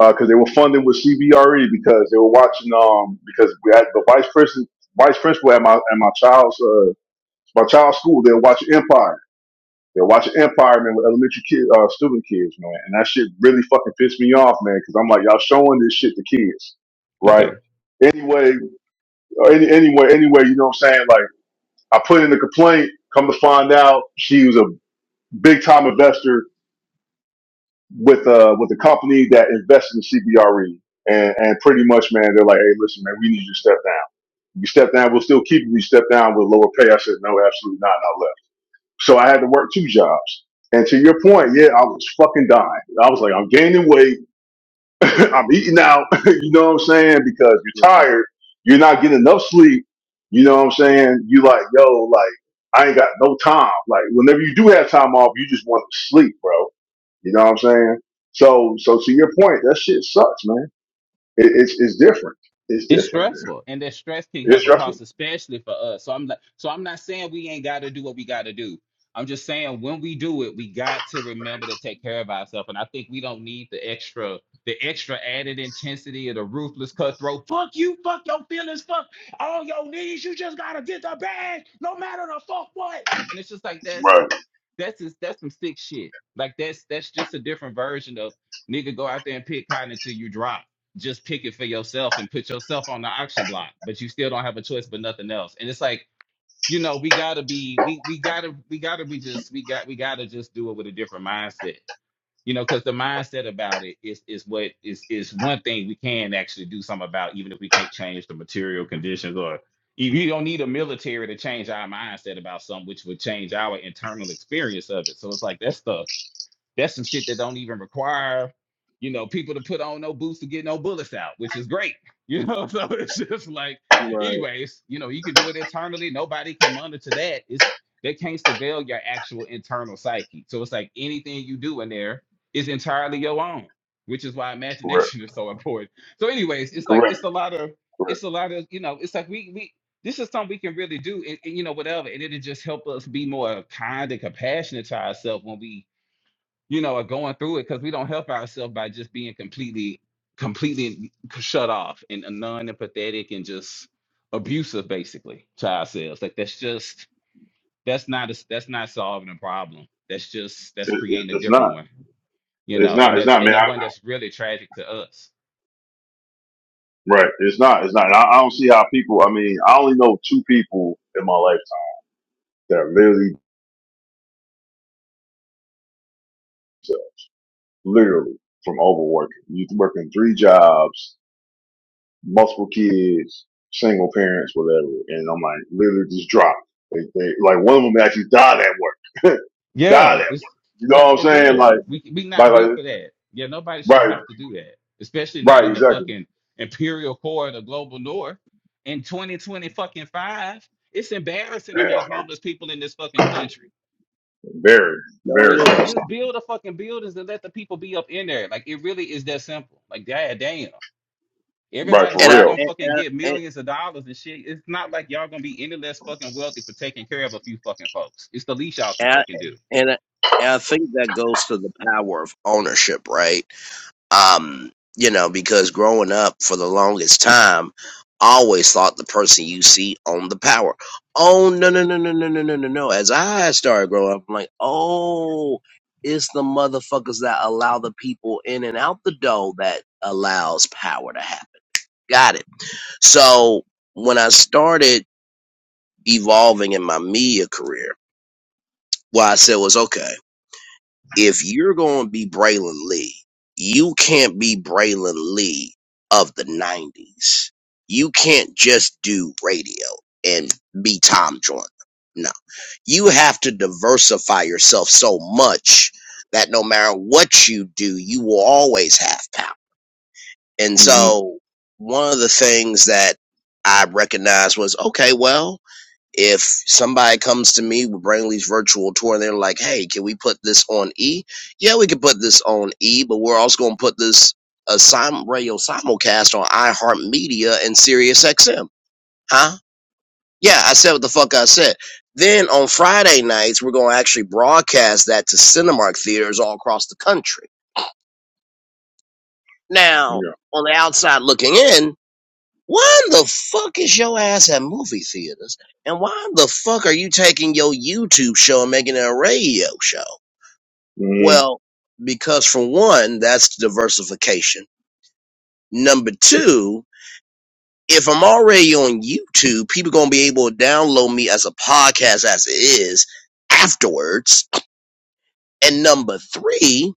C: because they were funded with CBRE because they were watching um because we had the vice president vice principal at my at my child's uh my child's school they were watching Empire They're watching Empire Man with elementary kid, uh, student kids, man, and that shit really fucking pissed me off, man, because I'm like, y'all showing this shit to kids, right?
B: Okay.
C: Anyway, or any, anyway, anyway, you know what I'm saying? Like, I put in a complaint. Come to find out, she was a big time investor with uh with a company that invested in CBRE, and and pretty much, man, they're like, hey, listen, man, we need you to step down. You step down, we'll still keep you. You step down with lower pay. I said, no, absolutely not. So I had to work two jobs. And to your point, yeah, I was fucking dying. I was like, I'm gaining weight. (laughs) I'm eating out. (laughs) you know what I'm saying? Because you're tired. You're not getting enough sleep. You know what I'm saying? You like, yo, like, I ain't got no time. Like, whenever you do have time off, you just want to sleep, bro. You know what I'm saying? So, so to your point, that shit sucks, man. It, it's, it's different. It's
B: It's
C: different, man.
B: stressful, and that stress can have
C: It's
B: a cost,
C: different.
B: especially for us. So I'm not, so I'm not saying we ain't got to do what we got to do. I'm just saying when we do it, we got to remember to take care of ourselves. And I think we don't need the extra, the extra added intensity of the ruthless cutthroat. Fuck you, fuck your feelings, fuck all your needs. You just gotta get the bag, no matter the fuck what. And it's just like that.
C: Right.
B: That's just, that's some sick shit. Like that's that's just a different version of nigga go out there and pick cotton until you drop. Just pick it for yourself and put yourself on the auction block, but you still don't have a choice but nothing else. And it's like, you know, we gotta be we we gotta we gotta be just we got we gotta just do it with a different mindset you know because the mindset about it is is what is is one thing we can actually do something about even if we can't change the material conditions or if you don't need a military to change our mindset about something which would change our internal experience of it so it's like that's the that's some shit that don't even require, you know, people to put on no boots to get no bullets out, which is great. You know, (laughs) so it's just like,
A: Right.
B: anyways, you know, you can do it internally. Nobody can monitor that. It's they can't surveil your actual internal psyche. So it's like anything you do in there is entirely your own, which is why
C: Correct.
B: imagination (laughs) is so important. So, anyways, it's like
C: Correct.
B: it's a lot of
C: Correct.
B: it's a lot of you know, it's like we we this is something we can really do, and, and, you know, whatever, and it'll just help us be more kind and compassionate to ourselves when we you know, are going through it because we don't help ourselves by just being completely, completely shut off and non empathetic and just abusive basically to ourselves. Like that's just that's not a, that's not solving a problem. That's just that's
C: It, it,
B: creating a
C: it's
B: different
C: not.
B: one, you
C: It's
B: know, and
C: not. It's
B: that
C: not,
B: and
C: man.
B: the one that's really tragic to us.
C: Right. It's not. It's not. And I, I don't see how people. I mean, I only know two people in my lifetime that literally, literally from overworking. You working three jobs, multiple kids, single parents, whatever. And I'm like, literally just dropped. They, they, like one of them actually died at work. (laughs) died
B: Yeah,
C: at
B: it's
C: work. You know what
B: like
C: I'm
B: for
C: saying?
B: real.
C: Like,
B: We we not
C: like, like
B: built for that. Yeah, nobody should
C: right,
B: have to do that, especially not
C: right,
B: in the
C: exactly.
B: fucking imperial core of the global north in 2020 fucking five. It's embarrassing to
C: Yeah.
B: have homeless people in this fucking country.
C: Very,
A: No,
C: very,
B: It's
A: it
B: like
A: is,
B: just build a fucking buildings and let the people be up in there. Like it really is that simple. Like god damn.
C: right
B: Everybody's
C: for
A: and I
B: still
C: real.
B: gonna
A: and
B: fucking
A: and
B: get
A: and,
B: millions of dollars and shit. It's not like y'all gonna be any less fucking wealthy for taking care of a few fucking folks. It's the least y'all can
A: and, I-
B: fucking do.
A: and I and I think that goes to the power of ownership, right? Um, you know, because growing up for the longest time, I always thought the person you see owned the power. Oh no no no no no no no no no! As I started growing up, I'm like, oh, it's the motherfuckers that allow the people in and out the door that allows power to happen. Got it. So when I started evolving in my media career what I said was okay, if you're going to be Braylon Lee, you can't be Braylon Lee of the 90s. You can't just do radio and be Tom Jordan. No, you have to diversify yourself so much that no matter what you do, you will always have power. And
C: hmm
A: so, one of the things that I recognized was okay, well, if somebody comes to me with Brainley's virtual tour and they're like, hey, can we put this on E? Yeah, we can put this on E, but we're also going to put this a sim- radio simulcast on iHeartMedia and SiriusXM. Huh? Yeah, I said what the fuck I said. Then on Friday nights, we're going to actually broadcast that to Cinemark theaters all across the country. Now,
C: Yeah.
A: on the outside looking in, Why in the fuck is your ass at movie theaters? And why in the fuck are you taking your YouTube show and making it a radio show?
C: hmm
A: Well, because for one, that's diversification. Number two, if I'm already on YouTube, people gonna be able to download me as a podcast as it is afterwards. And number three,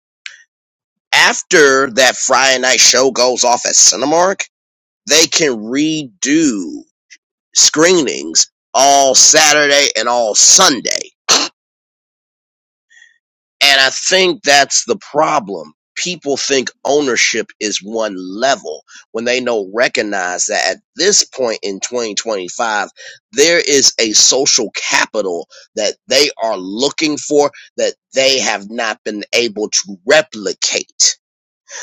A: after that Friday night show goes off at Cinemark, they can redo screenings all Saturday and all Sunday. And I think that's the problem. People think ownership is one level when they know recognize that at this point in 2025, there is a social capital that they are looking for that they have not been able to replicate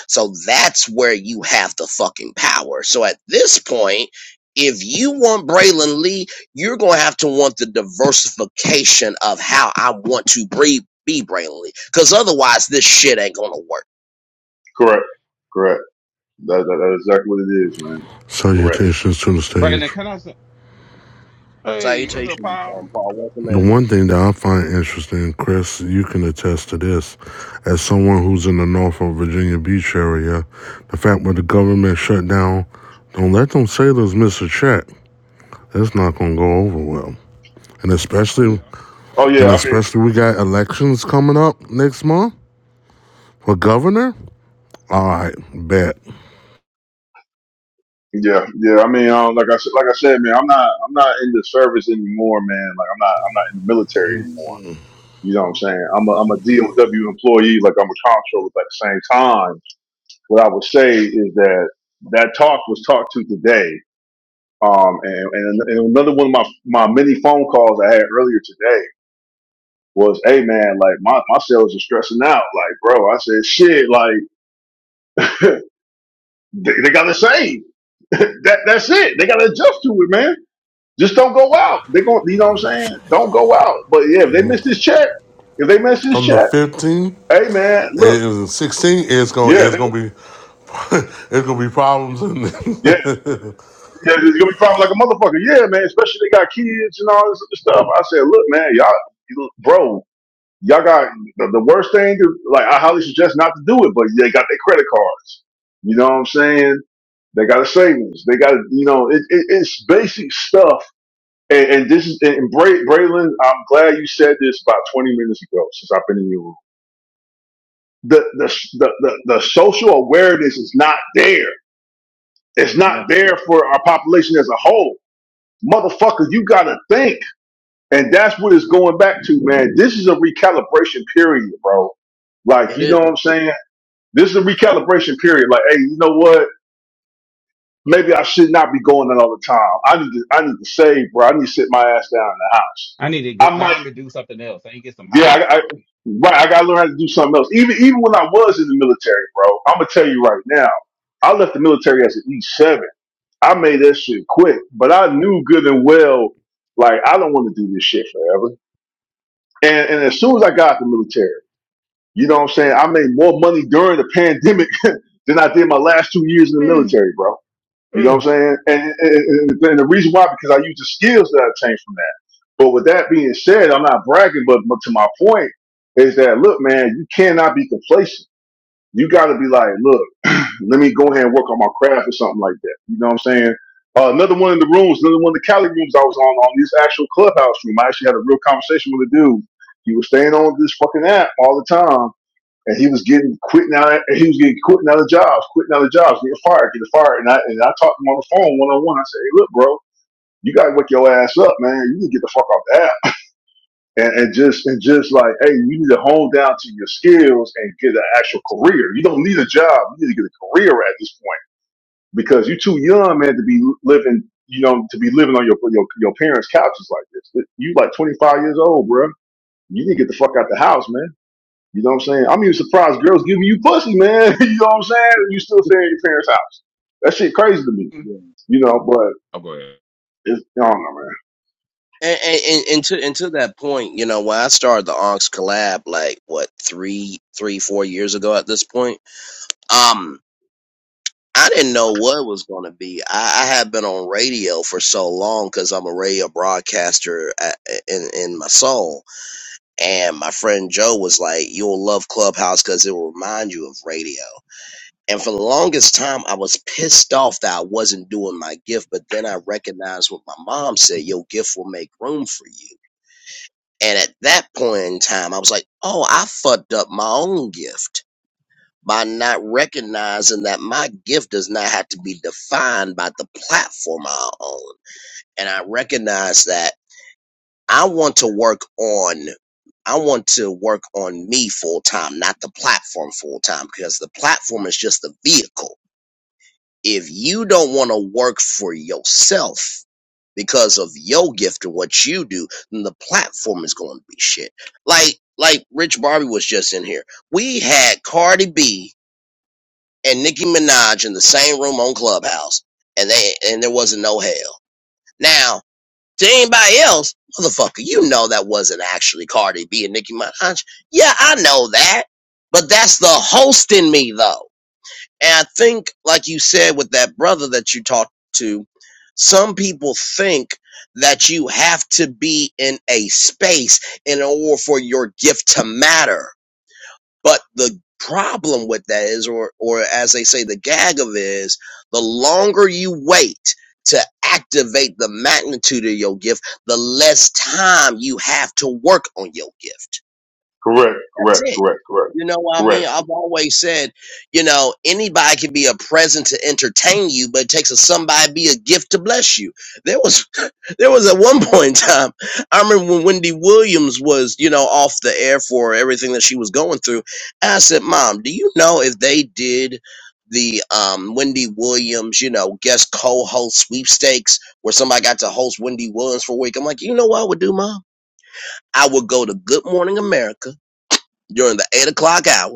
A: so that's where you have the fucking power. So at this point, if you want Braylon Lee, you're going to have to want the diversification of how I want to be, be Braylon Lee. Because otherwise, this shit ain't going to work.
C: Correct. Correct. That, that, that's exactly what it is, man. Correct.
D: Salutations to the
B: Brandon,
D: stage.
B: can I? Hey, what's up,
A: Salutations,
B: Paul?
A: um, Paul. Welcome
D: The
A: in.
D: one thing that I find interesting, Chris, you can attest to this, as someone who's in the Norfolk, Virginia Beach area, the fact when the government shut down, don't let them sailors miss a check. That's not gonna go over well. And especially
C: Oh yeah,
D: and
C: I mean,
D: especially we got elections coming up next month for governor. All right, bet.
C: yeah, yeah. I mean, um, like I said, like I said, man, I'm not, I'm not in the service anymore, man. Like I'm not, I'm not in the military anymore. You know what I'm saying? I'm a, I'm a DOW employee. Like I'm a comptroller. But at the same time, what I would say is that that talk was talked to today. Um, and, and, and another one of my, my many phone calls I had earlier today was, Hey man, like my, my sales are stressing out. Like, bro, I said, shit, like, (laughs) they, they got the same. (laughs) that that's it. They got to adjust to it, man. Just don't go out. They going you know what I'm saying? Don't go out. But yeah, if they miss this check, if they miss this
D: On the
C: check,
D: 15th
C: hey man,
D: and
C: look,
D: 16th, it's gonna
C: yeah,
D: it's
C: they,
D: gonna be (laughs) it's gonna be problems in
C: yeah, yeah, it's gonna be crying like a motherfucker. Yeah, man. Especially they got kids and all this other stuff. I said, look, man, y'all, you- bro, y'all got the, the worst thing. To, like I highly suggest not to do it, but they got their credit cards. You know what I'm saying? They got a savings. They got you know, it, it, it's basic stuff And, and this is and Bray, Braylon. I'm glad you said this about 20 minutes ago. Since I've been in your room, the the the the, the social awareness is not there. It's not there for our population as a whole. Motherfucker, you gotta think, and that's what it's going back to, man. This is a recalibration period, bro. Like, you know what I'm saying? This is a recalibration period. Like, hey, you know what? Maybe I should not be going in all the time. I need to, I need to save, bro. I need to sit my ass down in the house.
B: I need to gr-
C: I might.
B: learn to do something else. I need to get some
C: Yeah,
B: hobbies.
C: I, I right. I gotta learn how to do something else. Even even when I was in the military, bro, I'm gonna tell you right now, I left the military as an E seven. I made that shit quick, but I knew good and well, like I don't want to do this shit forever. And and as soon as I got out the military, you know what I'm saying, I made more money during the pandemic (laughs) than I did my last two years in the military, bro. You know what I'm saying? And, and, and the reason why, because I use the skills that I changed from that. But with that being said, I'm not bragging, but but to my point is that, look, man, you cannot be complacent. You got to be like, look, let me go ahead and work on my craft or something like that. You know what I'm saying? Uh, another one in the rooms, another one of the Cali rooms I was on, on this actual clubhouse room. I actually had a real conversation with a dude. He was staying on this fucking app all the time and he was getting quitting out, and he was getting quitting other jobs, quitting other jobs, getting fired, getting fired. And I and I talked to him on the phone one on one. I said, hey, look, bro, you gotta wake your ass up, man. You need to get the fuck off the app and, and just and just like, hey, you need to hone down to your skills and get an actual
A: to-
C: career. You don't need a job. You need to get a career at this point because you're too young, man, to be living. You know, to be living on your your, your parents' couches like this. You like 25 years old, bro. You need to get the fuck out the house, man you know what I'm saying? I'm even surprised girls giving you pussy, man. (laughs) you know what I'm saying? You still staying at your parents' house. That shit crazy to me.
B: Mm.
A: yeah.
C: You know, but
B: Oh, go ahead.
C: it's I don't know, man.
A: And, and, and, to, and to that point, you know, when I started the Onks collab, like, what, three, three, four years ago at this point, um. I didn't know what it was going to be. I, I had been on radio for so long because I'm a radio broadcaster at, in in my soul. And my friend Joe was like, "You'll love Clubhouse because it will remind you of radio." And for the longest time, I was pissed off that I wasn't doing my gift. But then I recognized what my mom said: "Your gift will make room for you." And at that point in time, I was like, "Oh, I fucked up my own gift." by not recognizing that my gift does not have to be defined by the platform I own. And I recognize that I want to work on I want to work on me full time, not the platform full time, because the platform is just the vehicle. If you don't want to work for yourself because of your gift and what you do, then the platform is going to be shit. Like, like Rich Barbie was just in here. We had Cardi B and Nicki Minaj in the same room on Clubhouse, and they and there wasn't no hell. Now to anybody else, motherfucker, you know that wasn't actually Cardi B and Nicki Minaj. Yeah, I know that, but that's the host in me though. And I think, like you said, with that brother that you talked to, some people think that you have to be in a space in order for your gift to matter but the problem with that is, or, or as they say, the gag of it is, the longer you wait to activate the magnitude of your gift, the less time you have to work on your gift.
C: Correct,
A: That's
C: correct,
A: it.
C: correct, correct,
A: You know what I
C: correct,
A: mean? I've always said, you know, anybody can be a present to entertain you, but it takes a somebody to be a gift to bless you. There was there was at one (laughs) point in time, I remember when Wendy Williams was, you know, off the air for everything that she was going through. I said, Mom, do you know if they did the um, Wendy Williams, you know, guest co host sweepstakes where somebody got to host Wendy Williams for a week? I'm like, you know what I would do, Mom? I would go to Good Morning America during the eight o'clock hour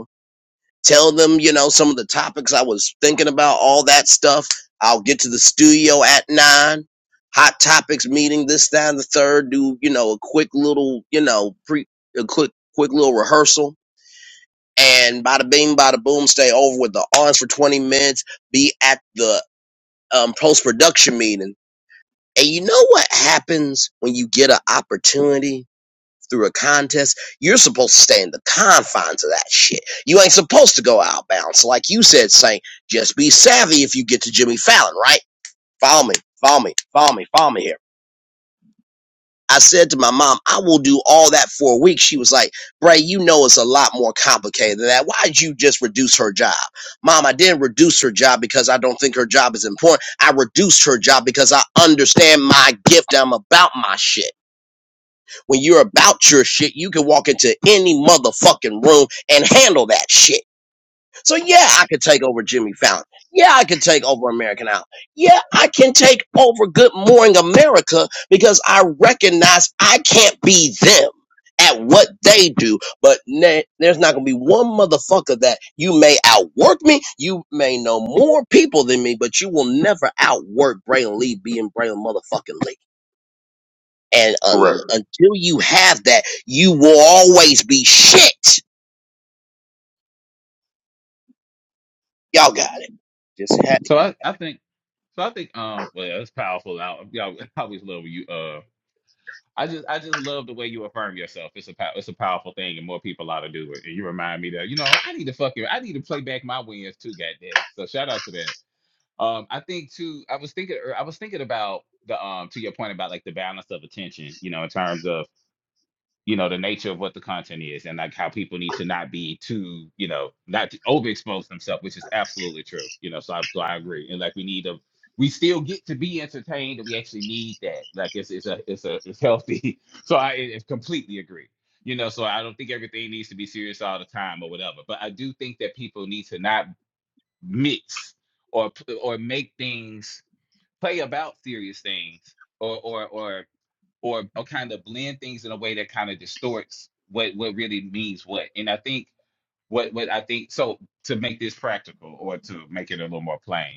A: tell them, you know, some of the topics I was thinking about, all that stuff. I'll get to the studio at nine. Hot topics meeting this, that, and the third. Do you know a quick little, you know, pre a quick quick little rehearsal, and bada bing, bada boom, stay over with the arms for twenty minutes. Be at the um, post production meeting, and you know what happens when you get an opportunity through a contest, you're supposed to stay in the confines of that shit. You ain't supposed to go outbounds. Like you said, Saint, just be savvy if you get to Jimmy Fallon, right? Follow me, follow me, follow me, follow me here. I said to my mom, I will do all that for a week. She was like, Bray, you know it's a lot more complicated than that. Why'd you just reduce her job? Mom, I didn't reduce her job because I don't think her job is important. I reduced her job because I understand my gift. I'm about my shit. When you're about your shit, you can walk into any motherfucking room and handle that shit. So yeah, I could take over Jimmy Fallon. Yeah, I could take over American Idol. Yeah, I can take over Good Morning America because I recognize I can't be them at what they do. But na- there's not gonna be one motherfucker that you may outwork me. You may know more people than me, but you will never outwork Braylon Lee being Braylon motherfucking Lee. And
C: correct.
A: un- until you have that, you will always be shit. Y'all got it. Just have it
B: So I, I think so I think um well it's powerful. I, y'all (laughs) I always love when you uh I just I just love the way you affirm yourself. It's a pow- it's a powerful thing and more people ought to do it. And you remind me that you know I need to fucking I need to play back my wins too. God damn it! So shout out to that. Um I think too I was thinking er, I was thinking about the um to your point about like the balance of attention. You know in terms of you know the nature of what the content is and like how people need to not be too you know not to overexpose themselves which is absolutely true you know so I, so I agree and like we need a we still get to be entertained and we actually need that like it's it's a it's a it's healthy (laughs) so I, I I completely agree you know so I don't think everything needs to be serious all the time or whatever but I do think that people need to not mix or p- or make things play about serious things or or or or or kind of blend things in a way that kind of distorts what what really means what. And I think what what I think so to make this practical or to make it a little more plain.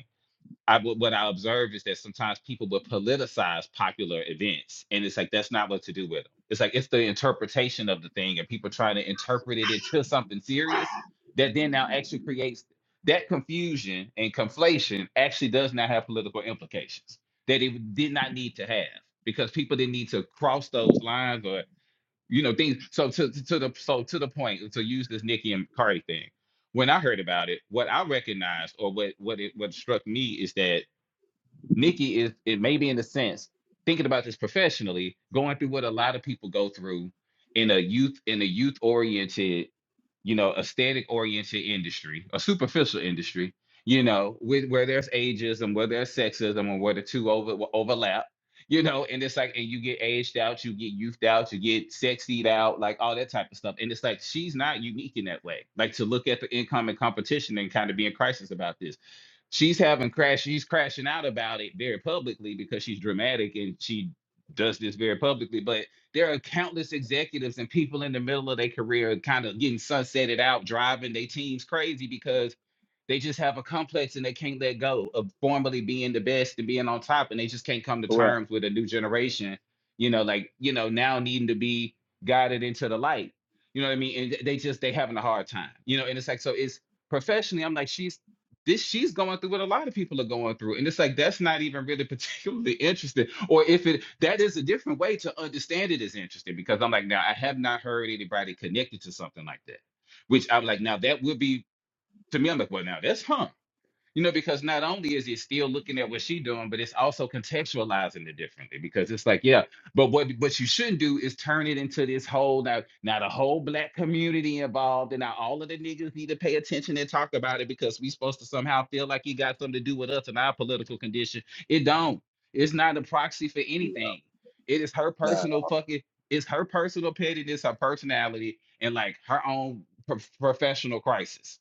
B: I what I observe is that sometimes people would politicize popular events, and it's like that's not what to do with them. It's like it's the interpretation of the thing, and people trying to interpret it into something serious that then now actually creates that confusion and conflation actually does not have political implications that it did not need to have because people didn't need to cross those lines or you know things. So to to to the so to the point to use this Nikki and Cardi thing. When I heard about it, what I recognized or what what it what struck me is that Nikki is it may be in a sense thinking about this professionally, going through what a lot of people go through in a youth in a youth oriented, you know, aesthetic oriented industry, a superficial industry, you know, with where there's ageism, where there's sexism, and where the two over overlap. You know, and it's like, and you get aged out, you get youthed out, you get sexied out, like all that type of stuff. And it's like she's not unique in that way. Like to look at the income and competition and kind of be in crisis about this she's having crash she's crashing out about it very publicly because she's dramatic and she does this very publicly but there are countless executives and people in the middle of their career kind of getting sunsetted out driving their teams crazy because they just have a complex and they can't let go of formerly being the best and being on top, and they just can't come to
A: correct.
B: terms with a new generation. You know, like you know now needing to be guided into the light. You know what I mean? And th- they just they having a hard time. You know, and it's like so it's professionally. I'm like she's this she's going through what a lot of people are going through and it's like that's not even really (laughs) particularly interesting or if it that is a different way to understand it is interesting because i'm like now i have not heard anybody connected to something like that which i'm like now that would be to me, I'm like, well, now that's huh. You know, because not only is it still looking at what she's doing, but it's also contextualizing it differently because it's like, yeah, but what what you shouldn't do is turn it into this whole now now the whole black community involved and now all of the niggas need to pay attention and talk about it because we supposed to somehow feel like it got something to do with us and our political condition. It don't. It's not a proxy for
A: you know.
B: anything. It is her
A: Nah.
B: personal fucking. It's her personal pettiness, her personality, and like her own pro- professional crisis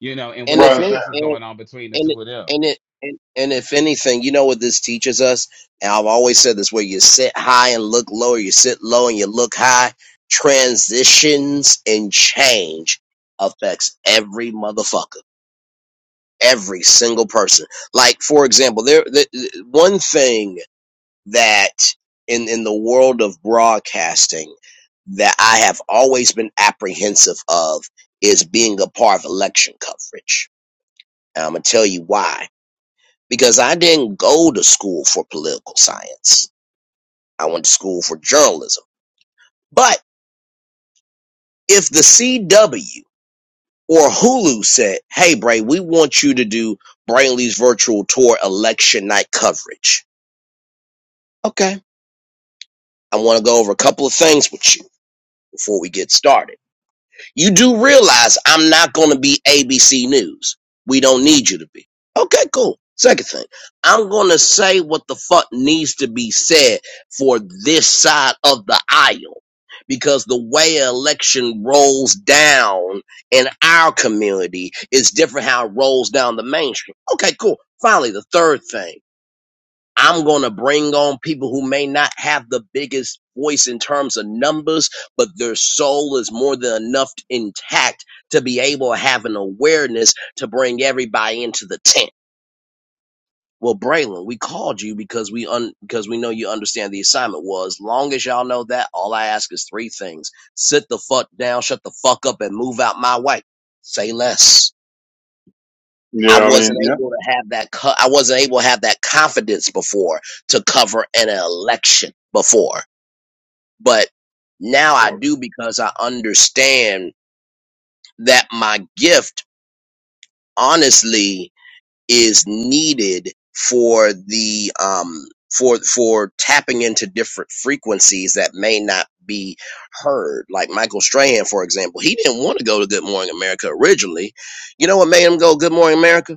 B: you know, and
A: And
C: Right.
A: if
B: whatever
C: I'm
A: it,
C: saying?
B: else is
A: and
B: going on between the
A: and
B: two of them.
A: and it. And, and if anything, you know what this teaches us? And I've always said this where you sit high and look low, or you sit low and you look high, transitions and change affects every motherfucker, every single person. Like, for example, there, the, the- one thing that in in the world of broadcasting that I have always been apprehensive of is being a part of election coverage. And I'm gonna tell you why. Because I didn't go to school for political science. I went to school for journalism. But if the CW or Hulu said, "Hey, Bray, we want you to do Brainley's virtual tour election night coverage," okay, I want to go over a couple of things with you before we get started You do realize I'm not going to be ABC News. We don't need you to be. Okay, cool. Second thing, I'm going to say what the fuck needs to be said for this side of the aisle because the way an election rolls down in our community is different how it rolls down the mainstream. Okay, cool. Finally, the third thing. I'm going to bring on people who may not have the biggest voice in terms of numbers, but their soul is more than enough intact to be able to have an awareness to bring everybody into the tent. Well, Braylon, we called you because we un- because we know you understand the assignment was. Long as y'all know that, all I ask is three things: sit the fuck down, shut the fuck up, and move out my way. Say less. I
C: Yeah, I
A: wasn't
C: mean, yeah.
A: able to have that. Co- I wasn't able to have that confidence before to cover an election before, but now I do because I understand that my gift, honestly, is needed for the um for for tapping into different frequencies that may not be heard. Like Michael Strahan, for example, he didn't want to go to Good Morning America originally. You know what made him go Good Morning America?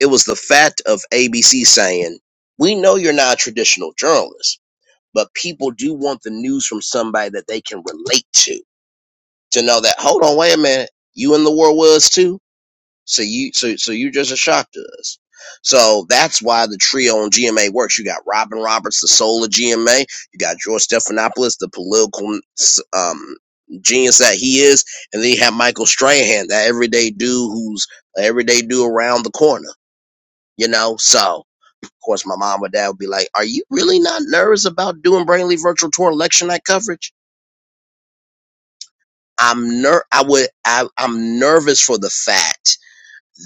A: It was the fact of ABC saying, We know you're not a traditional journalist, but people do want the news from somebody that they can relate to. To know that, hold on, wait a minute, you in the war was too? So you so so you're just a shock to us. So that's why the trio on GMA works. You got Robin Roberts, the soul of GMA. You got George Stephanopoulos, the political um, genius that he is, and then you have Michael Strahan, that everyday dude who's an everyday dude around the corner. You know, so of course, my mom or dad would be like, "Are you really not nervous about doing Brainly Virtual Tour election night coverage?" I'm ner. I would. I, I'm nervous for the fact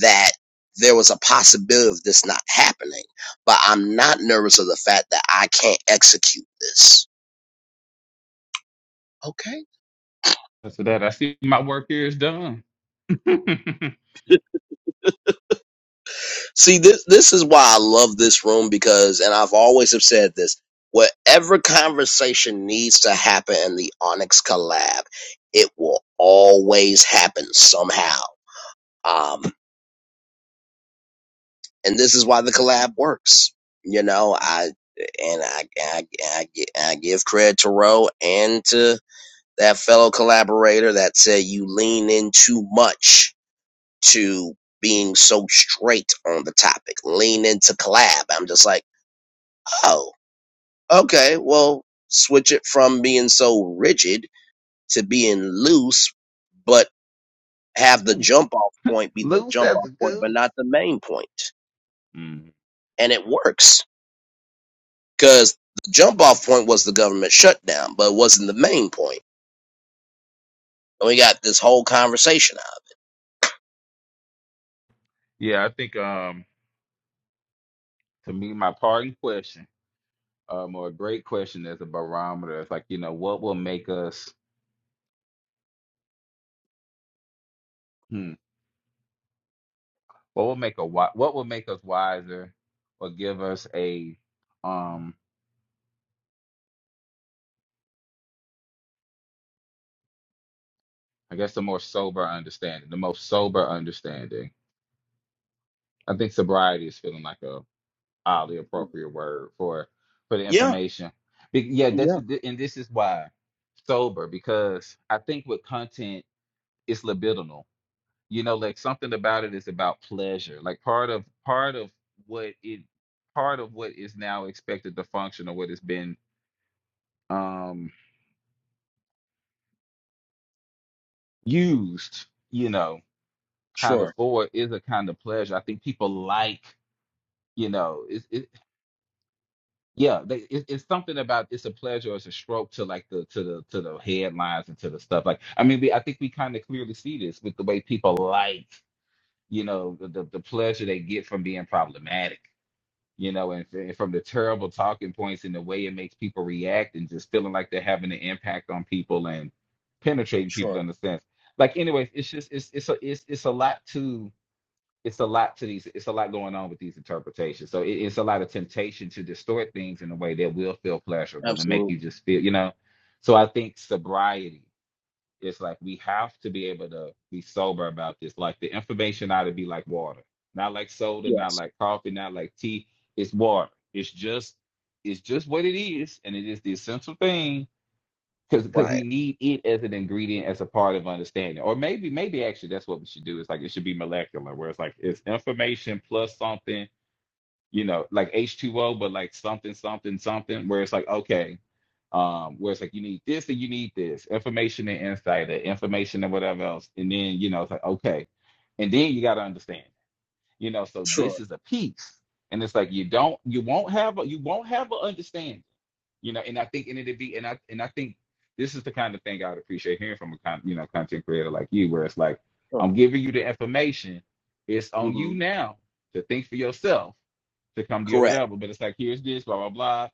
A: that there was a possibility of this not happening, but I'm not nervous of the fact that I can't execute this. Okay.
B: So that I see my work here is done. (laughs) loose,
A: See, this this is why I love this room because, and I've always have said this. Whatever conversation needs to happen in the Onyx collab, it will always happen somehow. Um, and this is why the collab works. You know, I and I I, I, I give credit to Roe and to that fellow collaborator that said you lean in too much to being so straight on the topic. Lean into collab. I'm just like, oh, okay, well, switch it from being so rigid to being loose, but have the jump off point be the
B: loose
A: jump
B: as a
A: off point, but not
B: goose.
A: the main point.
B: Mm.
A: And it works because the jump off point was the government shutdown, but it wasn't the main point. And we got this whole conversation out.
B: Yeah, I think um to me my parting question, um, or a great question as a barometer is like, you know, what will make us hmm, what will make a wi- what will make us wiser or give us a um I guess a more sober understanding, the most sober understanding. I think sobriety is feeling like a uh, the appropriate word for for the
A: Yeah,
B: information. Be- yeah, that's
A: yeah,
B: and this is why sober because I think with content it's libidinal. You know, like something about it is about pleasure. Like part of part of what it part of what is now expected to function or what has been um used, you know, kind of
A: sure,
B: for is a kind of pleasure. I think people like, you know, it's it. Yeah, they, it, it's something about it's a pleasure, or it's a stroke to like the to the to the headlines and to the stuff. Like, I mean, we, I think we kind of clearly see this with the way people like, you know, the, the the pleasure they get from being problematic, you know, and, f- and from the terrible talking points and the way it makes people react and just feeling like they're having an impact on people and penetrating people
A: sure,
B: in a sense. Like, anyways, it's just it's it's a it's it's a lot to it's a lot to these it's a lot going on with these interpretations so it, it's a lot of temptation to distort things in a way that will feel pleasurable and make you
A: absolutely,
B: just feel you know so i think sobriety is like we have to be able to be sober about this like the information ought to be like water not like soda not
A: yes,
B: like coffee not like tea it's water it's just it's just what it is and it is the essential thing because because we
A: right,
B: need it as an ingredient as a part of understanding or maybe maybe actually that's what we should do it's like it should be molecular where it's like it's information plus something you know like h2o but like something something something where it's like okay um where it's like you need this and you need this information and insight and information and whatever else and then you know it's like okay and then you got to understand you know so
A: sure,
B: this is a piece and it's like you don't you won't have a you won't have an understanding you know and i think and it'd be and i and i think this is the kind of thing i would appreciate hearing from a con, you know content creator like you where it's like
A: sure.
B: i'm giving you the information it's on
A: hmm
B: you now to think for yourself to come to your
A: correct.
B: whatever but it's like here's this blah blah blah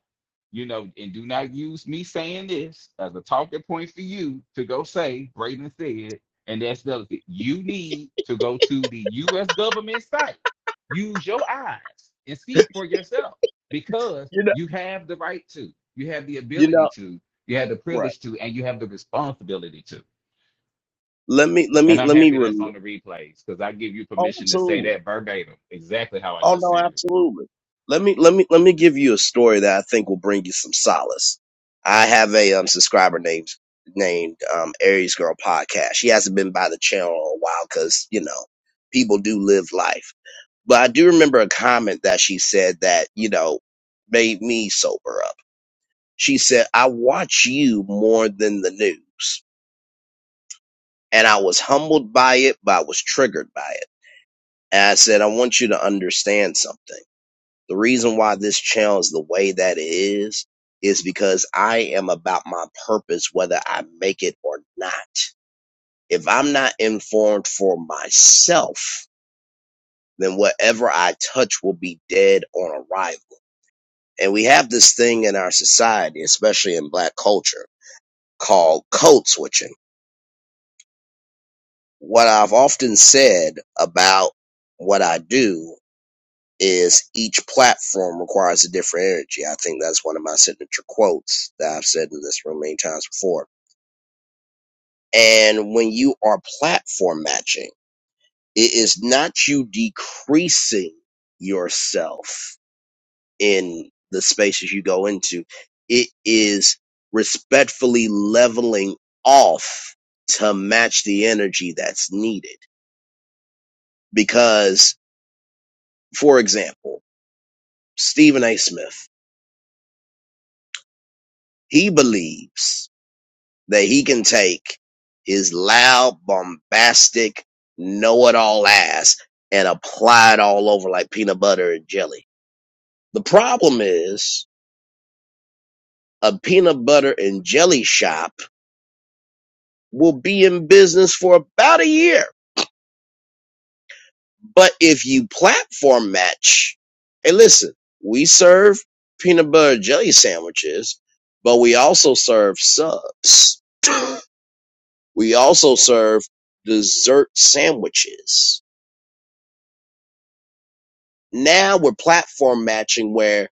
B: you know, and do not use me saying this as a talking point for you to go say, Braden said, and that's delicate. You need to go to the U.S. government site. Use your eyes and see for yourself because
A: You know,
B: you have the right to, you have the
A: you
B: ability
A: know,
B: to, you have the
A: right.
B: privilege to, and you have the responsibility to.
A: Let me, let
B: And
A: me,
B: I'm
A: let me.
B: happy that's
A: Rel-
B: on the replays because I give you
A: oh,
B: permission to say
A: absolutely.
B: that verbatim, exactly how I
A: Oh
B: just
A: no,
B: said it.
A: absolutely. Let me let me let me give you a story that I think will bring you some solace. I have a um subscriber named named um Aries Girl Podcast. She hasn't been by the channel in a while because you know people do live life. But I do remember a comment that she said that you know made me sober up. She said, "I watch you more than the news," and I was humbled by it, but I was triggered by it. And I said, "I want you to understand something." The reason why this channel is the way that it is is because I am about my purpose, whether I make it or not. If I'm not informed for myself, then whatever I touch will be dead on arrival. And we have this thing in our society, especially in black culture, called code switching. What I've often said about what I do is each platform requires a different energy. I think that's one of my signature quotes that I've said in this room many times before. And when you are platform matching, it is not you decreasing yourself in the spaces you go into. It is respectfully leveling off to match the energy that's needed. Because, for example, Stephen A. Smith, he believes that he can take his loud, bombastic, know it all ass and apply it all over like peanut butter and jelly. The problem is a peanut butter and jelly shop will be in business for about a year. But if you platform match, hey, listen, we serve peanut butter and jelly sandwiches, but we also serve subs. We also serve dessert sandwiches Now we're platform matching where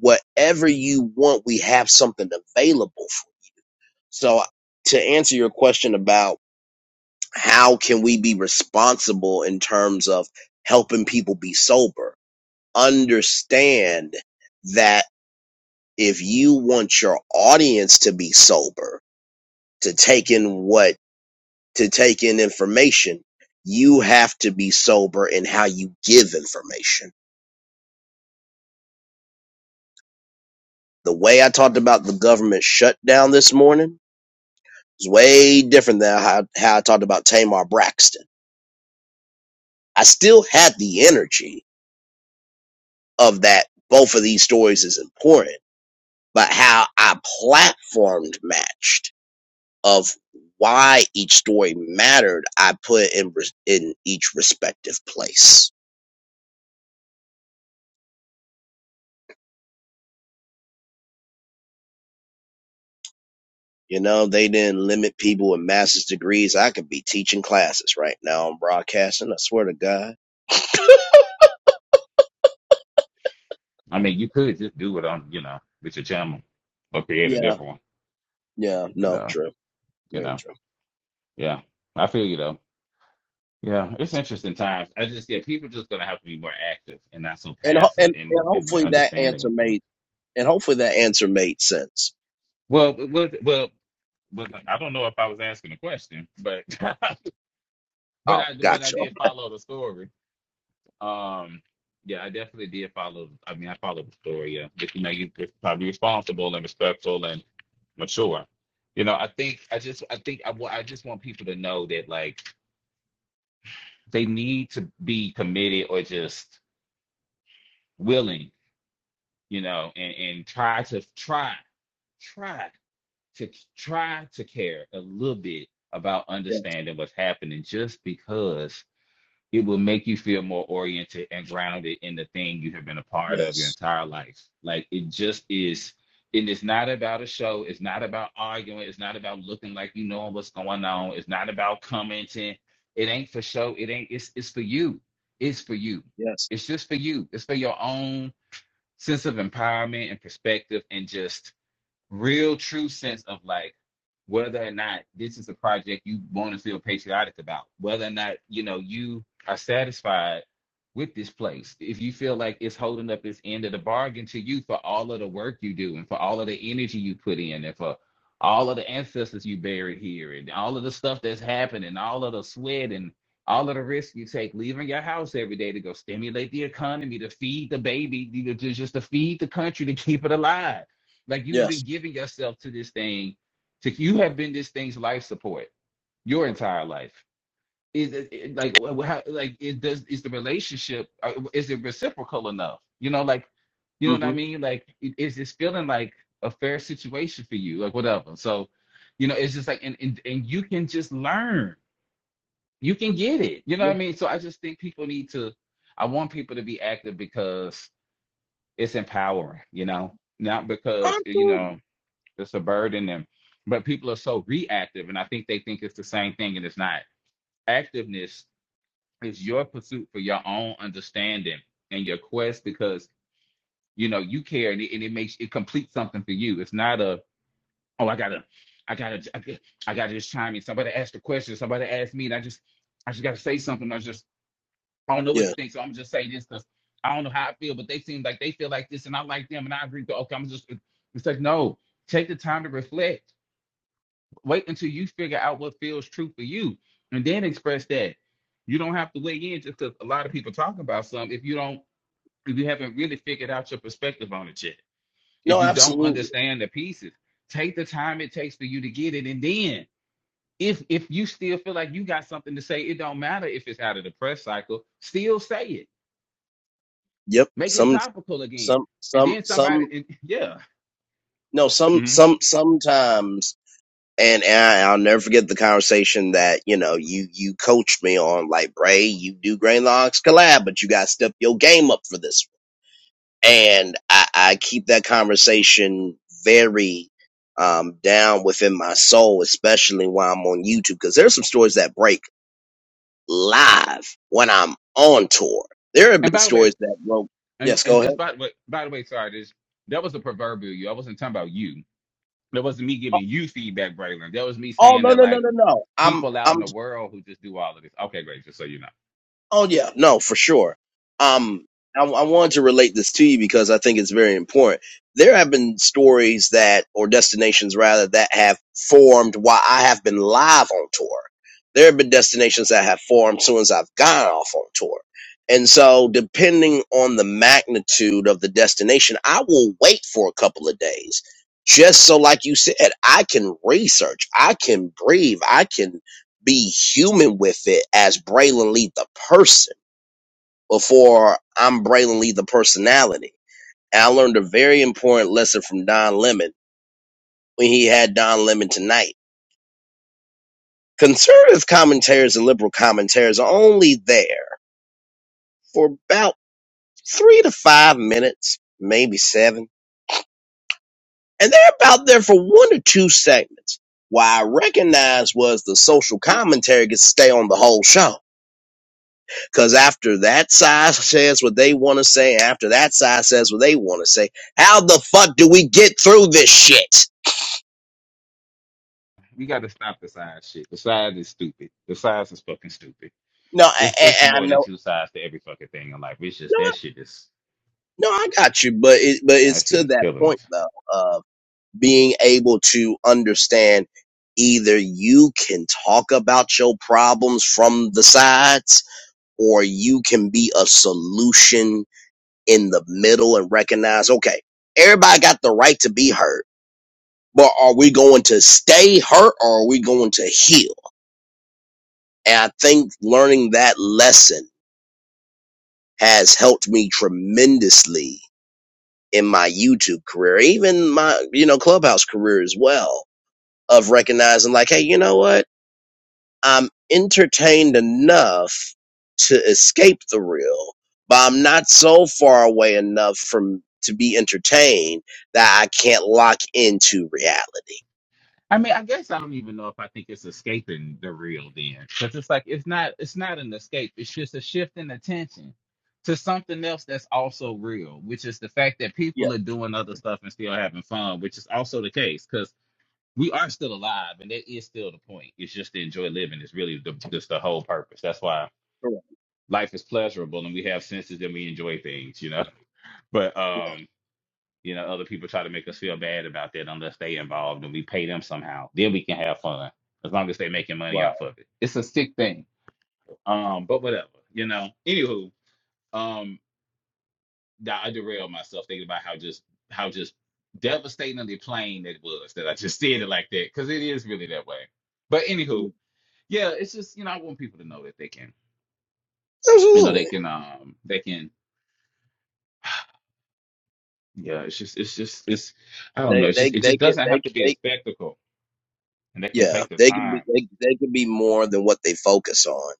A: whatever you want, we have something available for. So to answer your question about how can we be responsible in terms of helping people be sober, understand that if you want your audience to be sober, to take in what, to take in information, you have to be sober in how you give information the way I talked about the government shutdown this morning, It's way different than how, how I talked about Tamar Braxton. I still had the energy of that. Both of these stories is important, but how I platformed matched of why each story mattered, I put in in each respective place. You know, they didn't limit people with master's degrees. I could be teaching classes right now on broadcasting. I swear to God. (laughs)
B: I mean, you could just do it on, you know, with your channel or create a
A: Yeah,
B: different one.
A: yeah,
B: you
A: no,
B: know.
A: true,
B: you
A: very
B: know.
A: true,
B: Yeah. I feel you though. Yeah. It's interesting times. I just yeah, people just gonna have to be more active and not so
A: and ho-
B: passive
A: and,
B: in
A: and
B: in their
A: hopefully that
B: understanding
A: answer
B: of things.
A: made And hopefully that answer made sense.
B: Well well well well I don't know if I was asking a question, but (laughs) but
A: Oh,
B: I but I
A: gotcha.
B: did follow the story. Um yeah, I definitely did follow I mean I followed the story, yeah. But, you know, you you're probably responsible and respectful and mature. You know, I think I just I think I, wa- I just want people to know that like they need to be committed or just willing, you know, and, and try to try, try to try to care a little bit about
A: Yes,
B: understanding what's happening just because it will make you feel more oriented and grounded in the thing you have been a part of your
A: yes,
B: entire life. Like it just is, and it's not about a show. It's not about arguing. It's not about looking like you know what's going on. It's not about commenting. It ain't for show. It ain't, it's it's for you. It's for you.
A: yes,
B: It's just for you. It's for your own sense of empowerment and perspective and just real true sense of like whether or not this is a project you want to feel patriotic about, whether or not you know you are satisfied with this place, if you feel like it's holding up its end of the bargain to you for all of the work you do and for all of the energy you put in and for all of the ancestors you buried here and all of the stuff that's happening, all of the sweat and all of the risk you take leaving your house every day to go stimulate the economy, to feed the baby, to to- just to feed the country, to keep it alive like you have been
A: yes.
B: giving yourself to this thing. To, you have been this thing's life support your entire life. Is it, it- like wh- how, like it does is the relationship uh, is it reciprocal enough? You know, like you know what I
A: Mm-hmm.
B: mean. Like i- is this feeling like a fair situation for you? Like whatever. So you know, it's just like and and, and you can just learn. You can get it. You know
A: Yeah.
B: what I mean. So I just think people need to. I want people to be active because it's empowering. You know, not because you know.
A: Absolutely.
B: It's a bird in them. But people are so reactive, and I think they think it's the same thing, and it's not. Activeness is your pursuit for your own understanding and your quest because you know you care, and it, and it makes it complete something for you. It's not a oh I gotta I gotta I gotta, I gotta just chime in. Somebody asked a question. Somebody asked me, and I just I just gotta say something. I just I don't know what
A: Yeah.
B: to think, so I'm just say this because I don't know how I feel, but they seem like they feel like this, and I like them, and I agree. So okay, I'm just it's like no, take the time to reflect Wait until you figure out what feels true for you and then express that. You don't have to weigh in just because a lot of people talk about something if you don't if you haven't really figured out your perspective on it yet. If
A: No,
B: you don't
A: absolutely.
B: understand the pieces, take the time it takes for you to get it. And then if if you still feel like you got something to say, it don't matter if it's out of the press cycle, still say it.
A: Yep.
B: Make it
A: Some,
B: topical again.
A: some,
B: And
A: some,
B: then somebody
A: some.
B: and, yeah.
A: No, some,
B: Mhm.
A: some, sometimes. And, and I, I'll never forget the conversation that you know you you coached me on. Like, Bray, you do Grain Logs collab, but you got to step your game up for this and I, I keep that conversation very um, down within my soul, especially while I'm on YouTube, because there's some stories that break live when I'm on tour. There have
B: And
A: been
B: by the way,
A: stories that broke.
B: and,
A: Yes,
B: and
A: go ahead.
B: just by, the by the way, sorry, this that was a proverbial you. I wasn't talking about you That wasn't me giving you feedback, Braylon. That was me
A: Oh
B: saying
A: no
B: that
A: no no
B: like
A: no no! I'm
B: people out
A: I'm
B: in the world who just do all of this. Okay, great. Just so you know,
A: Oh yeah, no, for sure. Um, I, I wanted to relate this to you because I think it's very important. There have been stories that, or destinations rather, that have formed while I have been live on tour. There have been destinations that have formed soon as I've gone off on tour. And so, depending on the magnitude of the destination, I will wait for a couple of days just so, like you said, I can research, I can breathe, I can be human with it as Braylon Lee the person before I'm Braylon Lee the personality. And I learned a very important lesson from Don Lemon when he had Don Lemon tonight. Conservative commentaries and liberal commentaries are only there for about three to five minutes, maybe seven. And they're about there for one or two segments. What I recognized was the social commentary could stay on the whole show Because after that side says what they want to say, after that side says what they want to say, how the fuck do we get through this shit?
B: we got to stop the size shit. The size is stupid. The size is fucking stupid.
A: No, I,
B: It's it's
A: I, I
B: more than
A: know,
B: two sides to every fucking thing in life. It's just
A: no,
B: that
A: I-
B: shit is
A: no, I got you, but it, but
B: yeah,
A: it's
B: that shit
A: to
B: is
A: that
B: killing
A: point
B: us.
A: though of being able to understand either you can talk about your problems from the sides, or you can be a solution in the middle and recognize, okay, everybody got the right to be heard but are we going to stay hurt or are we going to heal? And I think learning that lesson has helped me tremendously in my YouTube career, even my, you know, clubhouse career as well of recognizing like, Hey, you know what? I'm entertained enough to escape the real, but I'm not so far away enough from to be entertained that I can't lock into reality.
B: I mean, I guess I don't even know if I think it's escaping the real then, because it's like it's not it's not an escape. It's just a shift in attention to something else that's also real, which is the fact that
A: Yeah.
B: people are doing other stuff and still having fun, which is also the case. we are still alive, and that is still the point. It's just to enjoy living. It's really the, just the whole purpose. That's why
A: Correct.
B: life is pleasurable, and we have senses and we enjoy things, you know. (laughs) But
A: Yeah.
B: um, you know, other people try to make us feel bad about that unless they involved and we pay them somehow. Then we can have fun as long as they are making money
A: Right.
B: off of it. It's a sick thing. Um, but whatever, you know. Anywho, um, that I derailed myself thinking about how just how just devastatingly plain it was that I just said it like that because it is really that way. But anywho.
A: Yeah.
B: yeah, it's just you know I want people to know that they can, you know,
A: Absolutely.
B: they can, um, they can. (sighs) Yeah, it's just, it's just, it's. I don't know.
A: They
B: It's
A: they
B: just, it
A: they
B: just
A: can
B: doesn't have
A: they
B: to be a
A: they
B: spectacle, and they can
A: yeah
B: take the
A: they can be
B: time.
A: they they can be more than what they focus on.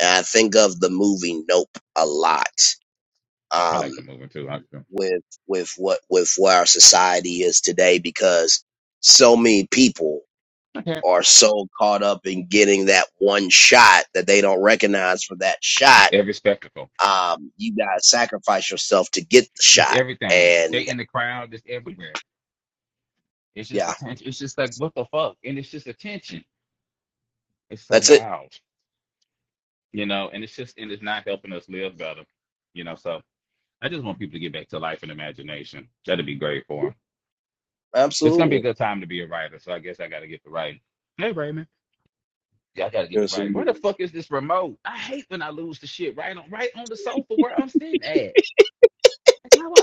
A: And I think of the movie Nope a lot
B: I
A: um,
B: like the movie too. I can-
A: with with what with where our society is today because so many people
B: Okay.
A: are so caught up in getting that one shot that they don't recognize for that shot.
B: Every spectacle,
A: Um, you gotta sacrifice yourself to get the
B: it's
A: shot,
B: everything. They
A: and
B: in the crowd, it's everywhere. It's just
A: yeah,
B: attention. It's just like
A: so
B: what the fuck, and it's just attention. It's so
A: that's it.
B: wild, you know, and it's just, and it's not helping us live better, you know. So I just want people to get back to life and imagination. That'd be great for 'em. It's gonna be a
A: Absolutely,
B: good time to be a writer, so I guess I gotta get to writing. Hey Raymond. Yeah, I gotta get to
A: yes,
B: writing. Where the
A: indeed,
B: fuck is this remote? I hate when I lose the shit right on right on the sofa where I'm sitting at. Like, how,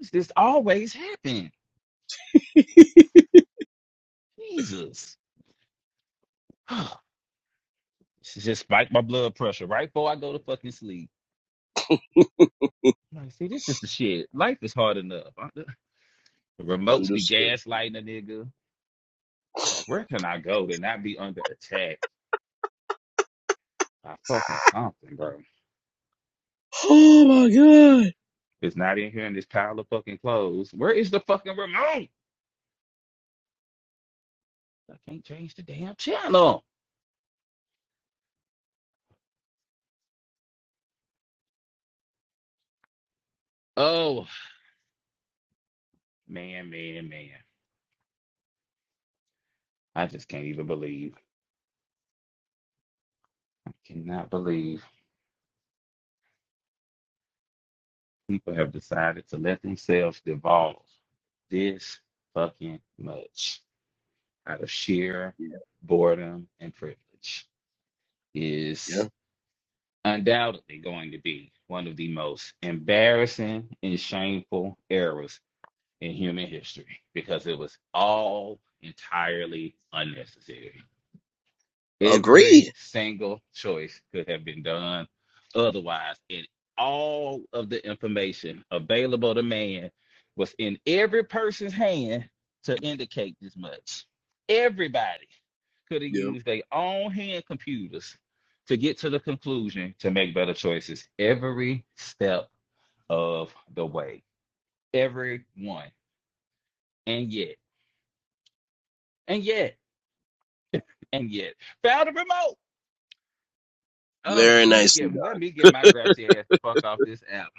B: does this always happen? Jesus. (sighs) this is just spike my blood pressure right before I go to fucking sleep. Like, see, this is the shit. Life is hard enough. the remotes be
A: understood.
B: gaslighting a nigga.
A: (laughs)
B: Like, where can I go to not be under attack by fucking something, bro?
A: Oh my god.
B: It's not in here in this pile of fucking clothes. Where is the fucking remote? I can't change the damn channel. Oh, man, man, man. I just can't even believe. I cannot believe people have decided to let themselves devolve this fucking much out of sheer
A: Yeah.
B: boredom and privilege
A: Yeah.
B: is undoubtedly going to be one of the most embarrassing and shameful errors in human history because it was all entirely unnecessary. Every
A: Agreed.
B: single choice could have been done otherwise, and all of the information available to man was in every person's hand to indicate this much. Everybody could have
A: Yeah.
B: used their own hand computers to get to the conclusion to make better choices every step of the way. Everyone. And yet, and yet, and yet found a remote. Uh,
A: Very
B: let me
A: nicely
B: get
A: done.
B: let me get my grouchy ass the fuck off this app,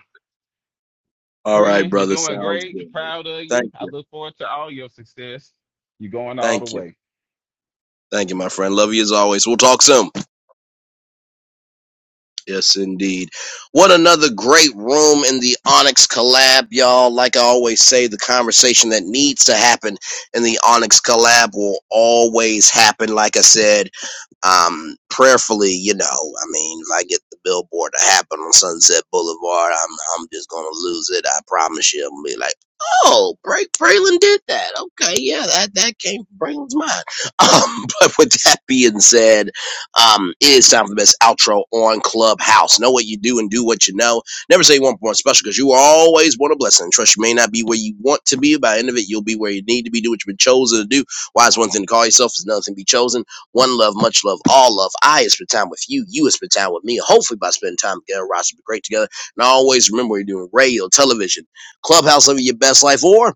A: All right,
B: friend. You're
A: brother.
B: doing
A: Sounds
B: great.
A: good.
B: Proud of you.
A: Thank
B: I
A: you.
B: look forward to all your success. You're going all the
A: Thank you.
B: way.
A: Thank you, my friend. Love you as always. We'll talk soon. Yes, indeed. What another great room in the Onyx collab, y'all. Like I always say, the conversation that needs to happen in the Onyx collab will always happen. Like I said, um, prayerfully, you know, I mean, if I get the billboard to happen on Sunset Boulevard, I'm, I'm just going to lose it. I promise you. I'm gonna be like, oh, Break Braylon did that. Okay. Yeah. That, that came from Braylon's mind. (laughs) Um, but with that being said, um, it is time for the best outro on Clubhouse. Know what you do and do what you know. Never say you want one special because you are always want a blessing. Trust you may not be where you want to be. By the end of it, you'll be where you need to be. Do what you've been chosen to do. Why is one thing to call yourself? Is another thing to be chosen. One love, much love, all love. I is spend time with you. You is spend time with me. Hopefully, by spending time together, Ross will be great together. And always remember you're doing radio, television, Clubhouse, living your best life, or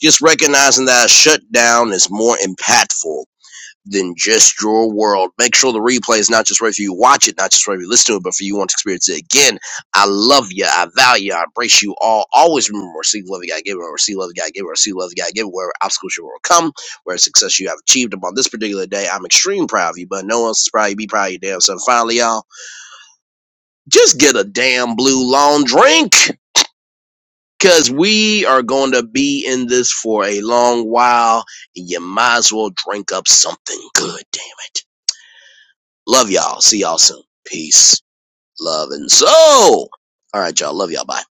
A: just recognizing that a shutdown is more impactful than just your world. Make sure the replay is not just right for you watch it, not just right for you listen to it, but for you want to experience it again. I love you. I value you. I embrace you all. Always remember receive love you gotta give it, or receive love you gotta give it, or receive love you gotta give it, wherever obstacles you will come, where success you have achieved upon this particular day. I'm extremely proud of you, but no one else is proud of you. Be proud of your damn self. Finally, y'all, just get a damn blue long drink. Cause we are going to be in this for a long while. and You might as well drink up something good, damn it. Love y'all. See y'all soon. Peace, love, and soul. All right, y'all. Love y'all. Bye.